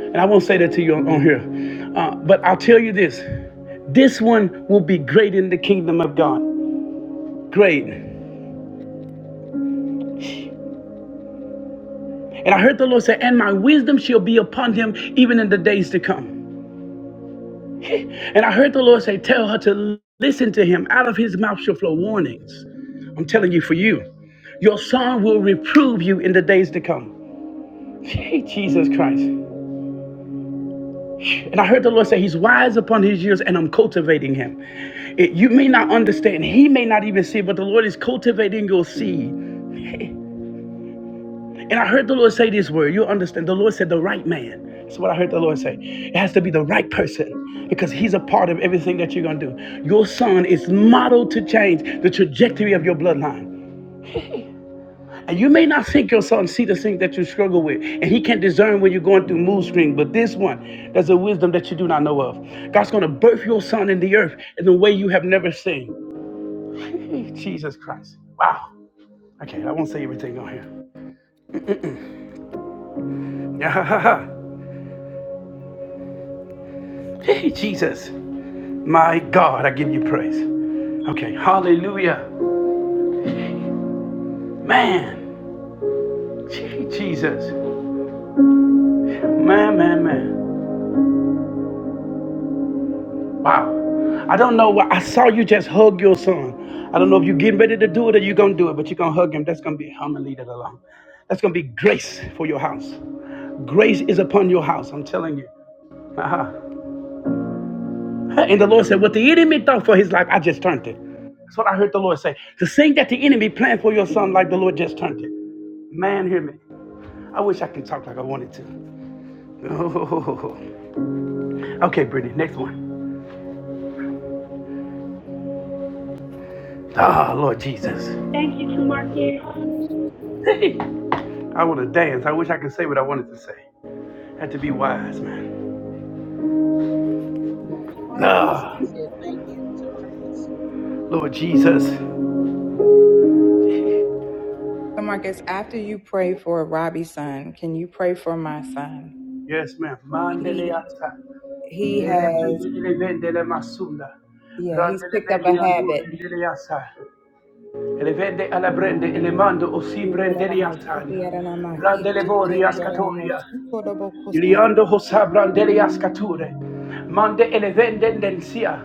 S9: And I won't say that to you on, on here. Uh, but I'll tell you this this one will be great in the kingdom of God. Great. And I heard the Lord say, and my wisdom shall be upon him even in the days to come. And I heard the Lord say, Tell her to listen to him. Out of his mouth shall flow warnings. I'm telling you, for you, your son will reprove you in the days to come. Hey, Jesus Christ. And I heard the Lord say, He's wise upon his years, and I'm cultivating him. It- you may not understand, he may not even see, but the Lord is cultivating your seed. Hey, And I heard the Lord say this word. You'll understand. The Lord said the right man. That's what I heard the Lord say. It has to be the right person because he's a part of everything that you're going to do. Your son is modeled to change the trajectory of your bloodline. And you may not think your son see the things that you struggle with, and he can't discern when you're going through mood swings. But this one, there's a wisdom that you do not know of. God's going to birth your son in the earth in a way you have never seen. Jesus Christ. Wow. Okay, I won't say everything on here. Jesus. My God, I give you praise. Okay, hallelujah. Man, Gee, Jesus. Man, man, man. Wow. I don't know why I saw you just hug your son. I don't know if you're getting ready to do it or you're going to do it, but you're going to hug him. That's going to be, I'm going to leave it alone. That's going to be grace for your house. Grace is upon your house, I'm telling you. Uh-huh. And the Lord said, What the enemy thought for his life, I just turned it. That's what I heard the Lord say. The thing that the enemy planned for your son, like the Lord just turned it. Man, hear me. I wish I could talk like I wanted to. Oh, okay, Brittany, next one. Ah, oh, Lord Jesus.
S2: Thank you, Tamarcus.
S9: Hey, I want to dance. I wish I could say what I wanted to say. Had to be wise, man.
S1: Tamarcus, our son
S9: Ah, oh,
S1: says thank you, Tamarcus.
S9: Lord Jesus.
S10: So, Marcus, after you pray for Robbie's son, can you pray for my son?
S9: Yes, ma'am. Mandele
S10: He
S9: ata.
S10: he
S9: Lele bende
S10: has.
S9: lele le masunda.
S10: Yeah, he's
S9: Randele
S10: picked up a
S9: bende ando
S10: habit.
S9: rendele yasa. Ele vende alla brende ele mando o si
S10: My
S9: atanda. Randele bori ascatoria. Iliando hosabrandeli ascature. Mande elevende densia.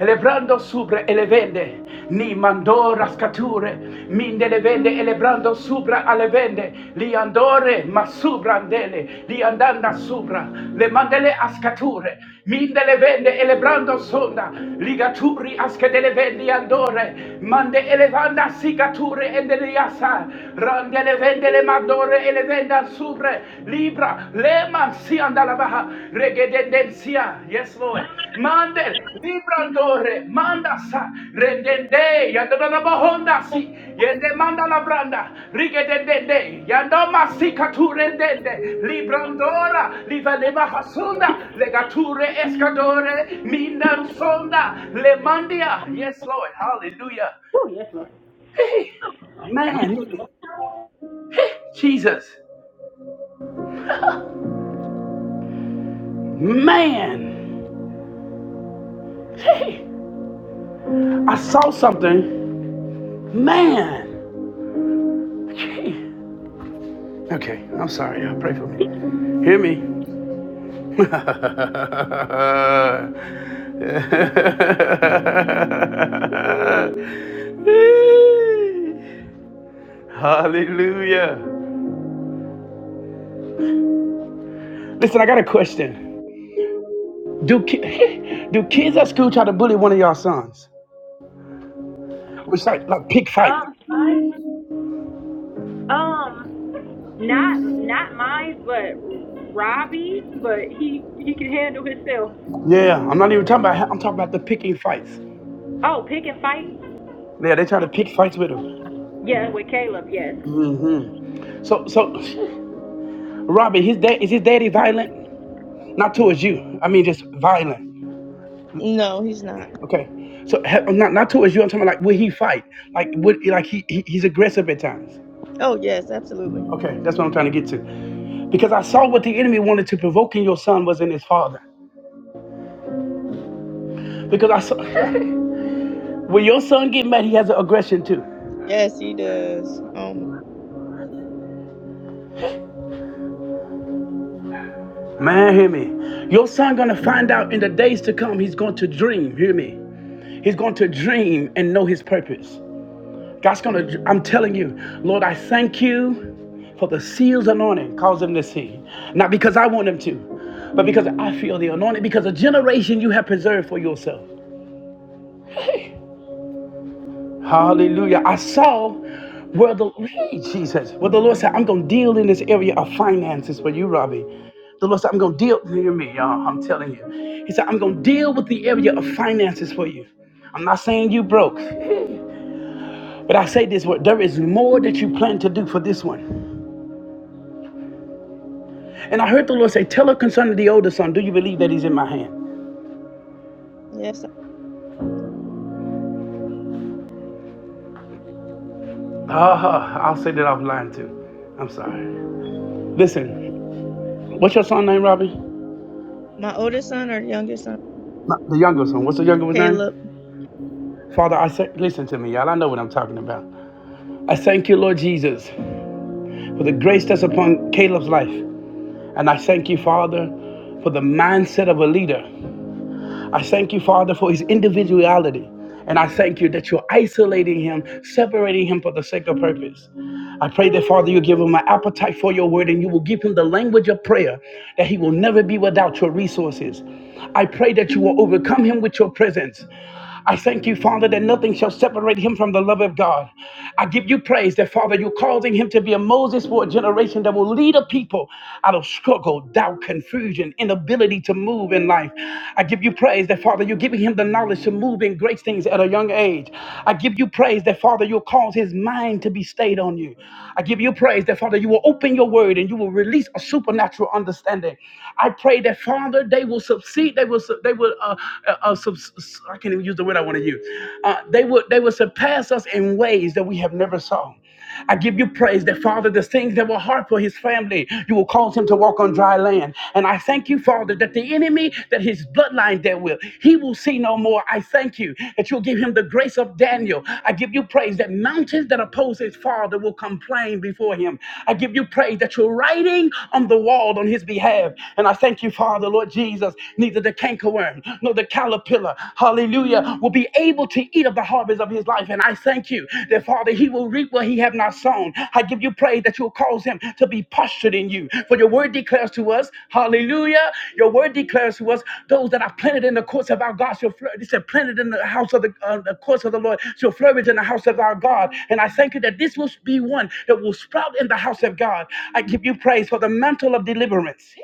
S9: Elebrando subra elevende. Ni mando rascature. Minde elevende elebrando subra alevende. Liandore ma subrandele. Liandanda subra. Le mandele ascature. Minde levende elebrando sonda, ligaturi aske askedelevendi andore, mande elevanda sigature endeliasa, rande levende le mandore elevenda subre, libra, le mansia andala andalabaha, regedendencia, yes Lord, mande, librando Remanda sa redende yadana na bahonda si yende manda la branda rige dende yando masika tu redende librandora livane mahasunda legature escadore mindan sonda lemandia yes Lord hallelujah hey man look at Jesus man hey I saw something man okay okay I'm sorry y'all pray for me hear me Hallelujah. Listen, I got a question. Do ki- do kids at school try to bully one of y'all sons? Which like like pick fight.
S2: Um, um, not not mine, but Robbie's, but he he can handle himself.
S9: Yeah, I'm not even talking about. I'm talking about the picking fights.
S2: Oh, pick and fight?
S9: Yeah, they try to pick fights with him.
S2: Yeah, with Caleb, yes.
S9: hmm So so, Robin, his dad is his daddy violent? Not towards you. I mean, just violent.
S4: No, he's not.
S9: Okay, so he- not not towards you. I'm talking about like will he fight? Like would like he, he he's aggressive at times.
S4: Oh yes, absolutely.
S9: Okay, that's what I'm trying to get to. Because I saw what the enemy wanted to provoke in your son was in his father. Because I saw when your son get mad, he has an aggression too.
S4: Yes, he does. Um,
S9: Man, hear me. Your son gonna find out in the days to come. He's going to dream. Hear me. He's going to dream and know his purpose. God's gonna, I'm telling you, Lord, I thank you for the seals anointing, cause them to see. Not because I want them to, but because I feel the anointing, because a generation you have preserved for yourself. Hallelujah. I saw where the hey, Jesus, where the Lord said, I'm gonna deal in this area of finances for you, Robbie. The Lord said, I'm gonna deal, hear me, y'all. I'm telling you. He said, I'm gonna deal with the area of finances for you. I'm not saying you broke, but I say this word, there is more that you plan to do for this one. And I heard the Lord say, Tell her concerning the older son, do you believe that he's in my hand?
S4: yes,
S9: Ah, I'll say that offline too. I'm sorry. Listen, what's your son's name, Robbie?
S4: My oldest son or youngest son?
S9: No, The younger son. What's the younger one's
S4: Caleb.
S9: name? Father, I say, listen to me, y'all. I know what I'm talking about. I thank you, Lord Jesus, for the grace that's upon Caleb's life. And I thank you, Father, for the mindset of a leader. I thank you, Father, for his individuality. And I thank you that you're isolating him, separating him for the sake of purpose. I pray that, Father, you give him an appetite for your word and you will give him the language of prayer, that he will never be without your resources. I pray that you will overcome him with your presence. I thank you, Father, that nothing shall separate him from the love of God. I give you praise that, Father, you're causing him to be a Moses for a generation that will lead a people out of struggle, doubt, confusion, inability to move in life. I give you praise that, Father, you give giving him the knowledge to move in great things at a young age. I give you praise that, Father, you'll cause his mind to be stayed on you. I give you praise that, Father, you will open your word and you will release a supernatural understanding. I pray that, Father, they will succeed. They will, su- they will, uh, uh, uh, subs- I can't even use the word I want to use. Uh, they will, they will surpass us in ways that we have never saw. I give you praise that, Father, the things that were hard for his family, you will cause him to walk on dry land. And I thank you, Father, that the enemy, that his bloodline there will, he will see no more. I thank you that you'll give him the grace of Daniel. I give you praise that mountains that oppose his father will complain before him. I give you praise that you're writing on the wall on his behalf. And I thank you, Father, Lord Jesus, neither the cankerworm nor the caterpillar, hallelujah hallelujah, will be able to eat of the harvest of his life. And I thank you that, Father, he will reap what he have not sown. I give you praise that you'll cause him to be postured in you. For your word declares to us, hallelujah, your word declares to us, those that are planted in the courts of our God shall flourish. It said, planted in the house of the, uh, the courts of the Lord shall flourish in the house of our God. And I thank you that this will be one that will sprout in the house of God. I give you praise for the mantle of deliverance.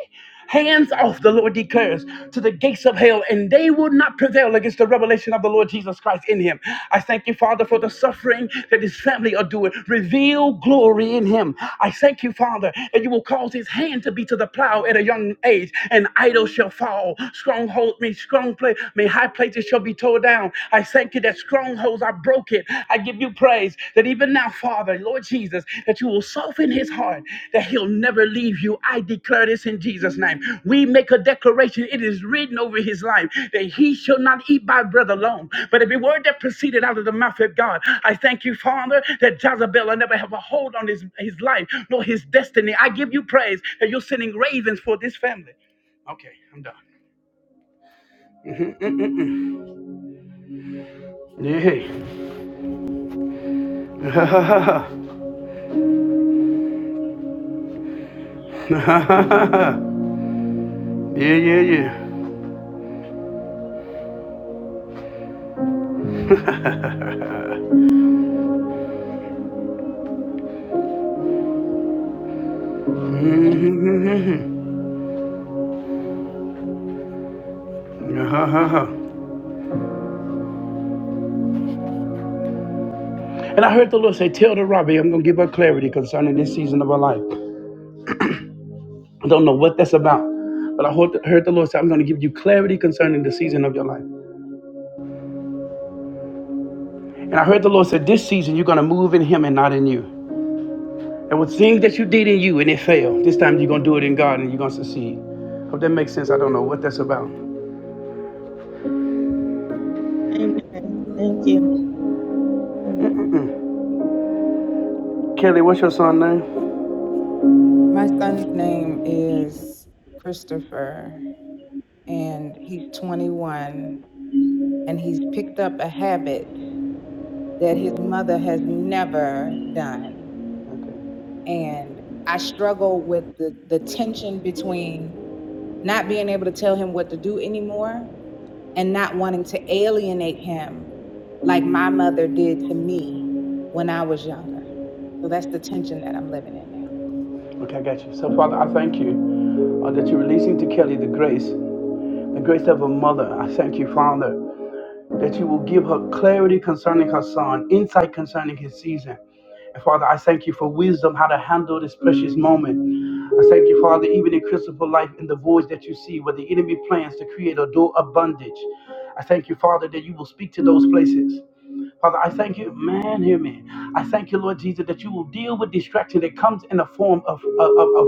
S9: Hands off, the Lord declares, to the gates of hell, and they will not prevail against the revelation of the Lord Jesus Christ in him. I thank you, Father, for the suffering that his family are doing. Reveal glory in him. I thank you, Father, that you will cause his hand to be to the plow at a young age, and idols shall fall. Stronghold, me strong place, may high places shall be torn down. I thank you that strongholds are broken. I give you praise that even now, Father, Lord Jesus, that you will soften his heart, that he'll never leave you. I declare this in Jesus' name. We make a declaration. It is written over his life that he shall not eat by bread alone, but every word that proceeded out of the mouth of God. I thank you, Father, that Jezebel will never have a hold on his, his life nor his destiny. I give you praise that you're sending ravens for this family. Okay, I'm done. Mhm, mm, mm, mm. Yeah. yeah, yeah, yeah. and I heard the Lord say, Tell the Robbie, I'm going to give her clarity concerning this season of her life. I don't know what that's about, but I heard heard the Lord say, I'm going to give you clarity concerning the season of your life. And I heard the Lord say, This season, you're going to move in Him and not in you. And with things that you did in you and it failed. This time, you're going to do it in God and you're going to succeed. Hope that makes sense. I don't know what that's about.
S4: Amen. Thank you. Amen.
S9: Kelly, what's your son's name?
S10: son's name is Christopher, and he's 21, and he's picked up a habit that his mother has never done. And I struggle with the, the tension between not being able to tell him what to do anymore and not wanting to alienate him like my mother did to me when I was younger. So that's the tension that I'm living in now.
S9: Okay, okay, I got you. So, Father, I thank you uh, that you're releasing to Kelly the grace. the grace of a mother. I thank you, Father, that you will give her clarity concerning her son, insight concerning his season. And Father, I thank you for wisdom how to handle this precious moment. I thank you, Father, even in Christopher life, in the voice that you see, where the enemy plans to create a door of bondage. I thank you, Father, that you will speak to those places. Father, I thank you, man, hear me. I thank you, Lord Jesus, that you will deal with distraction that comes in the form of, of, of,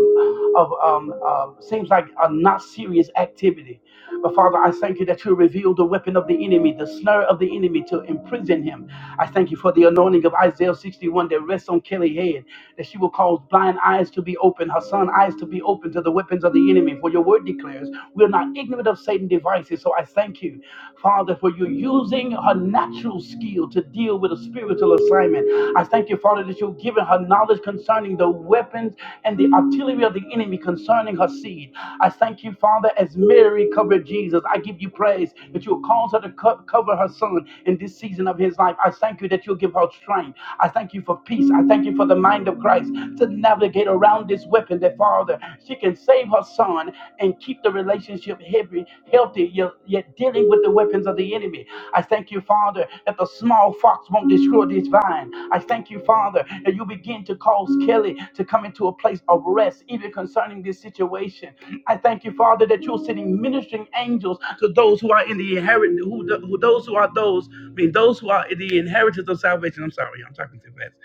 S9: of um, uh seems like a not serious activity. But Father, I thank you that you reveal the weapon of the enemy, the snare of the enemy to imprison him. I thank you for the anointing of Isaiah 61 that rests on Kelly head, that she will cause blind eyes to be open, her son eyes to be open to the weapons of the enemy. For your word declares, we are not ignorant of Satan's devices. So I thank you, Father, for you using her natural skills you to deal with a spiritual assignment. I thank you, Father, that you've given her knowledge concerning the weapons and the artillery of the enemy concerning her seed. I thank you, Father, as Mary covered Jesus. I give you praise that you'll cause her to co- cover her son in this season of his life. I thank you that you'll give her strength. I thank you for peace. I thank you for the mind of Christ to navigate around this weapon that, Father, she can save her son and keep the relationship heavy, healthy, yet yet dealing with the weapons of the enemy. I thank you, Father, that the small fox won't destroy this vine. I thank you, Father, that you begin to cause Kelly to come into a place of rest, even concerning this situation. I thank you, Father, that you're sending ministering angels to those who are in the inherit, who, who those who are those, I mean, those who are in the inheritance of salvation. I'm sorry, I'm talking too fast.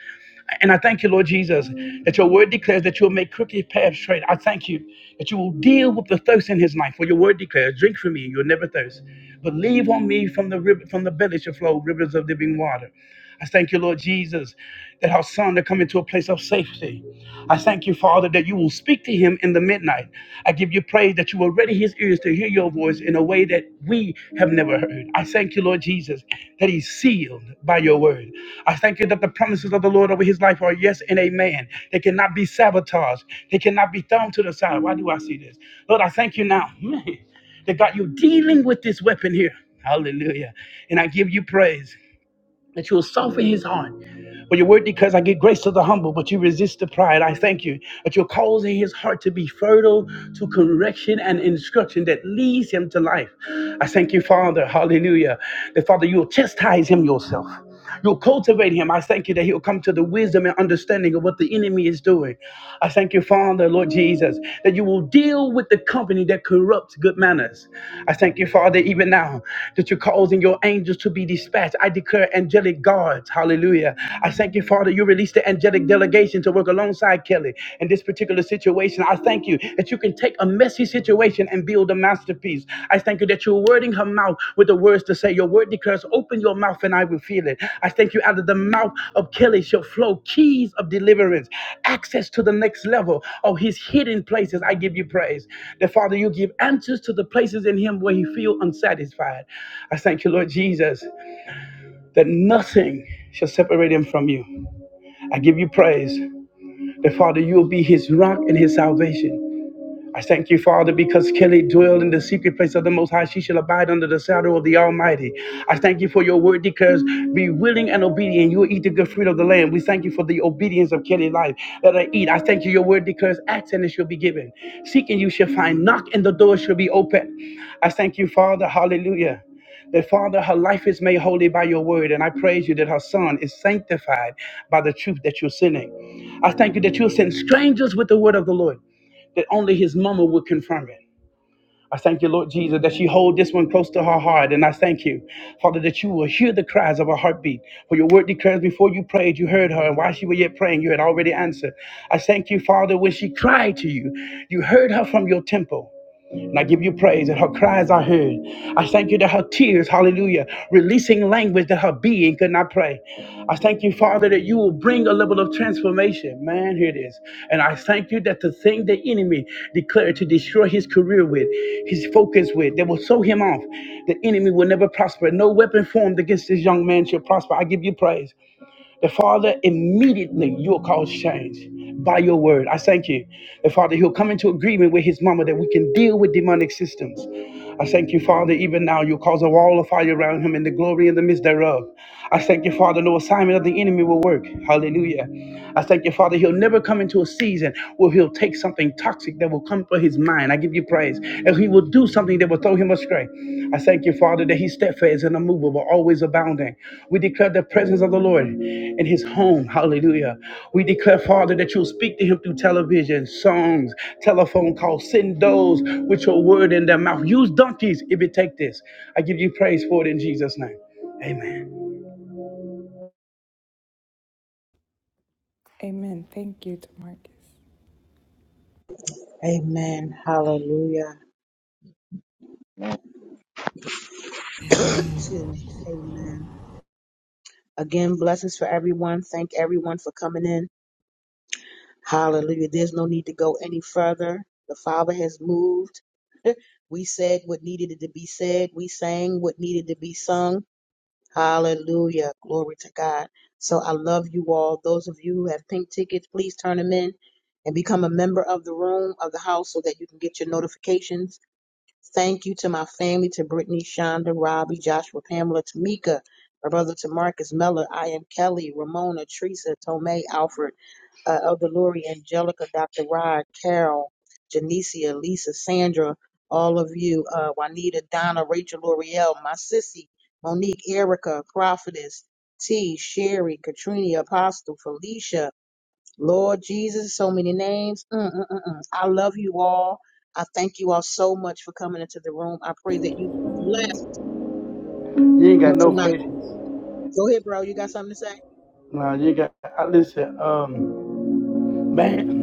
S9: And I thank you, Lord Jesus, that your word declares that you'll make crooked paths straight. I thank you that you will deal with the thirst in his life. For your word declares, drink from me, and you'll never thirst. Believe on me from the river, from the belly shall flow rivers of living water. I thank you, Lord Jesus, that our son will come into a place of safety. I thank you, Father, that you will speak to him in the midnight. I give you praise that pray that you will ready his ears to hear your voice in a way that we have never heard. I thank you, Lord Jesus, that he's sealed by your word. I thank you that the promises of the Lord over his life are yes and amen. They cannot be sabotaged, they cannot be thrown to the side. Why do I see this? Lord, I thank you now that God, you're dealing with this weapon here. Hallelujah. And I give you praise that you will soften his heart. For your word declares, I give grace to the humble, but you resist the pride. I thank you that you're causing his heart to be fertile to correction and instruction that leads him to life. I thank you, Father, hallelujah, that Father, you'll chastise him yourself. You'll cultivate him. I thank you that he'll come to the wisdom and understanding of what the enemy is doing. I thank you, Father, Lord Jesus, that you will deal with the company that corrupts good manners. I thank you, Father, even now that you're causing your angels to be dispatched. I declare angelic guards. Hallelujah. I thank you, Father, you released the angelic delegation to work alongside Kelly in this particular situation. I thank you that you can take a messy situation and build a masterpiece. I thank you that you're wording her mouth with the words to say. Your word declares, Open your mouth and I will fill it. I thank you out of the mouth of Kelly shall flow keys of deliverance, access to the next level of his hidden places. I give you praise. That Father, you give answers to the places in him where he feel unsatisfied. I thank you, Lord Jesus, that nothing shall separate him from you. I give you praise. That Father, you'll be his rock and his salvation. I thank you, Father, because Kelly dwelled in the secret place of the Most High. She shall abide under the shadow of the Almighty. I thank you for your word declares, be willing and obedient. You will eat the good fruit of the land. We thank you for the obedience of Kelly's life. Let her eat. I thank you. Your word declares, ask and it shall be given. Seek and you shall find. Knock and the door shall be open. I thank you, Father. Hallelujah that Father, her life is made holy by your word, and I praise you that her son is sanctified by the truth that you're sending. I thank you that you'll send strangers with the word of the Lord that only his mama would confirm it. I thank you, Lord Jesus, that she hold this one close to her heart. And I thank you, Father, that you will hear the cries of her heartbeat. For your word declares before you prayed, you heard her. And while she was yet praying, you had already answered. I thank you, Father, when she cried to you, you heard her from your temple. And I give you praise that her cries are heard. I thank you that her tears, hallelujah, releasing language that her being could not pray. I thank you, Father, that you will bring a level of transformation. Man, here it is. And I thank you that the thing the enemy declared to destroy his career with, his focus with, that will sow him off, the enemy will never prosper. No weapon formed against this young man shall prosper. I give you praise. The Father, immediately you'll cause change by your word. I thank you. The Father, he'll come into agreement with his mama that we can deal with demonic systems. I thank you, Father, even now you'll cause a wall of fire around him and the glory in the midst thereof. I thank you, Father, no assignment of the enemy will work. Hallelujah. I thank you, Father, he'll never come into a season where he'll take something toxic that will come for his mind. I give you praise. And he will do something that will throw him astray. I thank you, Father, that he's steadfast and immovable, always abounding. We declare the presence of the Lord in his home. Hallelujah. We declare, Father, that you'll speak to him through television, songs, telephone calls. Send those with your word in their mouth. Use donkeys if it take this. I give you praise for it in Jesus' name. Amen.
S10: Amen. Thank you, Marcus.
S1: Amen. Hallelujah. Excuse me. Amen. Again, blessings for everyone. Thank everyone for coming in. Hallelujah. There's no need to go any further. The Father has moved. we said what needed to be said. We sang what needed to be sung. Hallelujah. Glory to God. So I love you all. Those of you who have pink tickets, please turn them in and become a member of the room of the house so that you can get your notifications Thank you to my family, to Brittany, Shonda, Robbie, Joshua, Pamela, Tamika, my brother to Marcus Mellor, I am Kelly, Ramona, Teresa, Tomei, Alfred, uh, Elder Lori, Angelica, Dr. Rod, Carol, Janicia, Lisa, Sandra, all of you, uh, Juanita, Donna, Rachel, L'Oreal, my sissy, Monique, Erica, Prophetess, T, Sherry, Katrina, Apostle, Felicia, Lord Jesus, so many names. Mm, mm, mm, mm. I love you all. I thank you all so much for coming into the room. I pray that you were blessed
S9: You ain't
S1: on
S9: got no
S1: tonight.
S9: patience.
S1: Go ahead, bro. You got something to say?
S9: Nah, you ain't got. I Listen, um, man.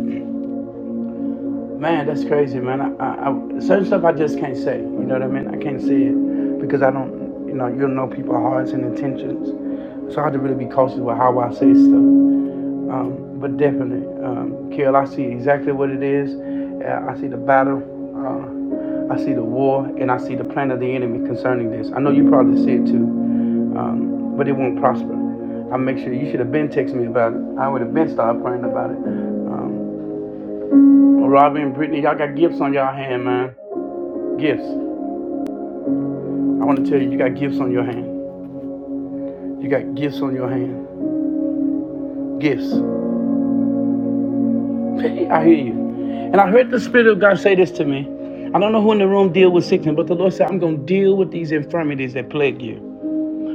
S9: Man, that's crazy, man. I, I, I, certain stuff I just can't say. You know what I mean? I can't say it because I don't, you know, you don't know people's hearts and intentions. So I have to really be cautious with how I say stuff. Um, but definitely, um, Kill, I see exactly what it is. Uh, I see the battle. Uh, I see the war, and I see the plan of the enemy concerning this. I know you probably see it too, um, but it won't prosper. I make sure you should have been texting me about it. I would have been started praying about it. Um, well, Robin and Brittany, y'all got gifts on y'all hand, man. Gifts. I want to tell you, you got gifts on your hand. You got gifts on your hand. Gifts. I hear you. And I heard the Spirit of God say this to me. I don't know who in the room deal with sickness, but the Lord said, I'm going to deal with these infirmities that plague you,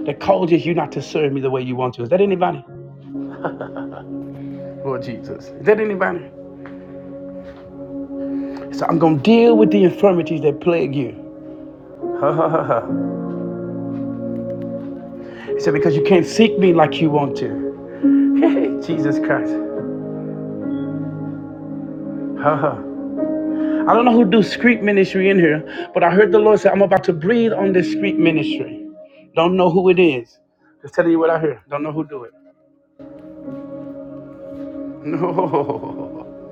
S9: that causes you not to serve me the way you want to. Is that anybody? Lord Jesus. Is that anybody? So I'm going to deal with the infirmities that plague you. Ha ha ha ha. He said, because you can't seek me like you want to. Jesus Christ. Ha ha. I don't know who do street ministry in here, but I heard the Lord say, I'm about to breathe on this street ministry. Don't know who it is. Just telling you what I heard. Don't know who do it. No.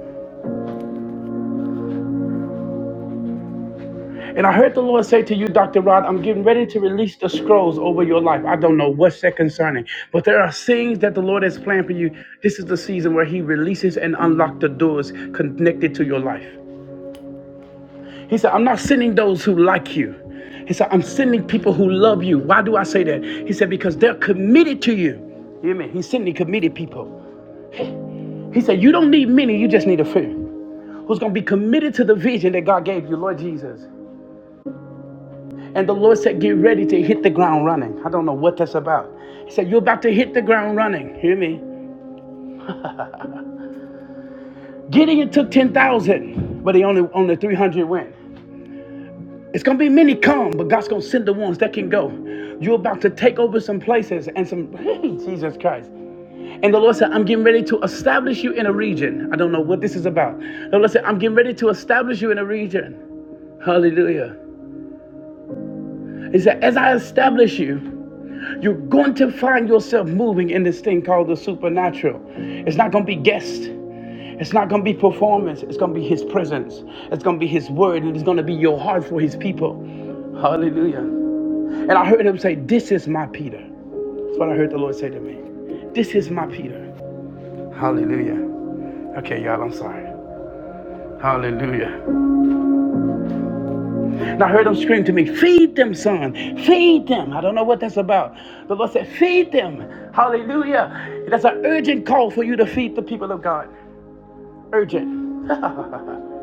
S9: And I heard the Lord say to you, Dr. Rod, I'm getting ready to release the scrolls over your life. I don't know what's that concerning, but there are things that the Lord has planned for you. This is the season where He releases and unlocks the doors connected to your life. He said, I'm not sending those who like you. He said, I'm sending people who love you. Why do I say that? He said, because they're committed to you. You hear me? He's sending committed people. He said, You don't need many, you just need a few who's going to be committed to the vision that God gave you, Lord Jesus. And the Lord said, Get ready to hit the ground running. I don't know what that's about. He said, You're about to hit the ground running. Hear me? Gideon took 10,000, but he only, only 300 went. It's gonna be many come, but God's gonna send the ones that can go. You're about to take over some places and some hey, Jesus Christ. And the Lord said, I'm getting ready to establish you in a region. I don't know what this is about. The Lord said, I'm getting ready to establish you in a region. Hallelujah. He said, as I establish you, you're going to find yourself moving in this thing called the supernatural. It's not gonna be guessed. It's not going to be performance. It's going to be his presence. It's going to be his word. And it's going to be your heart for his people. Hallelujah. And I heard him say, This is my Peter. That's what I heard the Lord say to me. This is my Peter. Hallelujah. Okay, y'all, I'm sorry. Hallelujah. And I heard him scream to me, Feed them, son. Feed them. I don't know what that's about. The Lord said, Feed them. Hallelujah. That's an urgent call for you to feed the people of God. Urgent. and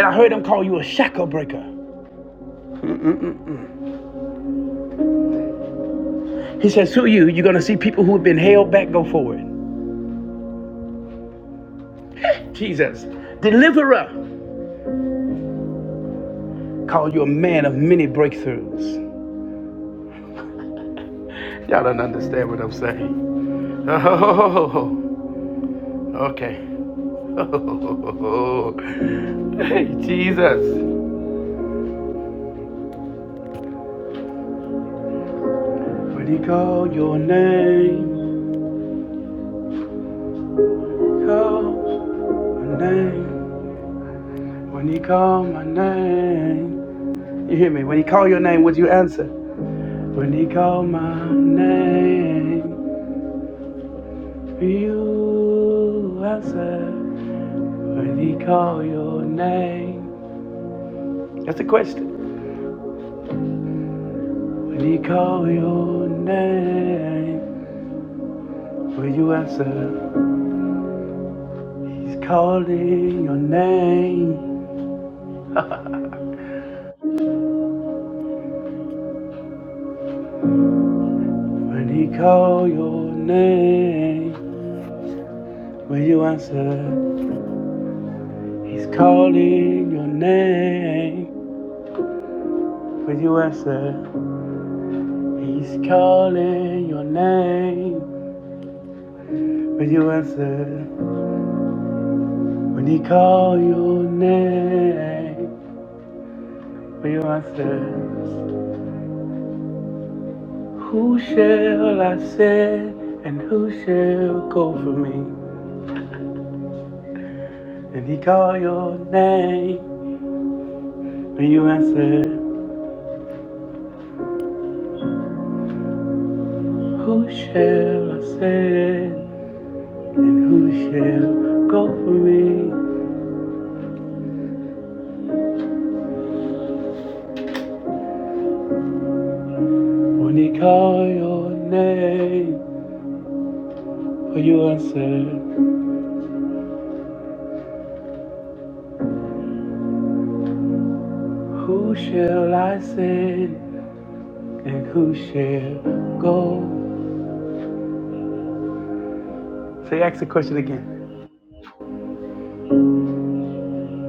S9: I heard him call you a shackle breaker. He says, Who are you? You're going to see people who have been held back go forward. Jesus, deliverer, Called you a man of many breakthroughs. Y'all don't understand what I'm saying. Oh, okay. Oh, hey, Jesus. When he called your name, call my name. When he called my name, you hear me? When he called your name, would you answer? When he called my name, you answer. When he called your name, that's the question. When he called your name. Will you answer? He's calling your name. When he call your name, will you answer? He's calling your name. Will you answer? He's calling your name. Will you answer? When he call your name, will you answer? Who shall I send and who shall go for me? If he call your name and you answer, who shall I send? And who shall go for me? When he call your name for you answer, who shall I send? And who shall go? So you ask the question again.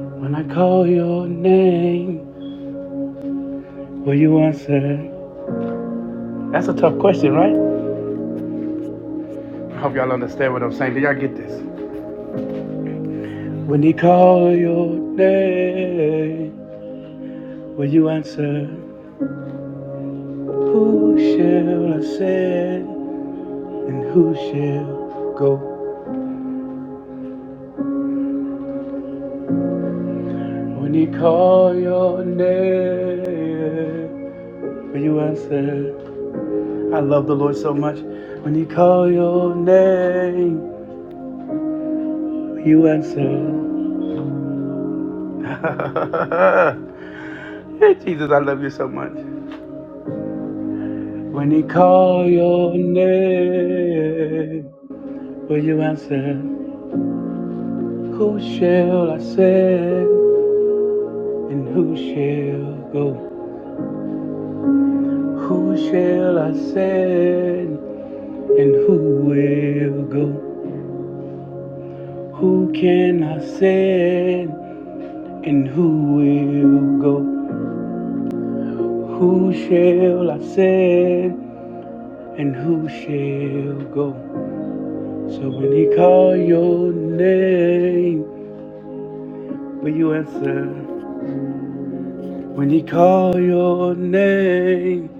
S9: When I call your name, will you answer? That's a tough question, right? I hope y'all understand what I'm saying. Do y'all get this? When he call your name. Will you answer? Who shall ascend and who shall go? When you call your name, will you answer? I love the Lord so much. When you call your name, will you answer? hey, Jesus, I love you so much. When you call your name, will you answer? Who shall I send and who shall go? Who shall I send and who will go? Who can I send and who will go? Who shall I send and who shall go? So when he call your name, will you answer? When he call your name,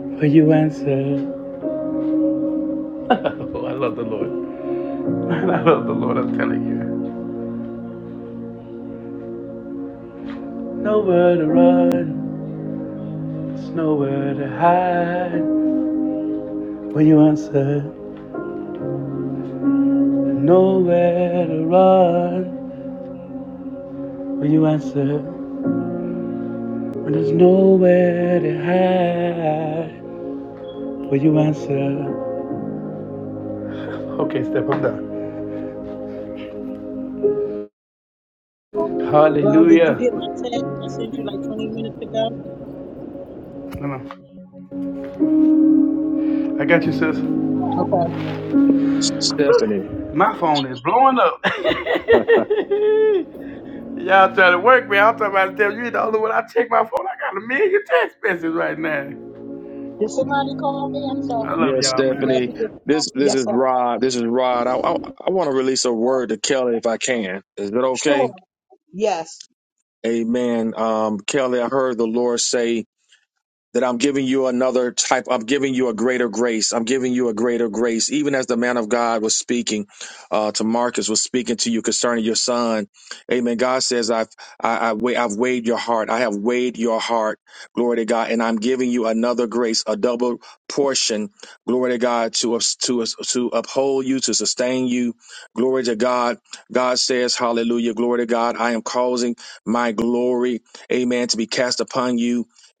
S9: will you answer? Oh, I love the Lord. I love the Lord, I'm telling you. Nowhere to run. There's nowhere to hide when you answer. Nowhere to run when you answer. When there's nowhere to hide when you answer. Okay, step up there.
S1: Bro, did
S9: Hallelujah.
S1: you get my text I sent you like 20 minutes ago?
S9: No, no. I got you, sis.
S1: Okay.
S15: Stephanie.
S9: My phone is blowing up.
S15: Uh,
S9: Y'all trying to work me. I'm talking about them. You ain't the only one I check my phone. I got a million text messages right now.
S1: Did somebody call me? I'm
S9: I
S1: sorry.
S9: love
S15: yes,
S9: y'all,
S1: Well,
S15: Stephanie.
S1: you
S9: man.
S1: just-
S15: This this
S1: Yes,
S15: is
S1: sir.
S15: Rod. This is Rod. I I, I want to release a word to Kelly if I can. Is that
S1: Sure.
S15: okay?
S1: Yes.
S15: Amen. Um, Kelly, I heard the Lord say that I'm giving you another type. I'm giving you a greater grace. I'm giving you a greater grace. Even as the man of God was speaking uh, to Marcus, was speaking to you concerning your son. Amen. God says, I've I, I, wa- I've weighed your heart. I have weighed your heart. Glory to God. And I'm giving you another grace, a double portion. Glory to God to us to us to uphold you, to sustain you. Glory to God. God says, Hallelujah. Glory to God. I am causing my glory, Amen, to be cast upon you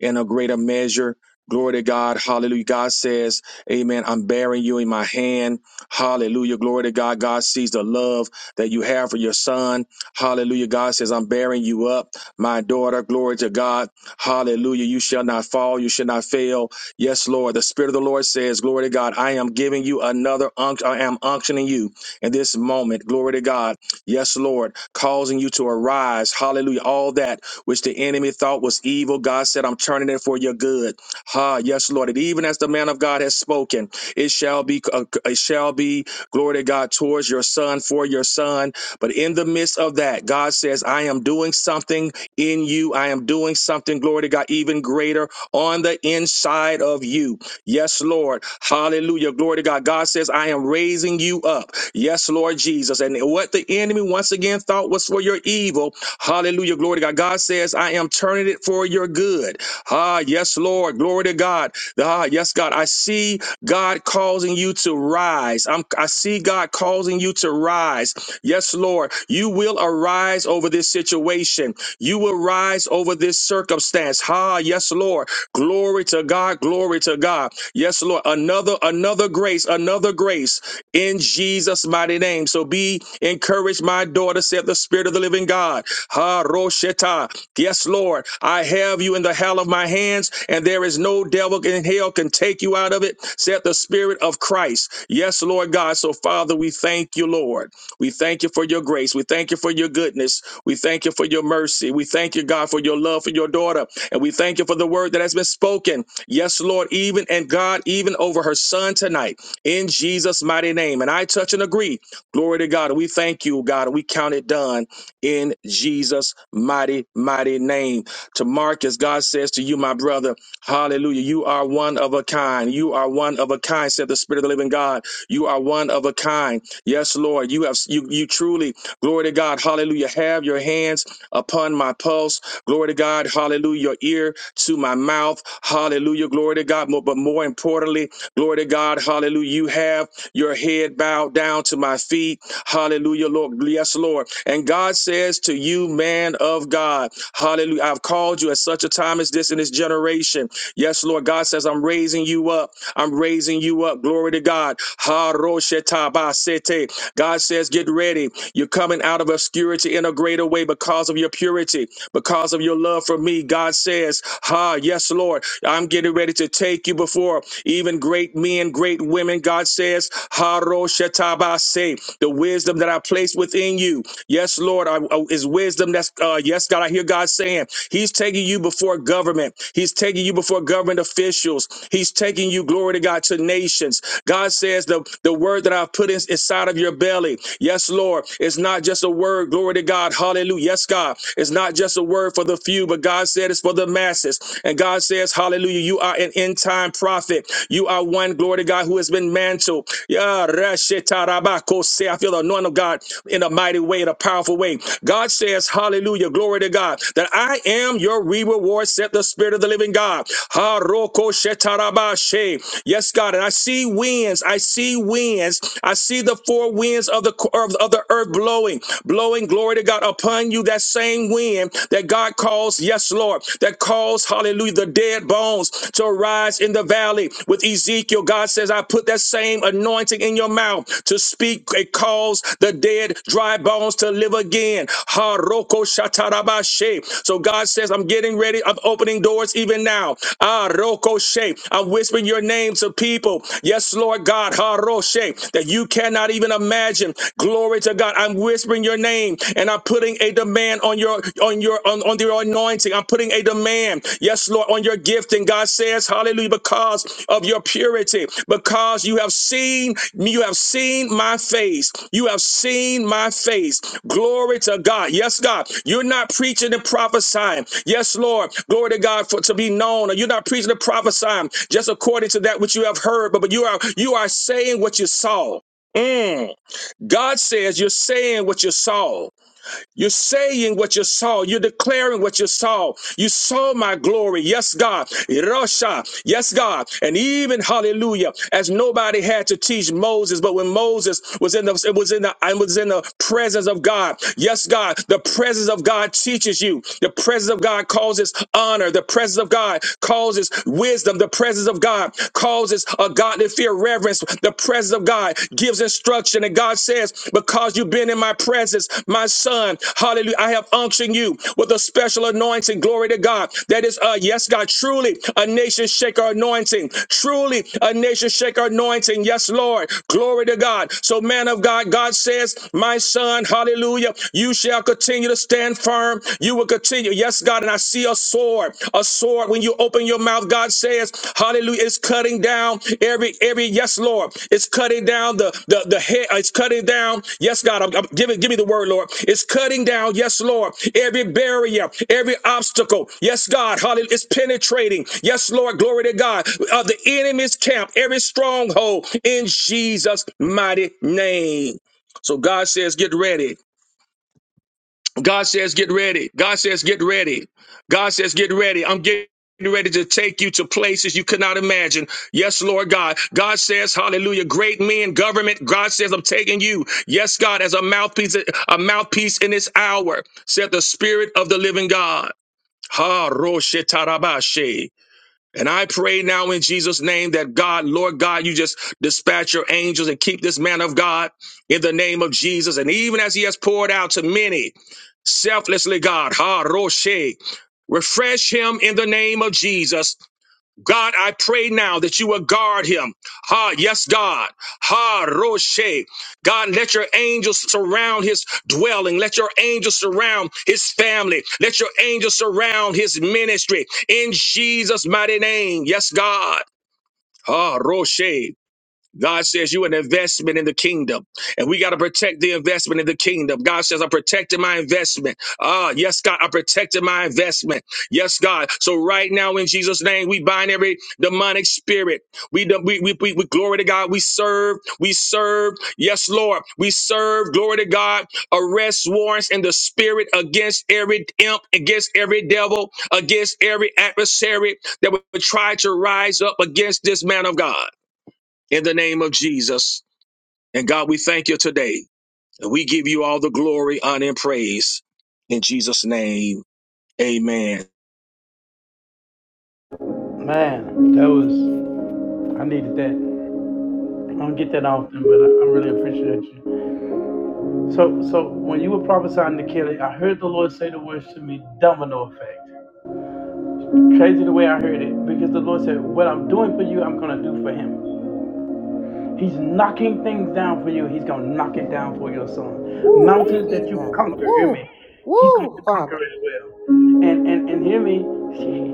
S15: in a greater measure. Glory to God. Hallelujah. God says, Amen. I'm bearing you in my hand. Hallelujah. Glory to God. God sees the love that you have for your son. Hallelujah. God says, I'm bearing you up, my daughter. Glory to God. Hallelujah. You shall not fall. You shall not fail. Yes, Lord. The Spirit of the Lord says, Glory to God. I am giving you another unction. I am unctioning you in this moment. Glory to God. Yes, Lord. Causing you to arise. Hallelujah. All that which the enemy thought was evil. God said, I'm turning it for your good. Ha, yes, Lord. And even as the man of God has spoken, it shall be, uh, it shall be glory to God towards your son, for your son. But in the midst of that, God says, I am doing something in you. I am doing something, glory to God, even greater on the inside of you. Yes, Lord. Hallelujah. Glory to God. God says, I am raising you up. Yes, Lord Jesus. And what the enemy once again thought was for your evil, hallelujah, glory to God. God says, I am turning it for your good. Ah, yes, Lord, glory to God. Ah, yes, God, I see God causing you to rise. I'm, I see God causing you to rise. Yes, Lord, you will arise over this situation. You will rise over this circumstance. Ah, yes, Lord, glory to God, glory to God. Yes, Lord, another, another grace, another grace in Jesus' mighty name. So be encouraged, my daughter, said the Spirit of the living God. Ha Rosheta. Yes, Lord, I have you in the hell of my hands, and there is no devil in hell can take you out of it, said the Spirit of Christ. Yes, Lord God. So, Father, we thank you, Lord. We thank you for your grace. We thank you for your goodness. We thank you for your mercy. We thank you, God, for your love for your daughter. And we thank you for the word that has been spoken. Yes, Lord, even and God, even over her son tonight in Jesus' mighty name. And I touch and agree. Glory to God. We thank you, God. We count it done in Jesus' mighty, mighty name. To Marcus, God says to you, my brother, hallelujah. You are one of a kind. You are one of a kind, said the Spirit of the living God. You are one of a kind. Yes, Lord. You have you you truly, glory to God, hallelujah. Have your hands upon my pulse. Glory to God, hallelujah. Your ear to my mouth. Hallelujah. Glory to God. Mo- But more importantly, Glory to God. Hallelujah. You have your head bowed down to my feet. Hallelujah, Lord. Yes, Lord. And God says to you, man of God, hallelujah. I've called you at such a time as this in this generation. Yes, Lord. God says, I'm raising you up. I'm raising you up. Glory to God. Haroshetabasete. God says, Get ready. You're coming out of obscurity in a greater way because of your purity, because of your love for me. God says, Ha, yes, Lord. I'm getting ready to take you before even great men, great women. God says, "Ha, ba se." The wisdom that I place within you. Yes, Lord, I, I- is wisdom that's, uh, yes, God, I hear God saying, saying? He's taking you before government. He's taking you before government officials. He's taking you, glory to God, to nations. God says the, the word that I've put in, inside of your belly. Yes, Lord. It's not just a word, glory to God. Hallelujah. Yes, God. It's not just a word for the few, but God said it's for the masses. And God says, Hallelujah, you are an end time prophet. You are one, glory to God, who has been mantled. Yeah, say, I feel the anointing of God in a mighty way, in a powerful way. God says, Hallelujah, glory to God, that I am your re reward, said the Spirit of the living God. Ha roko shetarabashe. Yes, God. And I see winds. I see winds. I see the four winds of the of, of the earth blowing, blowing glory to God upon you. That same wind that God calls, yes, Lord, that calls, hallelujah, the dead bones to rise lies in the valley with Ezekiel. God says, I put that same anointing in your mouth to speak. It calls the dead, dry bones to live again. Haroko shatarabashe. So God says, I'm getting ready. I'm opening doors even now. Ah, Rokoshe. I'm whispering your name to people. Yes, Lord God, Haroshe, that you cannot even imagine. Glory to God. I'm whispering your name and I'm putting a demand on your on your on, on your anointing. I'm putting a demand, yes, Lord, on your gifting. God says, Hallelujah, because of your purity, because you have seen me, you have seen my face. You have seen my face. Glory to God. Yes, God. You're not preaching and prophesying. Yes, Lord. Glory to God for to be known. You're not preaching and prophesying just according to that which you have heard, but, but you are you are saying what you saw. Mm. God says you're saying what you saw. You're saying what you saw. You're declaring what you saw. You saw my glory. Yes, God. Rasha. Yes, God. And even hallelujah, as nobody had to teach Moses, but when Moses was in the it was in the I was in the presence of God. Yes, God. The presence of God teaches you. The presence of God causes honor. The presence of God causes wisdom. The presence of God causes a godly fear reverence the presence of God, gives instruction. And God says, Because you've been in my presence, my son, hallelujah, I have unctioned you with a special anointing. Glory to God. That is, uh, yes, God, truly a nation shaker anointing. Truly a nation shaker anointing. Yes, Lord. Glory to God. So, man of God, God says, My son, hallelujah, you shall continue to stand firm. You will continue. Yes, God. And I see a sword. A sword. When you open your mouth, God says, Hallelujah. It's cutting down every every yes, Lord. It's cutting down the the, the head. It's cutting down. Yes, God. I'm, I'm giving give me the word, Lord. It's cutting down, yes, Lord, every barrier, every obstacle. Yes, God. Hallelujah. It's penetrating. Yes, Lord. Glory to God. Of the enemy's camp, every stronghold in Jesus' mighty name. So God says, get ready. God says, get ready. God says, get ready. God says, get ready. I'm getting ready to take you to places you could not imagine. Yes, Lord God. God says, hallelujah, great men, government. God says, I'm taking you. Yes, God, as a mouthpiece, a mouthpiece in this hour, said the spirit of the living God. Ha roshe tarabashe. And I pray now in Jesus' name that God, Lord God, you just dispatch your angels and keep this man of God in the name of Jesus. And even as he has poured out to many, selflessly, God. Ha Roshe. Refresh him in the name of Jesus. God, I pray now that you will guard him. Ha, yes, God. Ha Roshe. God, let your angels surround his dwelling. Let your angels surround his family. Let your angels surround his ministry. In Jesus' mighty name. Yes, God. Ha Roshe. God says you an investment in the kingdom, and we got to protect the investment in the kingdom. God says, I'm protecting my investment. Ah, yes, God, I protected my investment. Yes, God. So right now, in Jesus' name, we bind every demonic spirit. We we we, we, we glory to God. We serve. We serve. Yes, Lord. We serve. Glory to God. Arrest warrants in the spirit against every imp, against every devil, against every adversary that would try to rise up against this man of God in the name of Jesus. And God, we thank you today. And we give you all the glory, honor, and praise in Jesus' name. Amen.
S9: Man, that was, I needed that. I'm going get that often, but I, I really appreciate you. So, so when you were prophesying to Kelly, I heard the Lord say the words to me, domino effect. Crazy the way I heard it, because the Lord said, "What I'm doing for you, I'm gonna do for him." He's knocking things down for you. He's gonna knock it down for your son.
S10: Woo,
S9: Mountains that you
S10: Jesus.
S9: conquer, hear me.
S10: Woo,
S9: He's going to
S10: woo,
S9: conquer
S10: Father.
S9: as well. And and and hear me.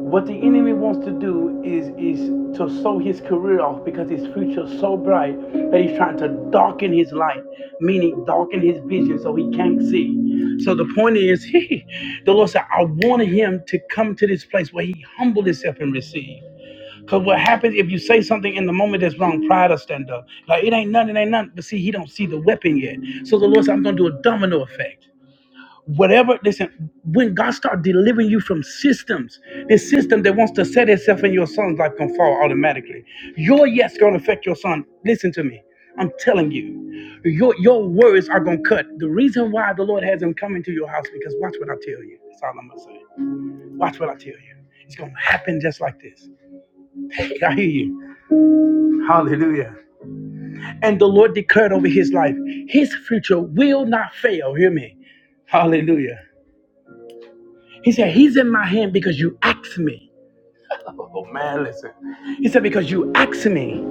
S9: What the enemy wants to do is is to sow his career off because his future is so bright that he's trying to darken his light, meaning darken his vision so he can't see. So the point is, he, the Lord said, I wanted him to come to this place where he humbled himself and received. Because what happens if you say something in the moment that's wrong, pride will stand up. Like it ain't nothing, it ain't nothing. But see, he don't see the weapon yet. So the Lord said, I'm gonna do a domino effect whatever listen when god start delivering you from systems the system that wants to set itself in your son's life can fall automatically your yes gonna affect your son listen to me i'm telling you your your words are gonna cut the reason why the lord has him come into your house because watch what i tell you that's all i'm gonna say watch what i tell you it's gonna happen just like this i hear you hallelujah and the lord declared over his life his future will not fail hear me hallelujah He said, He's in my hand because you asked me. Oh man, listen. He said, Because you asked me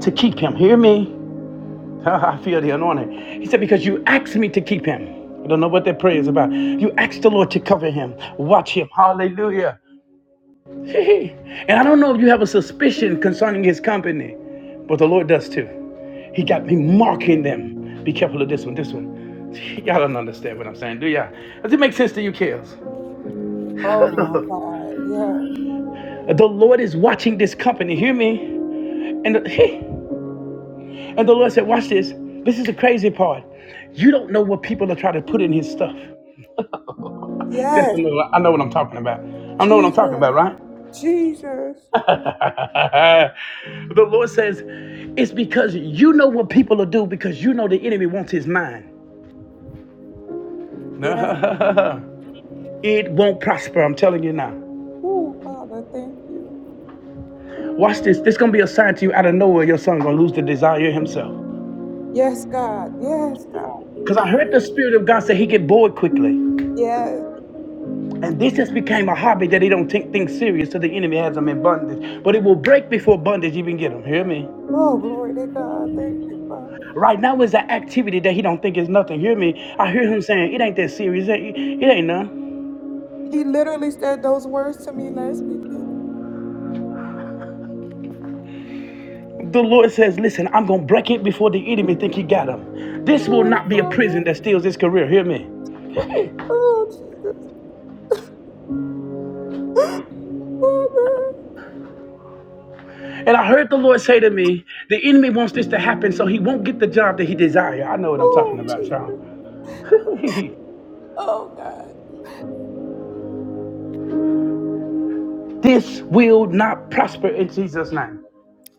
S9: to keep him. Hear me? I feel the anointing. He said, Because you asked me to keep him. I don't know what that prayer is about. You asked the Lord to cover him, watch him. Hallelujah. and I don't know if you have a suspicion concerning his company, but the Lord does too. He got me marking them. Be careful of this one, this one. Y'all don't understand what I'm saying, do y'all? Does it make sense to you, Kels?
S10: Oh my God. Yes,
S9: The Lord is watching this company. Hear me? And the, and the Lord said, Watch this. This is the crazy part. You don't know what people are trying to put in his stuff. Just a
S10: yes,
S9: little, I know what I'm talking about. I know what I'm talking
S10: Jesus,
S9: about, right?
S10: Jesus.
S9: the Lord says, It's because you know what people will do because you know the enemy wants his mind.
S10: Yes.
S9: it won't prosper, I'm telling you now.
S10: Woo, Father, thank you.
S9: Watch this. This is going to be a sign to you out of nowhere. Your son going to lose the desire himself.
S10: Yes, God. Yes, God.
S9: Because I heard the Spirit of God say he get bored quickly.
S10: Yes.
S9: And this has become a hobby that they don't take things serious, so the enemy has them in bondage. But it will break before bondage even get them. Hear me?
S10: Oh, glory to God. Thank you, Father.
S9: Right now is an activity that he don't think is nothing. Hear me? I hear him saying it ain't that serious. It, it ain't none.
S10: He literally said those words to me last weekend.
S9: The Lord says, "Listen, I'm gonna break it before the enemy think he got him. This will
S10: Oh,
S9: not be a prison that
S10: Father.
S9: steals his career. Hear me?"
S10: Oh, Jesus. Father.
S9: And I heard the Lord say to me, the enemy wants this to happen so he won't get the job that he desire. I know what I'm talking
S10: Oh,
S9: about, y'all.
S10: Jesus. Oh, God.
S9: this will not prosper in Jesus' name.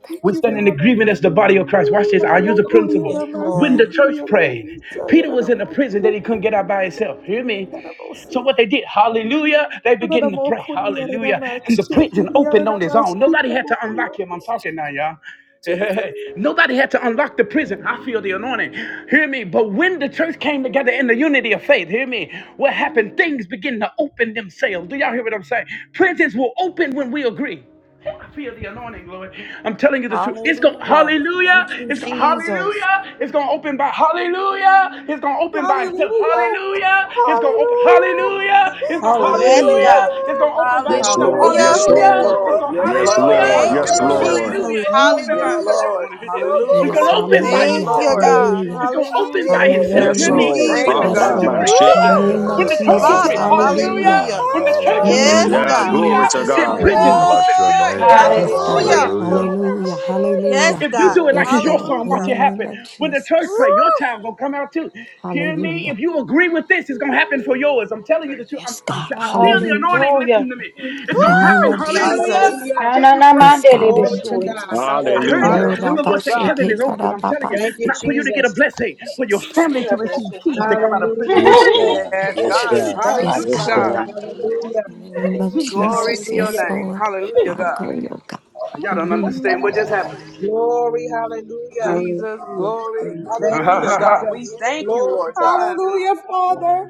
S10: Thank
S9: We
S10: you,
S9: stand in
S10: Father.
S9: agreement as the body of Christ. Watch this. I use a principle.
S17: Yes,
S9: When the
S17: Lord.
S9: church prayed, Peter was in a prison that he couldn't get out by himself. Hear me? So what they did, hallelujah, they began to pray, hallelujah. And the prison opened on his own. Nobody had to unlock him. I'm talking now, y'all. Hey, hey,
S10: Jesus.
S9: hey. Nobody had to unlock the prison. I feel the anointing. Hear me. But when the church came together in the unity of faith, hear me. What happened? Things begin to open themselves. Do y'all hear what I'm saying? Prisons will open when we agree. I feel the anointing, Lord. I'm telling you the truth. It's going to
S17: Hallelujah.
S9: hallelujah.
S17: Thank you,
S9: It's going to
S17: Jesus.
S9: hallelujah. It's going to open by hallelujah. It's going to open by itself.
S10: Hallelujah.
S9: Hallelujah. It's going to open
S10: Hallelujah.
S9: hallelujah. It's going to
S17: Yes,
S7: Hallelujah.
S17: God.
S9: hallelujah. It's
S10: Hallelujah.
S9: going to open by
S15: Yes,
S9: itself.
S15: Lord.
S17: Hallelujah.
S7: Hallelujah.
S15: Yes,
S17: Thank you,
S15: Lord.
S9: Hallelujah. It's
S10: Hallelujah.
S9: going to
S17: Lord.
S11: Yes,
S15: Yes,
S16: Yes, God.
S15: Lord.
S9: hallelujah.
S17: Thank
S15: Yes,
S9: It's
S17: you,
S9: going to
S10: Hallelujah.
S11: hallelujah.
S16: Hallelujah.
S15: Lord.
S17: Jesus.
S9: hallelujah. It's going
S10: Oh,
S9: to open
S7: Hallelujah.
S11: Yes,
S9: by itself.
S10: Father.
S9: Y'all
S17: Hallelujah.
S9: don't
S11: Lord.
S9: want to hear this. It's going
S18: Yes,
S11: Hallelujah.
S9: to open by
S11: Yes,
S17: Thank
S18: hallelujah,
S9: itself.
S17: you,
S11: Lord.
S10: Robocondianamasi.
S17: God.
S18: hallelujah,
S9: It's going to open by
S17: Hallelujah.
S10: Hallelujah,
S9: itself.
S11: Yes,
S17: Thank
S15: Yes,
S9: Hear
S17: you,
S18: hallelujah.
S7: Hallelujah.
S11: Lord.
S9: me?
S15: Lord.
S10: Jesus.
S9: When
S11: Thank you,
S9: the
S15: Ah,
S17: Jesus.
S18: Yes,
S9: church
S11: God.
S15: Rabbi
S18: Lord,
S10: Oh,
S15: She-
S18: in
S9: agree.
S18: the
S6: Fire.
S17: Woo!
S10: God.
S18: name of
S9: When the
S16: Yes.
S9: church
S18: Jesus,
S9: agree,
S17: Father,
S10: Hallelujah.
S16: Hallelujah,
S9: hallelujah.
S18: hallelujah.
S16: God.
S17: hallelujah.
S9: When the church
S18: In the
S10: Hallelujah.
S9: agree,
S18: name
S17: Yes,
S16: Hallelujah.
S18: of
S15: Yeah,
S17: God.
S9: hallelujah,
S15: glory to
S18: Jesus,
S17: Yes,
S9: then
S15: God.
S10: Hallelujah.
S16: We
S9: prisons
S18: hallelujah.
S9: open.
S16: bless your
S9: Hear
S17: Lord.
S16: name, God.
S18: Yes,
S10: Hallelujah.
S18: God,
S9: me.
S17: Hallelujah.
S16: Hallelujah.
S10: Father,
S18: hallelujah,
S10: hallelujah.
S17: Yes,
S18: hallelujah.
S9: If you
S16: Yes,
S17: God.
S9: do it like
S18: Yes,
S9: it's your
S18: Lord,
S9: song, watch
S18: in
S17: Hallelujah.
S9: it
S18: the
S9: happen.
S18: name of
S9: When the church
S17: Woo!
S18: Jesus,
S9: pray, your child gonna come out too. Hear me?
S18: hallelujah.
S9: If you agree with this, it's gonna happen for yours. I'm telling you the truth. I'm,
S18: Yes,
S9: I'm t-
S18: God,
S9: I feel the
S18: hallelujah.
S9: anointing.
S6: Hallelujah.
S9: Listen to me.
S6: Thank you,
S9: It's
S18: In the
S9: gonna
S6: Jesus.
S18: name
S9: happen.
S17: Woo!
S18: of
S9: Hallelujah.
S11: Hallelujah.
S17: Jesus.
S18: Jesus,
S1: Hallelujah.
S6: Na
S9: I give
S6: na
S9: you
S6: na,
S9: praise.
S18: yes,
S6: mandele
S18: God, in
S1: Glory to
S6: besuya.
S1: God.
S18: Jesus.
S9: I
S11: Yes,
S9: heard
S1: Hallelujah.
S9: you,
S18: Oh,
S15: Hallelujah.
S9: and the
S18: Rabba
S9: Lord
S11: hallelujah,
S9: say,
S11: God.
S9: "Heaven is
S18: Sheketa
S9: open." I'm
S18: Rabba
S9: telling you,
S1: Thank you,
S18: Basi.
S9: not for
S18: Oh,
S9: you to get a
S1: Jesus.
S9: blessing, for your
S6: I
S18: Jesus.
S9: family
S6: knew I
S9: to
S18: name.
S6: could have
S9: receive
S6: stood this
S9: keys to come out
S6: time.
S9: of prison.
S1: Hallelujah.
S5: Yes, God.
S11: Yes,
S18: Thank you,
S5: Yes,
S11: God.
S5: God.
S18: Jesus.
S1: Thank
S18: Yes,
S1: you,
S11: Hallelujah,
S5: Yes,
S18: God.
S11: God.
S1: Father.
S5: God.
S1: Hallelujah.
S18: Name of
S9: Jesus.
S11: Glory
S18: Jesus,
S11: to your
S18: yes,
S1: Hallelujah.
S11: name.
S18: Lord.
S11: Hallelujah,
S18: How
S11: God.
S18: great, oh God.
S9: Y'all don't
S18: Hallelujah.
S9: understand what just happened.
S1: Glory, hallelujah.
S11: Jesus,
S14: Hallelujah.
S11: glory.
S14: Thank you.
S1: Thank you,
S11: Hallelujah, God. We
S1: Jesus.
S11: thank you,
S1: Glory
S11: Lord
S1: to
S11: God.
S1: God.
S10: Hallelujah, Father.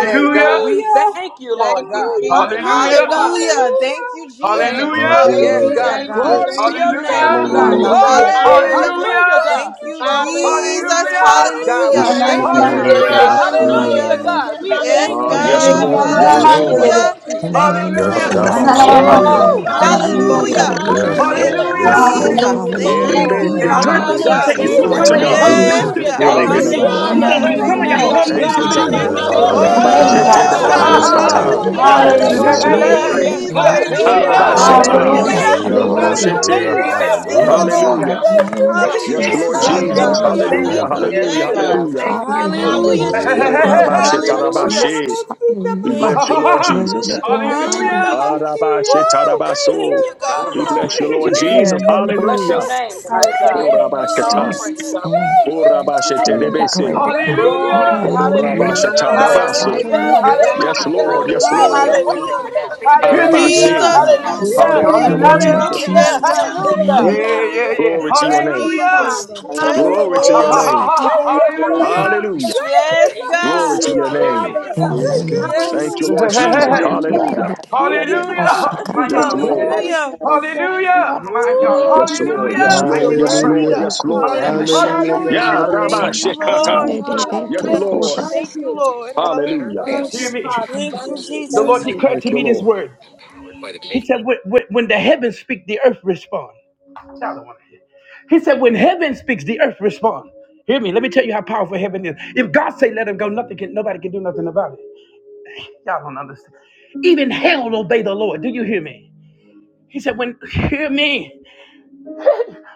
S11: Yes, God. We thank you,
S1: Thank
S11: Lord
S1: you,
S11: God.
S10: Hallelujah.
S1: Jesus.
S11: Hallelujah, God.
S1: Hallelujah.
S17: Hallelujah.
S10: Hallelujah.
S17: Thank you,
S1: Thank
S17: Jesus.
S1: you,
S5: Have your
S1: thank
S11: Yes,
S5: way,
S1: you,
S10: Hallelujah,
S17: Hallelujah,
S11: God.
S5: God.
S1: thank you,
S17: God.
S10: Jesus.
S11: Glory
S5: Yes.
S11: to
S1: thank
S17: We
S1: you,
S11: your name,
S17: Worship
S10: Oh,
S1: thank
S11: oh
S17: you,
S1: you,
S10: God,
S11: God.
S10: I
S17: Father.
S5: Hallelujah.
S1: thank you.
S6: Hallelujah.
S10: thank you.
S11: Glory.
S17: Hallelujah.
S1: Hallelujah.
S11: Hallelujah,
S10: Thank
S11: God.
S17: Thank
S6: Thank you,
S10: you,
S17: you,
S6: Jesus.
S10: Father.
S17: Jesus.
S1: Hallelujah.
S11: Yes,
S9: Hallelujah.
S11: God.
S17: Hallelujah.
S11: We
S10: Hallelujah.
S1: Thank
S17: Thank
S11: thank
S17: you,
S1: you,
S11: you today,
S17: God.
S10: Thank
S11: God.
S10: you,
S1: Father.
S6: Ananamandelebesuyande.
S10: Lord.
S17: Hallelujah.
S11: Hallelujah,
S5: Ishkitayatabashinilama.
S11: God.
S1: Hallelujah.
S11: We
S10: Thank
S17: Yes,
S11: thank
S10: you,
S15: Ah,
S11: you
S1: Hallelujah.
S15: yes,
S11: today,
S17: God.
S11: God.
S18: Hallelujah.
S15: Lord.
S10: Father.
S15: Yes,
S18: Yes,
S11: Glory.
S5: Yes,
S18: Lord.
S15: Lord.
S6: Etelebetiyananamandelebe.
S5: God.
S1: Glory
S17: Hallelujah.
S10: Thank
S1: to
S11: Hallelujah,
S10: you,
S18: In
S1: your
S18: the
S11: God.
S17: Thank
S1: name.
S17: you,
S18: name of
S10: Father.
S16: yes
S15: Ah,
S16: God.
S15: Rabbi
S17: Jesus.
S18: Jesus.
S1: Hallelujah.
S11: Yes,
S10: Thank
S15: Sheka.
S10: you,
S16: Hallelujah.
S11: God.
S17: Woo.
S11: We
S18: Hallelujah.
S11: thank you,
S10: Father.
S6: Ananamandokoriyananam.
S18: Hallelujah.
S11: Lord
S1: Hallelujah.
S11: God.
S17: Hallelujah.
S18: Hallelujah.
S10: Thank
S16: Yes,
S10: you,
S5: Adabashinilabashikiyatabashinilaba.
S17: Thank
S11: Hallelujah,
S1: Hallelujah.
S16: Lord.
S17: you,
S11: God.
S9: Hallelujah.
S18: Yes,
S16: Yes,
S10: Father.
S11: We
S9: I hear
S18: Lord.
S16: Lord.
S11: thank
S9: you.
S17: Jesus.
S11: you,
S6: Hallelujah,
S11: Lord
S17: Thank you,
S11: God.
S18: Hallelujah.
S1: Thank
S6: Jesus.
S15: Erebe
S1: you,
S17: Lord.
S18: In the
S9: And I
S10: Hallelujah.
S18: name
S9: heard
S15: Sheta.
S9: the
S18: of
S9: Lord
S1: Father.
S9: say,
S11: God,
S17: Hallelujah.
S11: we
S9: It's
S18: Jesus.
S6: Thank
S10: Thank
S9: what
S6: you,
S5: Ishkitayatabashinilabashikiyatabashinilaba.
S15: Glory
S9: some
S10: you,
S15: to
S11: thank
S9: of your
S11: you.
S1: Thank
S6: Father.
S15: God.
S1: you,
S17: Yes,
S9: husbands
S18: Hallelujah.
S10: Father.
S1: Father.
S11: Hallelujah,
S9: do. Y'all
S17: God.
S11: God.
S1: Thank
S9: ain't
S11: We
S9: hear
S1: you,
S10: Thank
S18: Yes,
S9: me.
S10: you,
S11: thank
S6: Bless
S11: you.
S6: your
S15: Hallelujah.
S9: He
S18: Lord.
S11: We
S1: Father.
S9: says,
S10: Lord.
S17: Hallelujah.
S6: name,
S10: And
S9: For
S11: praise
S10: I'm
S11: you
S9: some
S6: God.
S17: Thank
S9: of
S10: gonna
S11: now,
S17: you,
S18: Hallelujah.
S9: y'all
S1: Thank
S10: call
S11: God.
S1: you,
S10: the
S15: Thank
S9: husbands
S11: God,
S15: you,
S18: Touching
S10: other
S11: we
S9: do.
S10: than
S17: Jesus.
S1: Father.
S18: every
S9: Hear
S10: my
S11: thank
S15: Jesus.
S11: you.
S9: me?
S15: Ah,
S6: Bless
S11: Glory.
S10: secret,
S6: your
S16: Yes,
S18: duty
S1: Hallelujah.
S15: Rabbi
S10: and
S9: Ha
S18: and
S10: I'm
S6: name,
S10: gonna
S9: ha
S18: not
S9: ha
S11: Hallelujah,
S15: Shete
S16: God.
S17: Oh,
S9: ha
S6: God.
S10: call
S11: God.
S9: ha
S15: Debako
S17: God.
S18: destroy
S16: Yes,
S9: ha.
S10: soon,
S4: Hallelujah.
S10: I'm
S9: ha.
S10: gonna
S18: every
S15: Sata.
S16: God.
S10: call
S3: Hallelujah.
S18: yoke.
S1: Hallelujah.
S10: the
S17: Hallelujah.
S18: God.
S10: other than
S17: Thank
S9: Hey,
S11: Yes,
S10: my
S17: you,
S15: Yes,
S9: hey,
S18: Destroy
S16: Hallelujah.
S9: hey,
S18: the
S11: God.
S3: Give
S6: Hallelujah,
S1: Hallelujah.
S9: hey,
S3: you
S10: seed.
S18: work
S15: Lord.
S9: hey.
S18: of
S6: Jesus.
S3: praise.
S18: the
S11: Yes,
S5: Eleshatakuleminadashikiyinanamasikiyatabashinilaba.
S18: enemy.
S11: God.
S10: Thank
S17: Jesus.
S11: Hey,
S1: Yes,
S18: God.
S10: you,
S11: hey,
S9: Hallelujah.
S1: Lord.
S11: hey.
S10: Father.
S4: Hallelujah.
S11: Here
S9: My
S15: Arabasheta.
S11: she
S3: Hallelujah.
S1: Hallelujah.
S18: Hallelujah.
S6: Hallelujah,
S9: God.
S10: Thank
S11: came.
S17: Hallelujah.
S10: you,
S16: Hallelujah.
S11: Yeah, God,
S6: Jesus.
S17: Thank
S3: Come
S1: Hallelujah.
S10: Father.
S11: we
S18: Hallelujah.
S17: you,
S3: in
S11: thank
S16: Hallelujah.
S15: Yoroshete.
S9: Hallelujah.
S11: you,
S17: Jesus.
S3: agreement.
S10: Thank
S18: Yes,
S11: God.
S9: Man,
S17: Thank
S10: you.
S18: God,
S16: Hallelujah.
S6: Thank
S3: Give
S17: you,
S9: listen.
S6: you,
S3: it
S18: yes,
S3: in
S1: Glory.
S17: Lord.
S18: God.
S15: Hallelujah.
S6: Father.
S18: In the
S10: Thank
S3: judgment.
S10: you,
S18: name of
S1: Hallelujah.
S15: Yes,
S10: Father.
S3: Great
S4: Hallelujah.
S17: Hallelujah,
S16: Yes,
S3: Simone.
S15: Lord
S18: Jesus,
S1: Thank
S11: Yes,
S17: God.
S16: God.
S1: you,
S16: We
S17: Thank
S15: Jesus.
S11: God.
S17: you,
S11: We
S18: hallelujah.
S1: Father.
S16: bless
S10: Hallelujah.
S16: your
S17: God.
S11: thank
S16: name,
S15: Hallelujah.
S1: Thank
S4: Hallelujah.
S1: you.
S16: God.
S3: Yes,
S18: Glory
S15: Hallelujah.
S1: Thank
S18: to
S10: Thank you,
S3: God.
S1: you.
S18: God,
S15: Hallelujah.
S3: Thank
S10: Father.
S18: hallelujah.
S3: you.
S18: In
S10: Thank you,
S17: Hallelujah,
S9: hey, hey, hey,
S16: Hallelujah,
S1: Hallelujah.
S10: Lord.
S16: God.
S9: hey,
S18: the
S17: Jesus.
S9: hey. hey.
S18: name
S10: Thank
S1: Hallelujah.
S18: of
S3: Hallelujah.
S17: Hallelujah.
S15: Orabashetarabashe.
S18: Jesus,
S15: We
S9: Ha
S16: Yes.
S15: bless
S17: Thank
S18: hallelujah.
S9: ha
S15: you,
S17: you,
S9: ha ha
S15: Lord
S9: ha.
S17: Lord.
S18: Glory to
S15: Jesus.
S18: God, hallelujah.
S9: Hallelujah.
S17: Hallelujah. Woo! Thank
S10: you,
S15: Arabashetarabaso.
S17: you, God.
S15: We
S10: Father.
S15: bless you, Lord
S17: Hallelujah.
S11: you.
S10: Thank
S15: Jesus.
S11: Yes,
S18: In
S10: you,
S18: the
S11: we
S18: name of
S11: bless
S10: God.
S11: your
S15: Hallelujah.
S11: name
S18: Jesus,
S11: tonight,
S10: Thank
S11: God.
S10: you,
S11: We
S18: in
S11: give you all
S15: Orabasheta.
S10: Father.
S11: praise,
S18: Jesus'
S11: God. We
S18: name,
S11: just
S10: Thank you,
S11: bless
S18: we
S11: your
S18: decree
S11: name,
S10: Father.
S18: and
S11: God.
S15: Orabasheterebese.
S18: declare it
S10: Thank
S18: now.
S10: you,
S18: In
S11: Glory.
S9: Hallelujah.
S18: the
S10: God.
S18: name of
S11: Hallelujah.
S10: Thank you.
S18: Jesus,
S15: Orabashatarabaso.
S11: Hallelujah.
S1: Mighty
S10: Thank
S5: Yes,
S18: hallelujah.
S10: you.
S5: God.
S15: Yes,
S1: God.
S5: Have your
S11: Hallelujah.
S15: Lord.
S5: way.
S15: Yes,
S10: Thank
S1: Hallelujah.
S10: you,
S15: Lord.
S5: Have
S11: Hallelujah.
S5: your way,
S17: Hallelujah.
S10: God.
S5: God.
S17: Thank you,
S9: Hear me?
S10: Thank you,
S5: Yes,
S11: Hallelujah.
S15: Arabashe.
S17: Jesus.
S5: God.
S10: Father.
S18: Yes, God,
S11: Hallelujah.
S15: Hallelujah,
S17: Hallelujah.
S18: in
S10: Thank
S1: Glory
S18: the
S10: you,
S15: Lord
S1: to
S18: name of
S9: Hallelujah.
S15: Jesus.
S1: your
S10: Father.
S17: Yeah,
S11: Hallelujah.
S1: name.
S18: Jesus,
S17: God.
S10: Thank you,
S9: Yeah,
S11: Hallelujah.
S1: Hallelujah.
S18: hallelujah.
S10: Lord.
S9: yeah,
S17: Hallelujah.
S9: yeah.
S15: Glory
S17: Thank
S15: to
S17: you,
S15: your
S10: Thank
S1: Thank
S10: you,
S15: name.
S1: you,
S10: Father.
S9: Hallelujah.
S17: Jesus.
S1: Father.
S17: Yes,
S4: Hallelujah.
S10: Thank
S15: Glory
S9: Ha
S15: to
S10: you.
S9: ha
S1: Hallelujah.
S15: your
S9: ha ha
S17: Lord.
S15: name.
S9: ha. ha.
S10: Thank
S4: God.
S10: you, Father.
S9: Hallelujah.
S15: Hallelujah.
S1: Hallelujah.
S10: Thank
S17: Yes,
S10: you, God.
S1: Thank
S10: Thank
S15: Glory
S17: God.
S1: you,
S15: to your
S9: Hear
S15: name.
S9: me?
S1: Father.
S18: In
S10: you.
S17: Hallelujah.
S18: the
S5: Yes,
S10: Thank
S18: name
S10: you,
S5: God.
S18: of
S17: Yes,
S15: Thank
S10: Father.
S15: you,
S18: Jesus,
S9: Hey,
S1: Hallelujah.
S15: Lord
S9: hey,
S17: Jesus.
S9: hey, hey.
S18: destroy
S15: Jesus.
S4: We
S9: hey.
S18: every
S4: give you
S1: Hallelujah.
S18: brick of
S15: Hallelujah.
S17: Hallelujah.
S18: the
S4: the
S18: devil.
S10: Thank
S17: Thank
S4: highest.
S17: you,
S10: you,
S9: Hallelujah.
S10: Father.
S17: God.
S9: Ha-
S4: We
S9: My
S4: give
S18: Yashakata.
S15: Yes,
S4: you
S9: y'all don't want to
S4: the
S9: hear
S15: Lord.
S9: this.
S1: Glory
S4: highest
S1: to
S17: Hallelujah.
S1: God.
S4: praise, God.
S1: Thank you,
S9: Hallelujah. My
S1: Father.
S9: God.
S4: Hallelujah.
S1: Thank
S17: Woo!
S15: Yes,
S1: you.
S15: Lord.
S9: Hallelujah.
S1: Thank
S15: Yes,
S17: Jesus,
S9: I
S1: you.
S17: you're
S15: Lord.
S9: give you
S15: Yes,
S1: Thank
S17: worthy,
S9: praise.
S5: Hallelujah.
S1: you.
S15: Lord.
S17: God.
S15: Yes, Lord.
S9: Hallel,
S17: Hallelujah.
S19: Harabashanda,
S5: Hallelujah, God.
S9: Hallelujah.
S15: Yeah,
S5: Have
S1: Hallelujah.
S5: your
S19: Hallelujah.
S17: Thank
S15: Rabbi
S5: way.
S19: Thank you,
S17: you,
S19: Jesus.
S1: Thank
S17: Lord.
S1: you,
S15: Shekata.
S19: Thank you,
S1: Father.
S15: Yes,
S1: Thank
S17: Hallelujah.
S1: you.
S15: Lord.
S1: Thank
S17: Thank
S19: Jesus.
S1: you.
S17: you, Lord.
S15: Hallelujah.
S17: Hallelujah.
S4: Hallelujah.
S1: Thank
S9: Hear
S1: you,
S9: me.
S1: Father.
S17: Thank
S1: Thank
S17: you,
S1: you.
S9: The
S1: Thank
S9: Lord
S17: Jesus.
S1: you.
S9: declared
S15: Thank
S9: to
S1: Thank
S15: you,
S9: me this
S1: you.
S15: Lord.
S9: word.
S18: Better.
S9: He said, when, when when the heavens speak, the earth respond. That's how I want to hear. He said, when heaven speaks, the earth respond. Hear me. Let me tell you how powerful heaven is. If God say let him go, nothing can, nobody can do nothing about it. Y'all don't understand. Even hell obey the Lord. Do you hear me? He said, when hear me.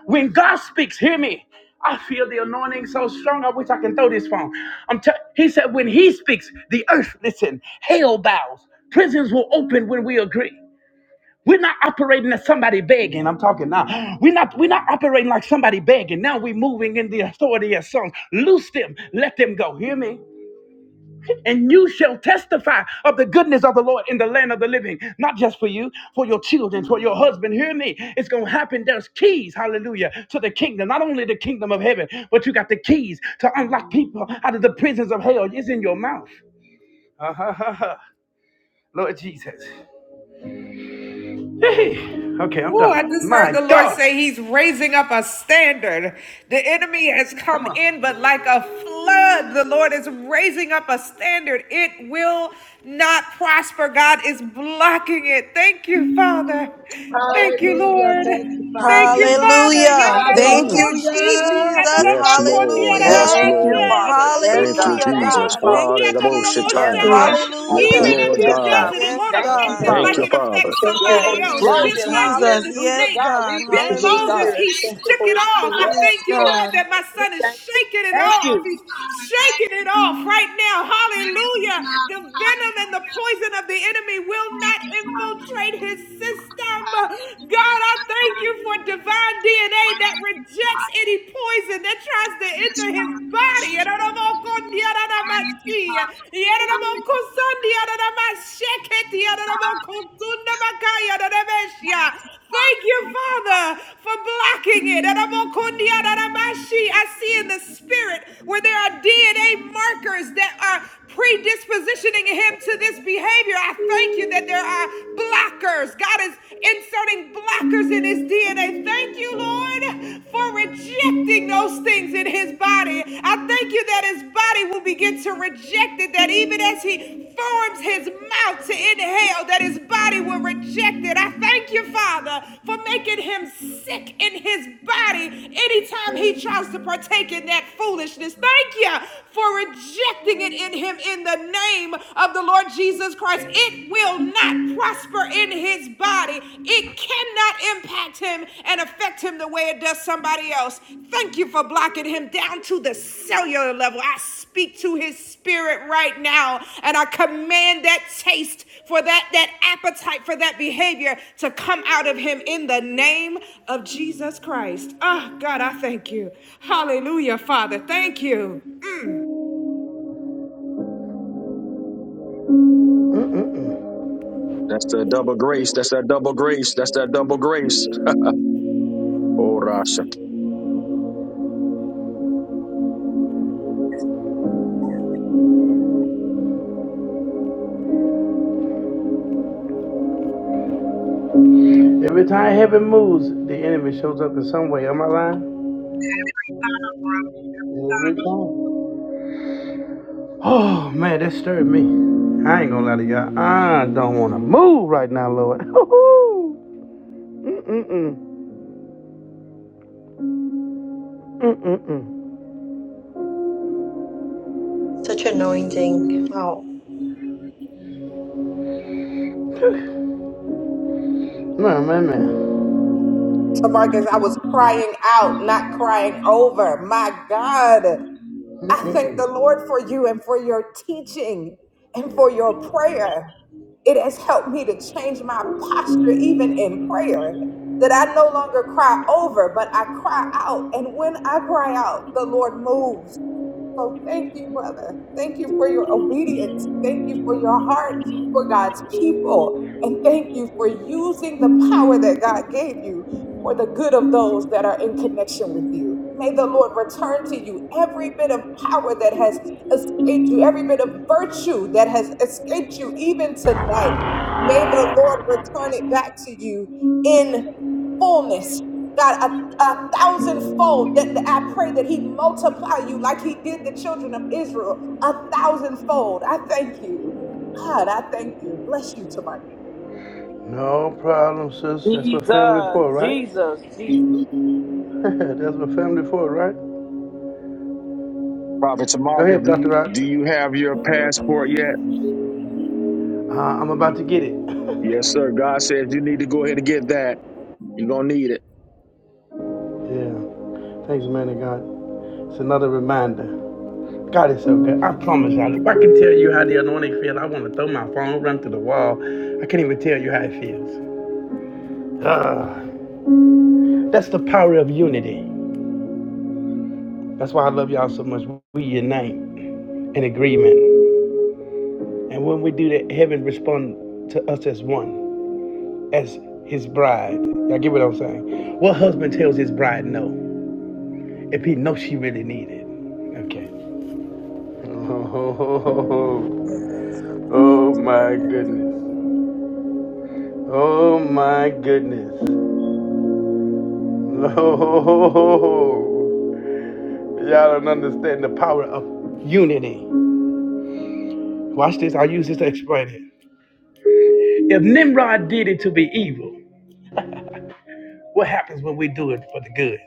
S9: When God speaks, hear me. I feel the anointing so strong. I wish I can throw this phone. I'm. T- he said, when He speaks, the earth listen. Hell bows. Prisons will open when we agree. We're not operating as somebody begging. I'm talking now. We're not we're not operating like somebody begging. Now we're moving in the authority of songs. Loose them, let them go. Hear me? And you shall testify of the goodness of the Lord in the land of the living. Not just for you, for your children, for your husband. Hear me? It's gonna happen. There's keys, hallelujah, to the kingdom. Not only the kingdom of heaven, but you got the keys to unlock people out of the prisons of hell. It's in your mouth. Uh-huh. Lord Jesus. Hey, okay, I'm
S10: Oh, I
S9: done.
S10: just heard
S9: My
S10: the Lord
S9: God.
S10: say He's raising up a standard. The enemy has
S9: Come
S10: come
S9: on.
S10: in, but like a flood, the Lord is raising up a standard. It will not prosper. God is blocking it. Thank you, Father. Thank you,
S1: Hallelujah.
S10: Lord.
S1: Thank you,
S10: Thank
S1: Father.
S10: you, Father.
S17: Hallelujah. Thank
S9: Mm-mm.
S17: you,
S1: Hallelujah.
S10: Yadadabakositi,
S17: Jesus.
S15: Yes,
S10: yadadabakondi,
S15: Lord. Yes,
S17: Hallelujah.
S11: Thank you.
S10: yadadabake,
S15: Lord.
S1: Glory.
S15: Thank you,
S17: Hallelujah,
S1: Hallelujah.
S15: Jesus.
S17: God.
S10: ikandabakositi,
S17: Thank you,
S15: Hallelujah.
S17: Jesus.
S11: Yes,
S10: yadadabosha.
S11: Father
S15: Yes,
S4: Hallelujah.
S17: Hallelujah.
S10: Even if
S15: Lord
S10: he
S15: God.
S10: does
S11: God,
S10: it, it
S1: Hallelujah.
S11: we
S17: Yes,
S10: won't
S11: thank you,
S10: affect
S17: God.
S10: him
S15: Thank
S11: Father.
S10: like
S15: you,
S4: Hallelujah.
S10: it
S15: Father.
S10: affects
S19: Thank you,
S11: Yes,
S10: somebody
S19: Holy
S10: else.
S17: Thank
S11: block
S17: you,
S19: Spirit.
S10: Just
S11: it,
S10: like when
S1: Hallelujah.
S17: Jesus.
S10: the
S11: hallelujah,
S17: Yes,
S10: snake
S11: God.
S17: God.
S11: We
S1: Thank
S19: Thank
S1: you,
S10: bit
S19: you,
S11: thank
S19: Holy
S11: you,
S1: Jesus.
S17: Hallelujah.
S10: Moses,
S11: God.
S19: Spirit.
S10: he
S1: Thank
S19: Thank
S1: you,
S19: you,
S10: shook
S19: Holy
S10: it
S1: Father.
S10: off.
S19: Spirit.
S10: I
S11: Yes,
S17: Yes,
S10: thank you,
S11: Lord.
S1: Hallelujah.
S10: Lord,
S17: God.
S10: that my
S11: Thank
S10: son is
S11: you,
S10: shaking it
S11: thank
S1: Thank
S10: off.
S11: you,
S1: you,
S10: He's
S1: Father. Thank
S10: shaking
S1: you,
S10: it off
S1: Father.
S10: right now.
S1: Thank you,
S10: Hallelujah. The
S1: Father.
S10: venom and the
S1: Hallelujah.
S10: poison of the enemy will
S1: Thank
S10: not
S1: you, Father.
S10: infiltrate his system.
S1: Hallelujah.
S10: God, I
S1: Yes,
S10: thank you
S1: Father.
S10: for divine DNA that
S1: Thank you,
S10: rejects
S1: Father.
S10: any poison that tries to
S1: Yes,
S10: enter his
S1: Father.
S10: body.
S1: Jesus. Thank you, Father. Man,
S10: Thank you, Father, for blocking it. And I'm on Kondia Daramashi. I see in the spirit where there are DNA markers that are predispositioning him to this behavior. I thank you that there are blockers. God is inserting blockers in his DNA. Thank you, Lord, for rejecting those things in his body. I thank you that his body will begin to reject it, that even as he forms his mouth to inhale that his body will reject it. I thank you, Father, for making him sick in his body anytime he tries to partake in that foolishness. Thank you for rejecting it in him in the name of the Lord Jesus Christ. It will not prosper in his body, it cannot impact him and affect him the way it does somebody else. Thank you for blocking him down to the cellular level. I speak to his spirit right now and I command that taste for that, that appetite for that behavior to come out of him in the name of Jesus Christ. Oh God, I thank you. Hallelujah, Father. Thank you.
S15: That's the double grace. That's that double grace. That's that double grace. Oh, Rasha.
S9: Every time heaven moves, the enemy shows up in some way. Am I lying? Every time. Oh man, that stirred me. I ain't gonna lie to y'all. I don't wanna move right now, Lord. Mm-mm-mm. Mm-mm-mm.
S19: Such anointing. Wow.
S9: Man, man, man.
S10: So Marcus, I was crying out, not crying over. My God.
S9: Mm-mm.
S10: I thank the Lord for you and for your teaching and for your prayer. It has helped me to change my posture, even in prayer, that I no longer cry over, but I cry out. And when I cry out, the Lord moves. So thank you, brother. Thank you for your obedience. Thank you for your heart for God's people. And thank you for using the power that God gave you for the good of those that are in connection with you. May the Lord return to you every bit of power that has escaped you, every bit of virtue that has escaped you, even tonight. May the Lord return it back to you in fullness. God, I a thousandfold. That that I pray that He multiply you like He did the children of Israel, a thousandfold. I thank you, God. I thank you. Bless you, Tamaki.
S11: thank you.
S9: That's that's what family
S11: Jesus,
S9: for, right?
S11: Jesus, Jesus.
S9: that's what family for, right?
S15: Prophet
S9: Go
S15: Marcus,
S9: ahead,
S15: do
S9: Dr.
S15: you
S9: Rock.
S15: do you have your passport yet?
S9: Uh, I'm about to get it.
S15: Yes, sir. God says you need to go ahead and get that. You're gonna need it.
S9: Yeah. Thanks, man of God. It's another reminder. God is so good. I promise y'all, if I can tell you how the anointing feels, I want to throw my phone, run through the wall. I can't even tell you how it feels. Ah, that's the power of unity. That's why I love y'all so much. We unite in agreement. And when we do that, heaven responds to us as one, as his bride. Y'all get what I'm saying? What husband tells his bride no if he knows she really needs it? Okay. Oh, oh oh, oh,
S11: Yes,
S9: oh,
S11: God.
S9: oh my goodness. Oh my goodness. No, y'all don't understand the power of unity. Watch this. I'll use this to explain it. If Nimrod did it to be evil, what happens when we do it for the good?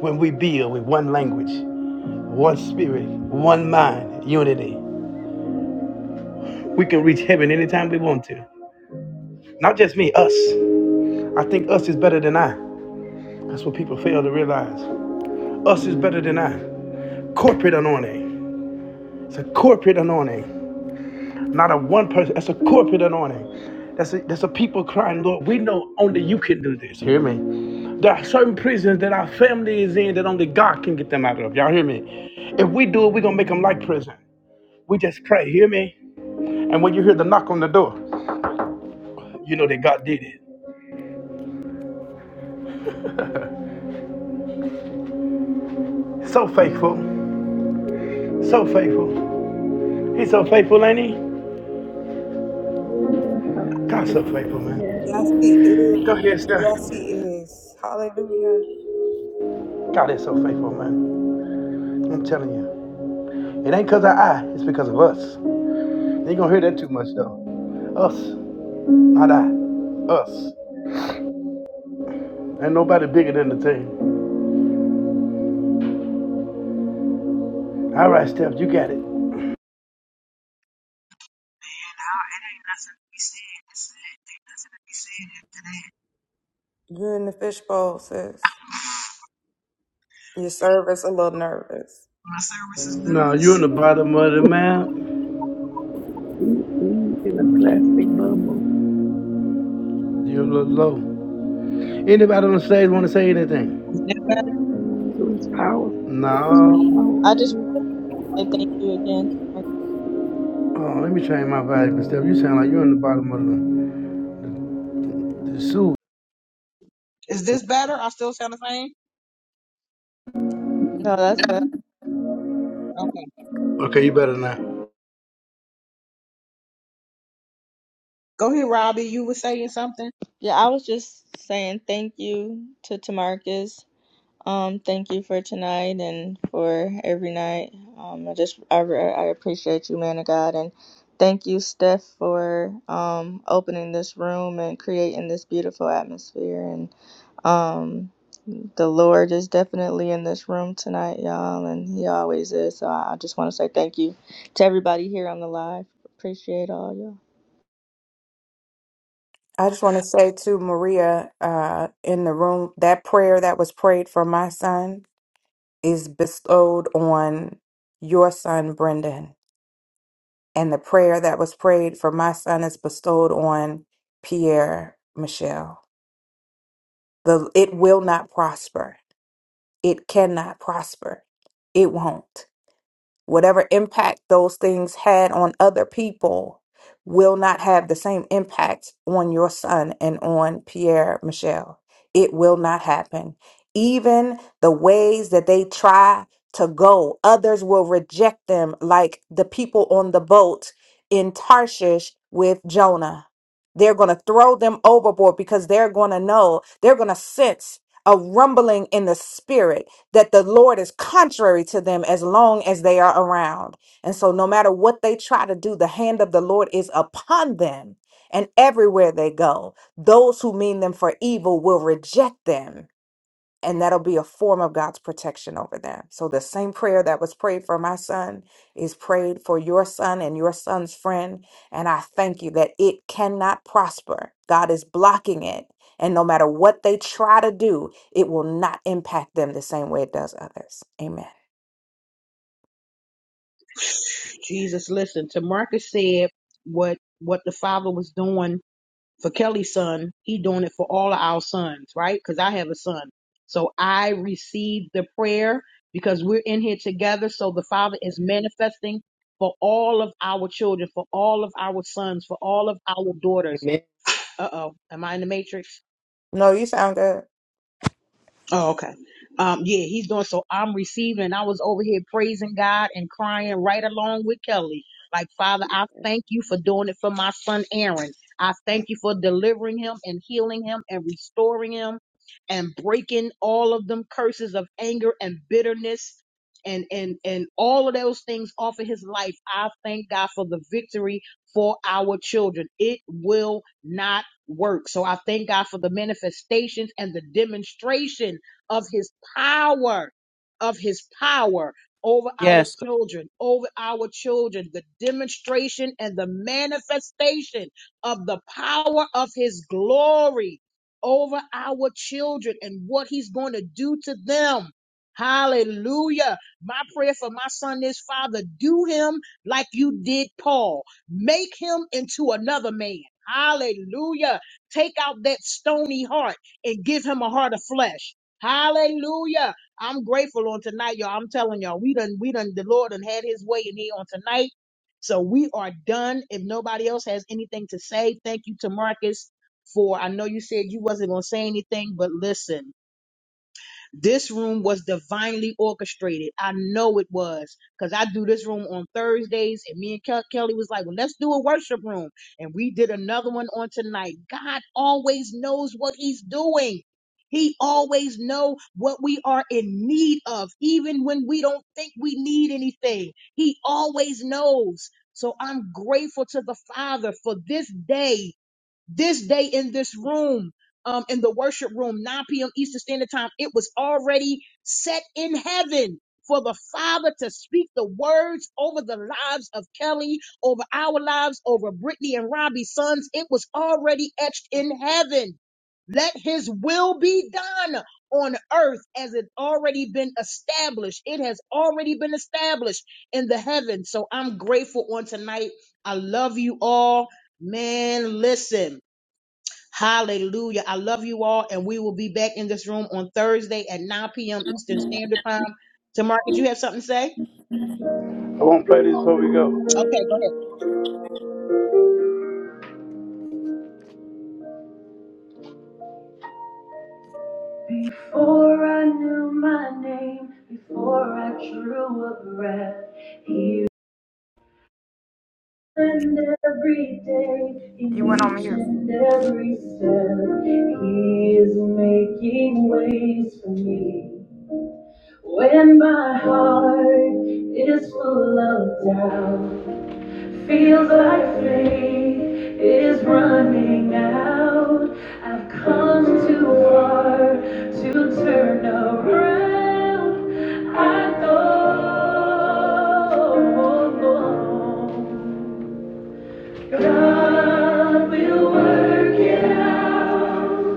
S9: When we build with one language, one spirit, one mind, unity, we can reach heaven anytime we want to. Not just me, us. I think us is better than I. That's what people fail to realize. Us is better than I. Corporate anointing. It's a corporate anointing. Not a one person. That's a corporate anointing. That's a, that's a people crying, Lord, we know only you can do this. Hear me? There are certain prisons that our family is in that only God can get them out of. Y'all hear me? If we do it, we're going to make them like prison. We just pray. Hear me? And when you hear the knock on the door, you know that God did it. So faithful. So faithful. He's so faithful, ain't he?
S14: Hallelujah.
S9: God's so faithful, man.
S10: Yes,
S14: Hallelujah.
S10: He is.
S9: Go ahead, Steph.
S10: Yes, He is. Hallelujah.
S9: God is so faithful, man. I'm telling you. It ain't because of I, it's because of us. You ain't gonna hear that too much though. Us. Not I, us. Ain't nobody bigger than the team. All right, Steph, you got it.
S1: I- it ain't nothing to be said. It's it. Ain't nothing to be said after that.
S10: You're in the fishbowl, sis.
S1: My service is
S9: No,
S1: nervous.
S9: you're in the bottom of the map.
S14: Mm, mm. In a plastic bubble.
S9: You look low. Anybody on the stage want to say anything?
S14: It was powerful.
S9: No.
S4: I just
S14: Powerful.
S4: want to say thank you again. No,
S9: Oh, let me change my volume, Steph. You sound like you're in the bottom of the, the soup.
S1: Is this better? I still sound the same?
S4: that's better.
S9: Okay, you better not. I
S1: Go ahead. Something.
S4: Yeah, I was just saying thank you to Tamarcus. Um, thank you for tonight and for every night. Um, I just I, re- I appreciate you, man of God, and thank you, Steph, for um opening this room and creating this beautiful atmosphere. And um, the Lord is definitely in this room tonight, y'all, and He always is. So I I just want to say thank you to everybody here on the live. Appreciate all y'all.
S10: I just want to say to Maria uh, in the room that prayer that was prayed for my son is bestowed on your son, Brendan. and the prayer that was prayed for my son is bestowed on Pierre Michelle. The it will not prosper. It cannot prosper. It won't. Whatever impact those things had on other people will not have the same impact on your son and on Pierre Michel. It will not happen. Even the ways that they try to go, others will reject them, like the people on the boat in Tarshish with Jonah. They're going to throw them overboard because they're going to know, they're going to sense a rumbling in the spirit that the Lord is contrary to them as long as they are around. And so, no matter what they try to do, the hand of the Lord is upon them. And everywhere they go, those who mean them for evil will reject them and that'll be a form of God's protection over them. So the same prayer that was prayed for my son is prayed for your son and your son's friend. And I thank you that it cannot prosper. God is blocking it. And no matter what they try to do, it will not impact them the same way it does others. Amen.
S1: Jesus listened to Marcus said what what the father was doing for Kelly's son, he doing it for all of our sons, right? Because I have a son. So I received the prayer because we're in here together. So the father is manifesting for all of our children, for all of our sons, for all of our daughters.
S20: Amen.
S1: Uh oh, am I in the matrix?
S10: No, you sound good.
S1: Oh, okay. Um, yeah, he's doing so. I'm receiving. I was over here praising God and crying right along with Kelly. Like, Father, I thank you for doing it for my son Aaron. I thank you for delivering him and healing him and restoring him and breaking all of them curses of anger and bitterness and and and all of those things off of his life. I thank God for the victory for our children. It will not work. So I thank God for the manifestations and the demonstration of his power, of his power over our
S20: Yes,
S1: children, over our children, the demonstration and the manifestation of the power of his glory over our children and what he's going to do to them. Hallelujah. My prayer for my son is, Father, do him like you did Paul. Make him into another man. Hallelujah. Take out that stony heart and give him a heart of flesh. Hallelujah. I'm grateful on tonight, y'all. I'm telling y'all, we done, we done, the Lord done had his way in here on tonight. So we are done. If nobody else has anything to say, thank you to Marcus for, I know you said you wasn't going to say anything, but listen. This room was divinely orchestrated. I know it was because I do this room on Thursdays, and me and Kel- Kelly was like, well, let's do a worship room. And we did another one on tonight. God always knows what he's doing. He always know what we are in need of, even when we don't think we need anything. He always knows. So I'm grateful to the Father for this day this day in this room, um, in the worship room, 9 p.m. Eastern Standard Time, it was already set in heaven for the Father to speak the words over the lives of Kelly, over our lives, over Brittany and Robbie's sons. It was already etched in heaven. Let his will be done on earth as it already been established. It has already been established in the heavens. So I'm grateful on tonight. I love you all. Man, listen. Hallelujah. I love you all, and we will be back in this room on Thursday at 9 p.m. Eastern Standard Time. To Marcus, you have something to say?
S9: won't play this before we go.
S1: Okay, go ahead.
S9: Before I knew my name, before I drew a breath, here And every day, in
S10: You went on
S9: each
S10: mute.
S9: and every step, He is making ways for me. When my heart is full of doubt, feels like faith is running out. I've come too far to turn around. I know. God will work it out.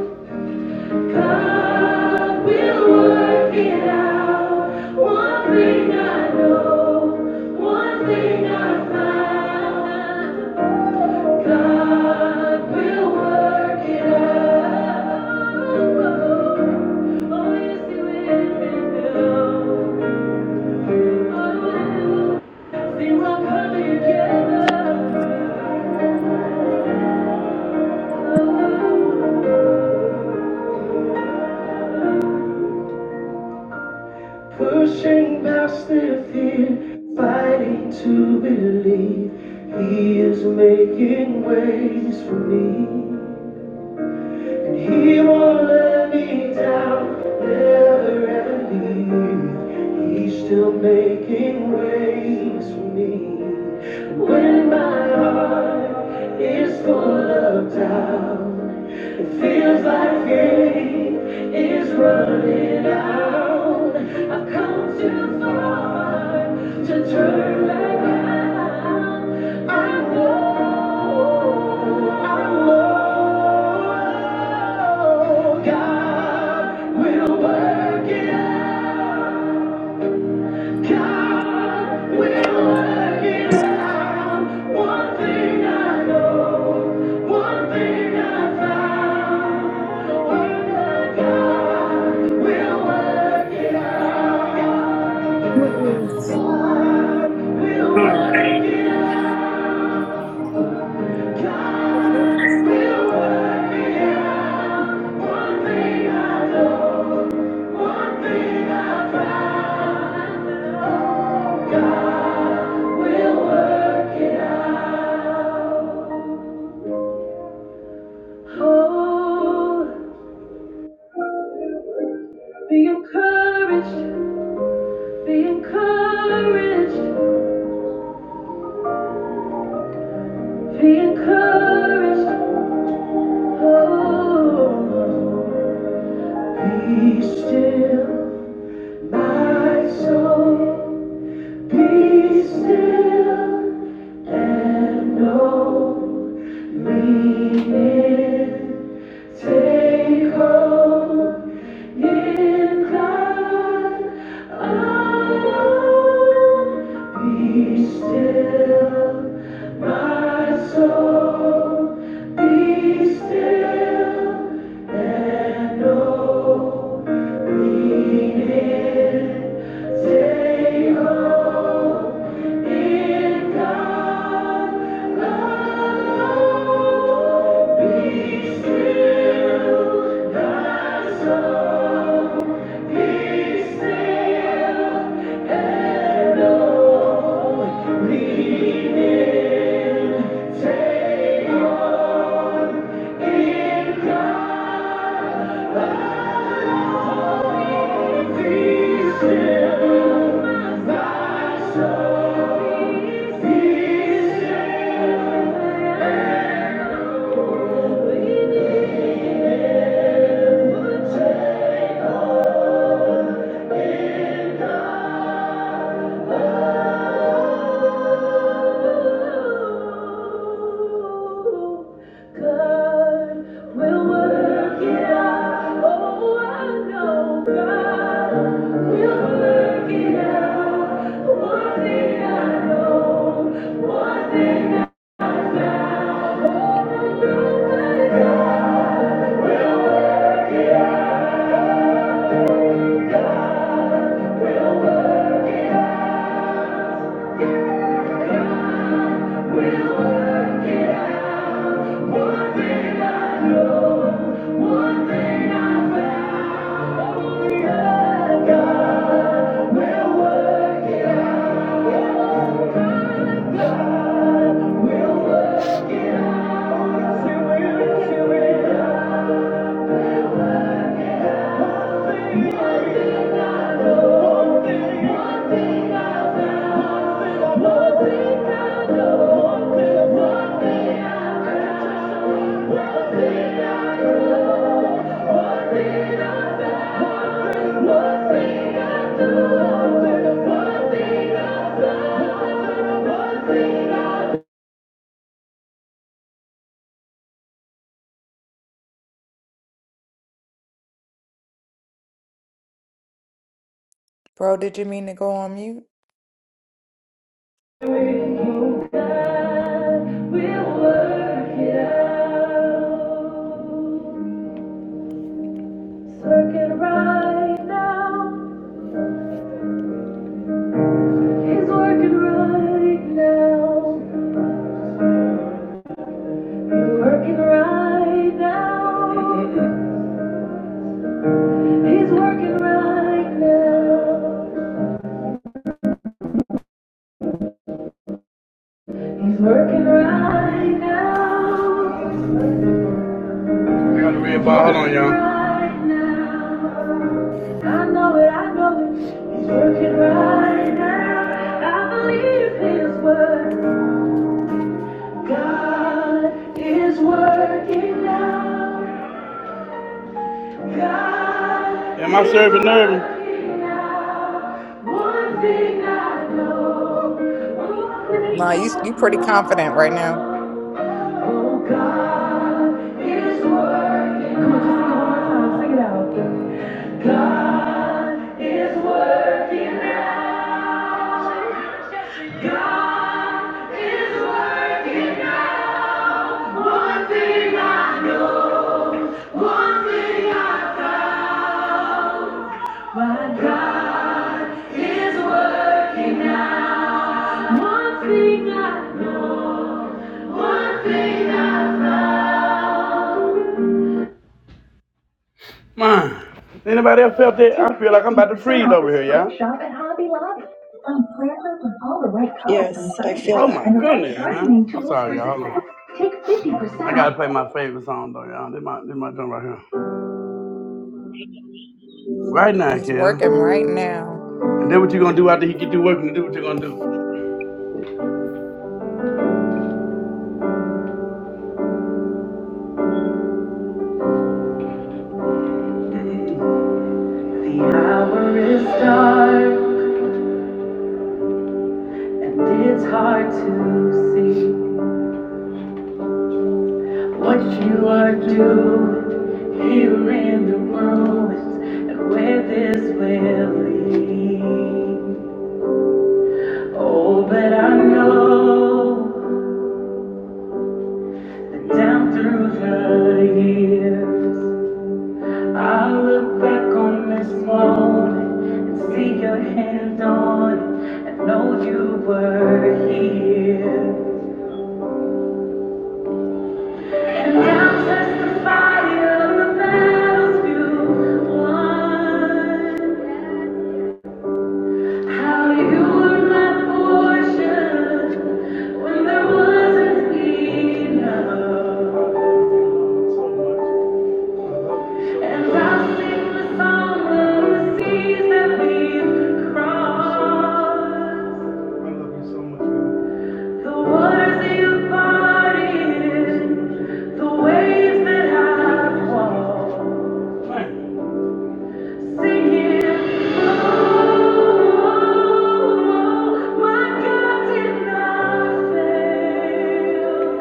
S9: God will work it out. One thing I know, one thing I found. God will work it out. Oh, yes, He will. Oh, Things are coming together. Oh, Pushing past their fear, fighting to believe He is making ways for me. And He won't let me down, never ever leave. He's still making ways for me. When my heart is full of doubt, it feels like faith is running it I've come too far to turn back now. I know, I know God will work it out. God will work it out. One thing I know, one thing I found. God will work it out. God will work it out. God will work it out. One thing I know, one thing I found. God will work it out. Oh. Be encouraged, be encouraged, be encouraged. Oh, be still, my soul, be still and know it. Take hold. In God alone, be still, my soul, be still, and know, take hope in God alone, be still, my soul. Take God will work it out. Oh, I know God will work it out. One thing I know, one thing God will work. One thing I know, one thing I found.
S10: Bro, did you mean to go on mute?
S9: We'll work it out. He's working right now. He's working right now. He's working right now. He's working right now. He's working right now. Red ball on y'all. Right now. I know it, I know it. He's working right now. I believe his word. God is working now. Am I serving nervous?
S10: Nah, you you pretty confident right now.
S9: My God. Man, anybody else felt that? I feel like I'm about to freeze over here, y'all. Shop at Hobby Lobby. Find planters with all the right colors and sizes. Oh my And the right goodness, man. I'm sorry, y'all. Hold on. Take 50% I gotta play my favorite song though, y'all. This my this my joint right here. Right now,
S10: He's working
S9: Kel.
S10: right now.
S9: And then what you gonna do after he get through working? Do what you gonna do?
S14: Mm.
S9: What you are doing here in the world and where this will lead. Oh, but I know that down through the years, I look back on this moment and see your hand on it and know you were here. And I'll testify of the battles you won. How you were my portion when there wasn't enough. And I'll sing the song of the seas that we've crossed. The waters you've parted, the waves that I've walked. Singing, oh, my God did not fail.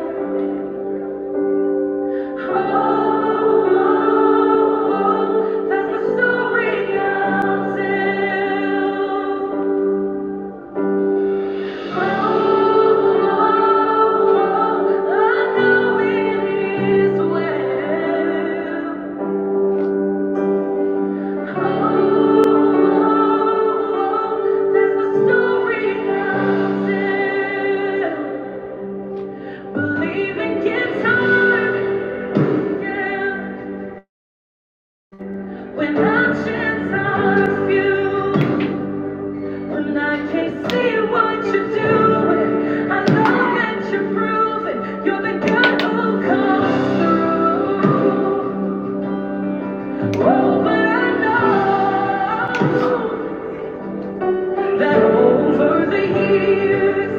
S9: You're the God who comes through. Oh, but I know that over the years.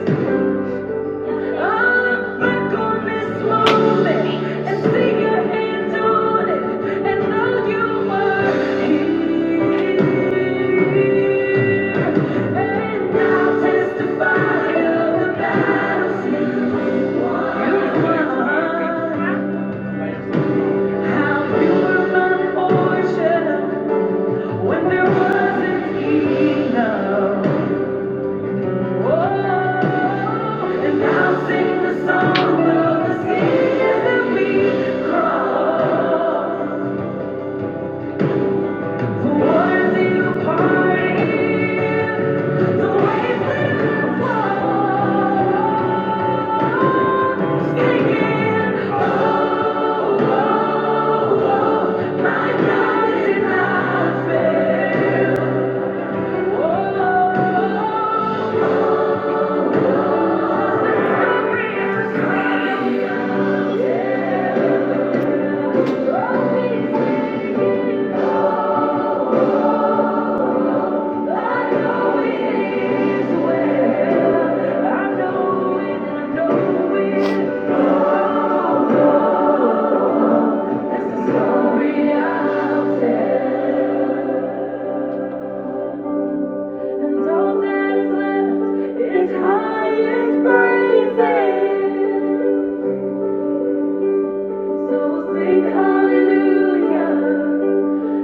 S9: I'll sing the song of the seas that we crossed. The waters you parted, the waves that I walked. Hallelujah.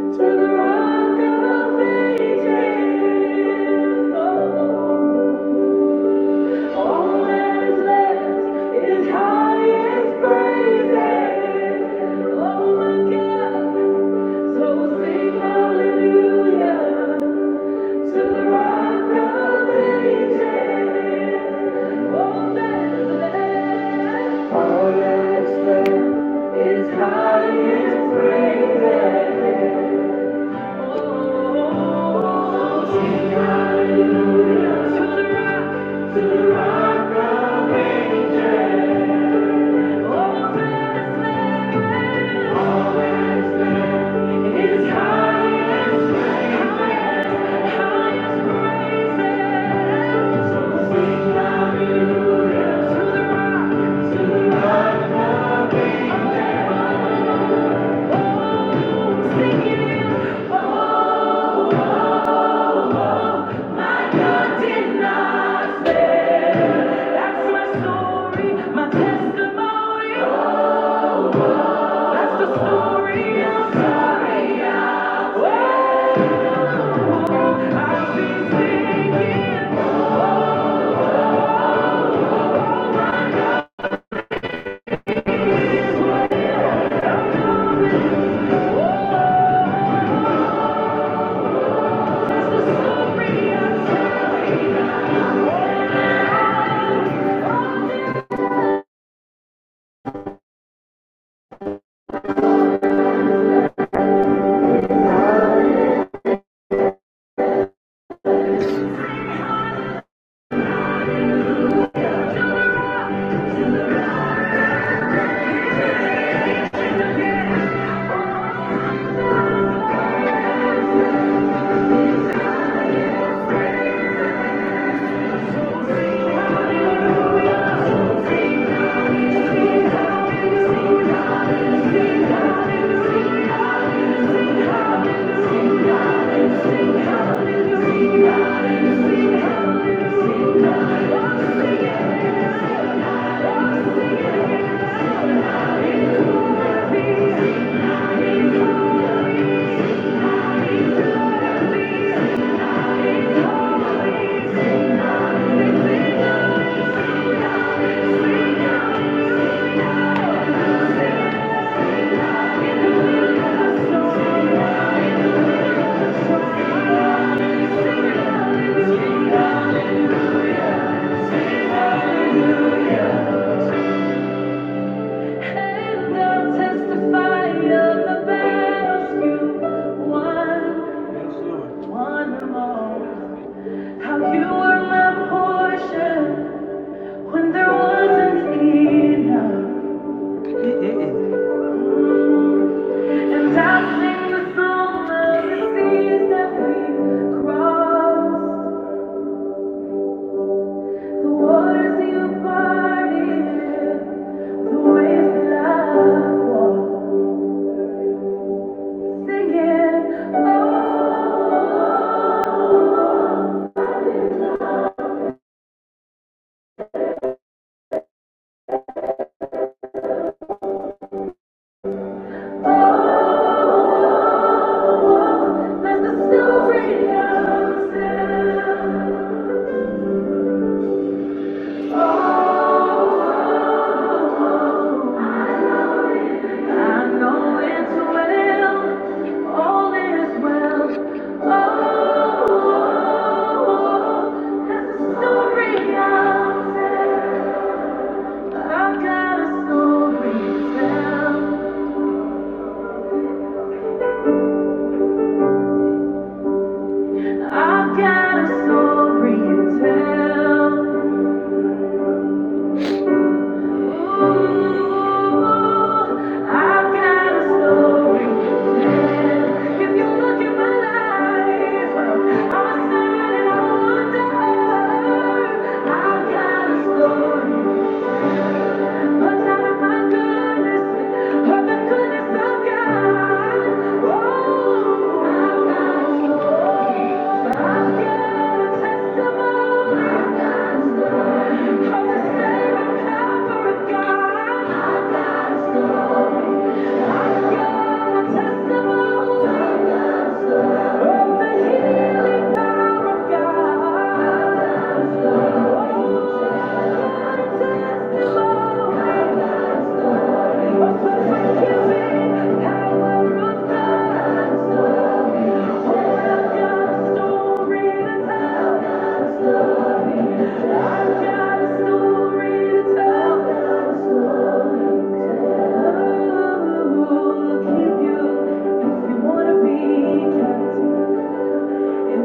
S9: To the rock of ages, oh, all that is left is highest praises. Oh my God, so sing hallelujah to the rock of ages. All that is left is highest praises. Oh, sing hallelujah to the rock. My testimony, that's the story of Gloria. And I sing the song of the seas that we crossed. Waters you parted, the waves that I walked, singing, oh, free fall. I know it's well, all is well. Oh, the story i tell. I've got a story to tell. I've got a story to tell. I've got a If you look at my life, I'm a and I wonder. I've got a story, but not of my goodness, of the goodness of God. Oh, I've got a story, I've got a testimony. Thank you.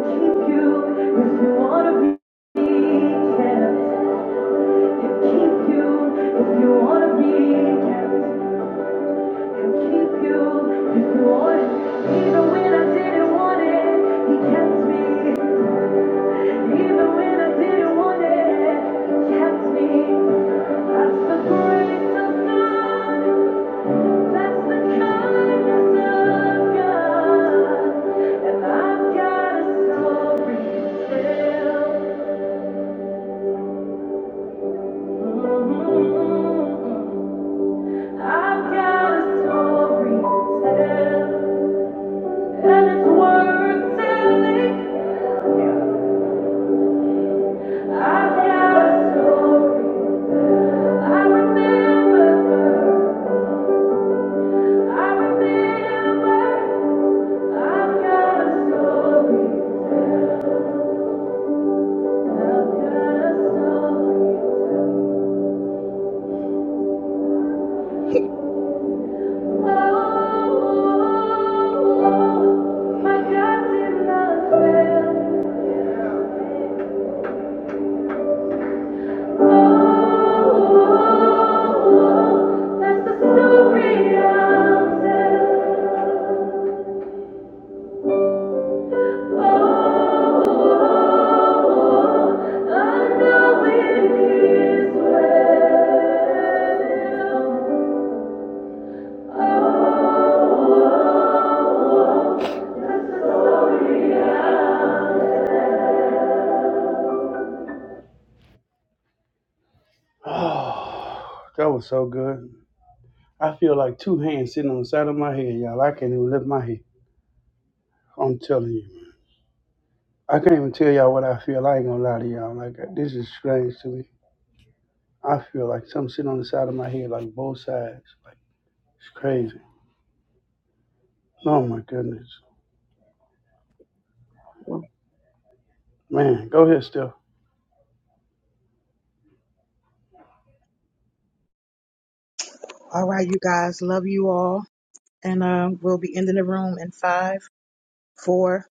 S9: Keep you if you wanna be kept. I've got a story to tell. And it's worth telling. I've got a story. I remember. I remember. I've got a story. I've got a story. Oh, my God did not fail. Oh, that's the story I'll tell. Oh, Oh, that was so good. I feel like two hands sitting on the side of my head, y'all. I can't even lift my head. I'm telling you. I can't even tell y'all what I feel. I ain't gonna lie to y'all. Like this is strange to me. I feel like something sitting on the side of my head, like both sides. Like it's crazy. Oh my goodness, man. Go ahead, Steph.
S1: All right, you guys. Love you all. And uh, we'll be ending the room in five, four,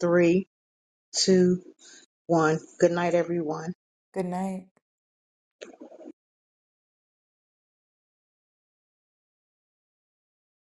S1: three, two, one. Good night, everyone.
S10: Good night.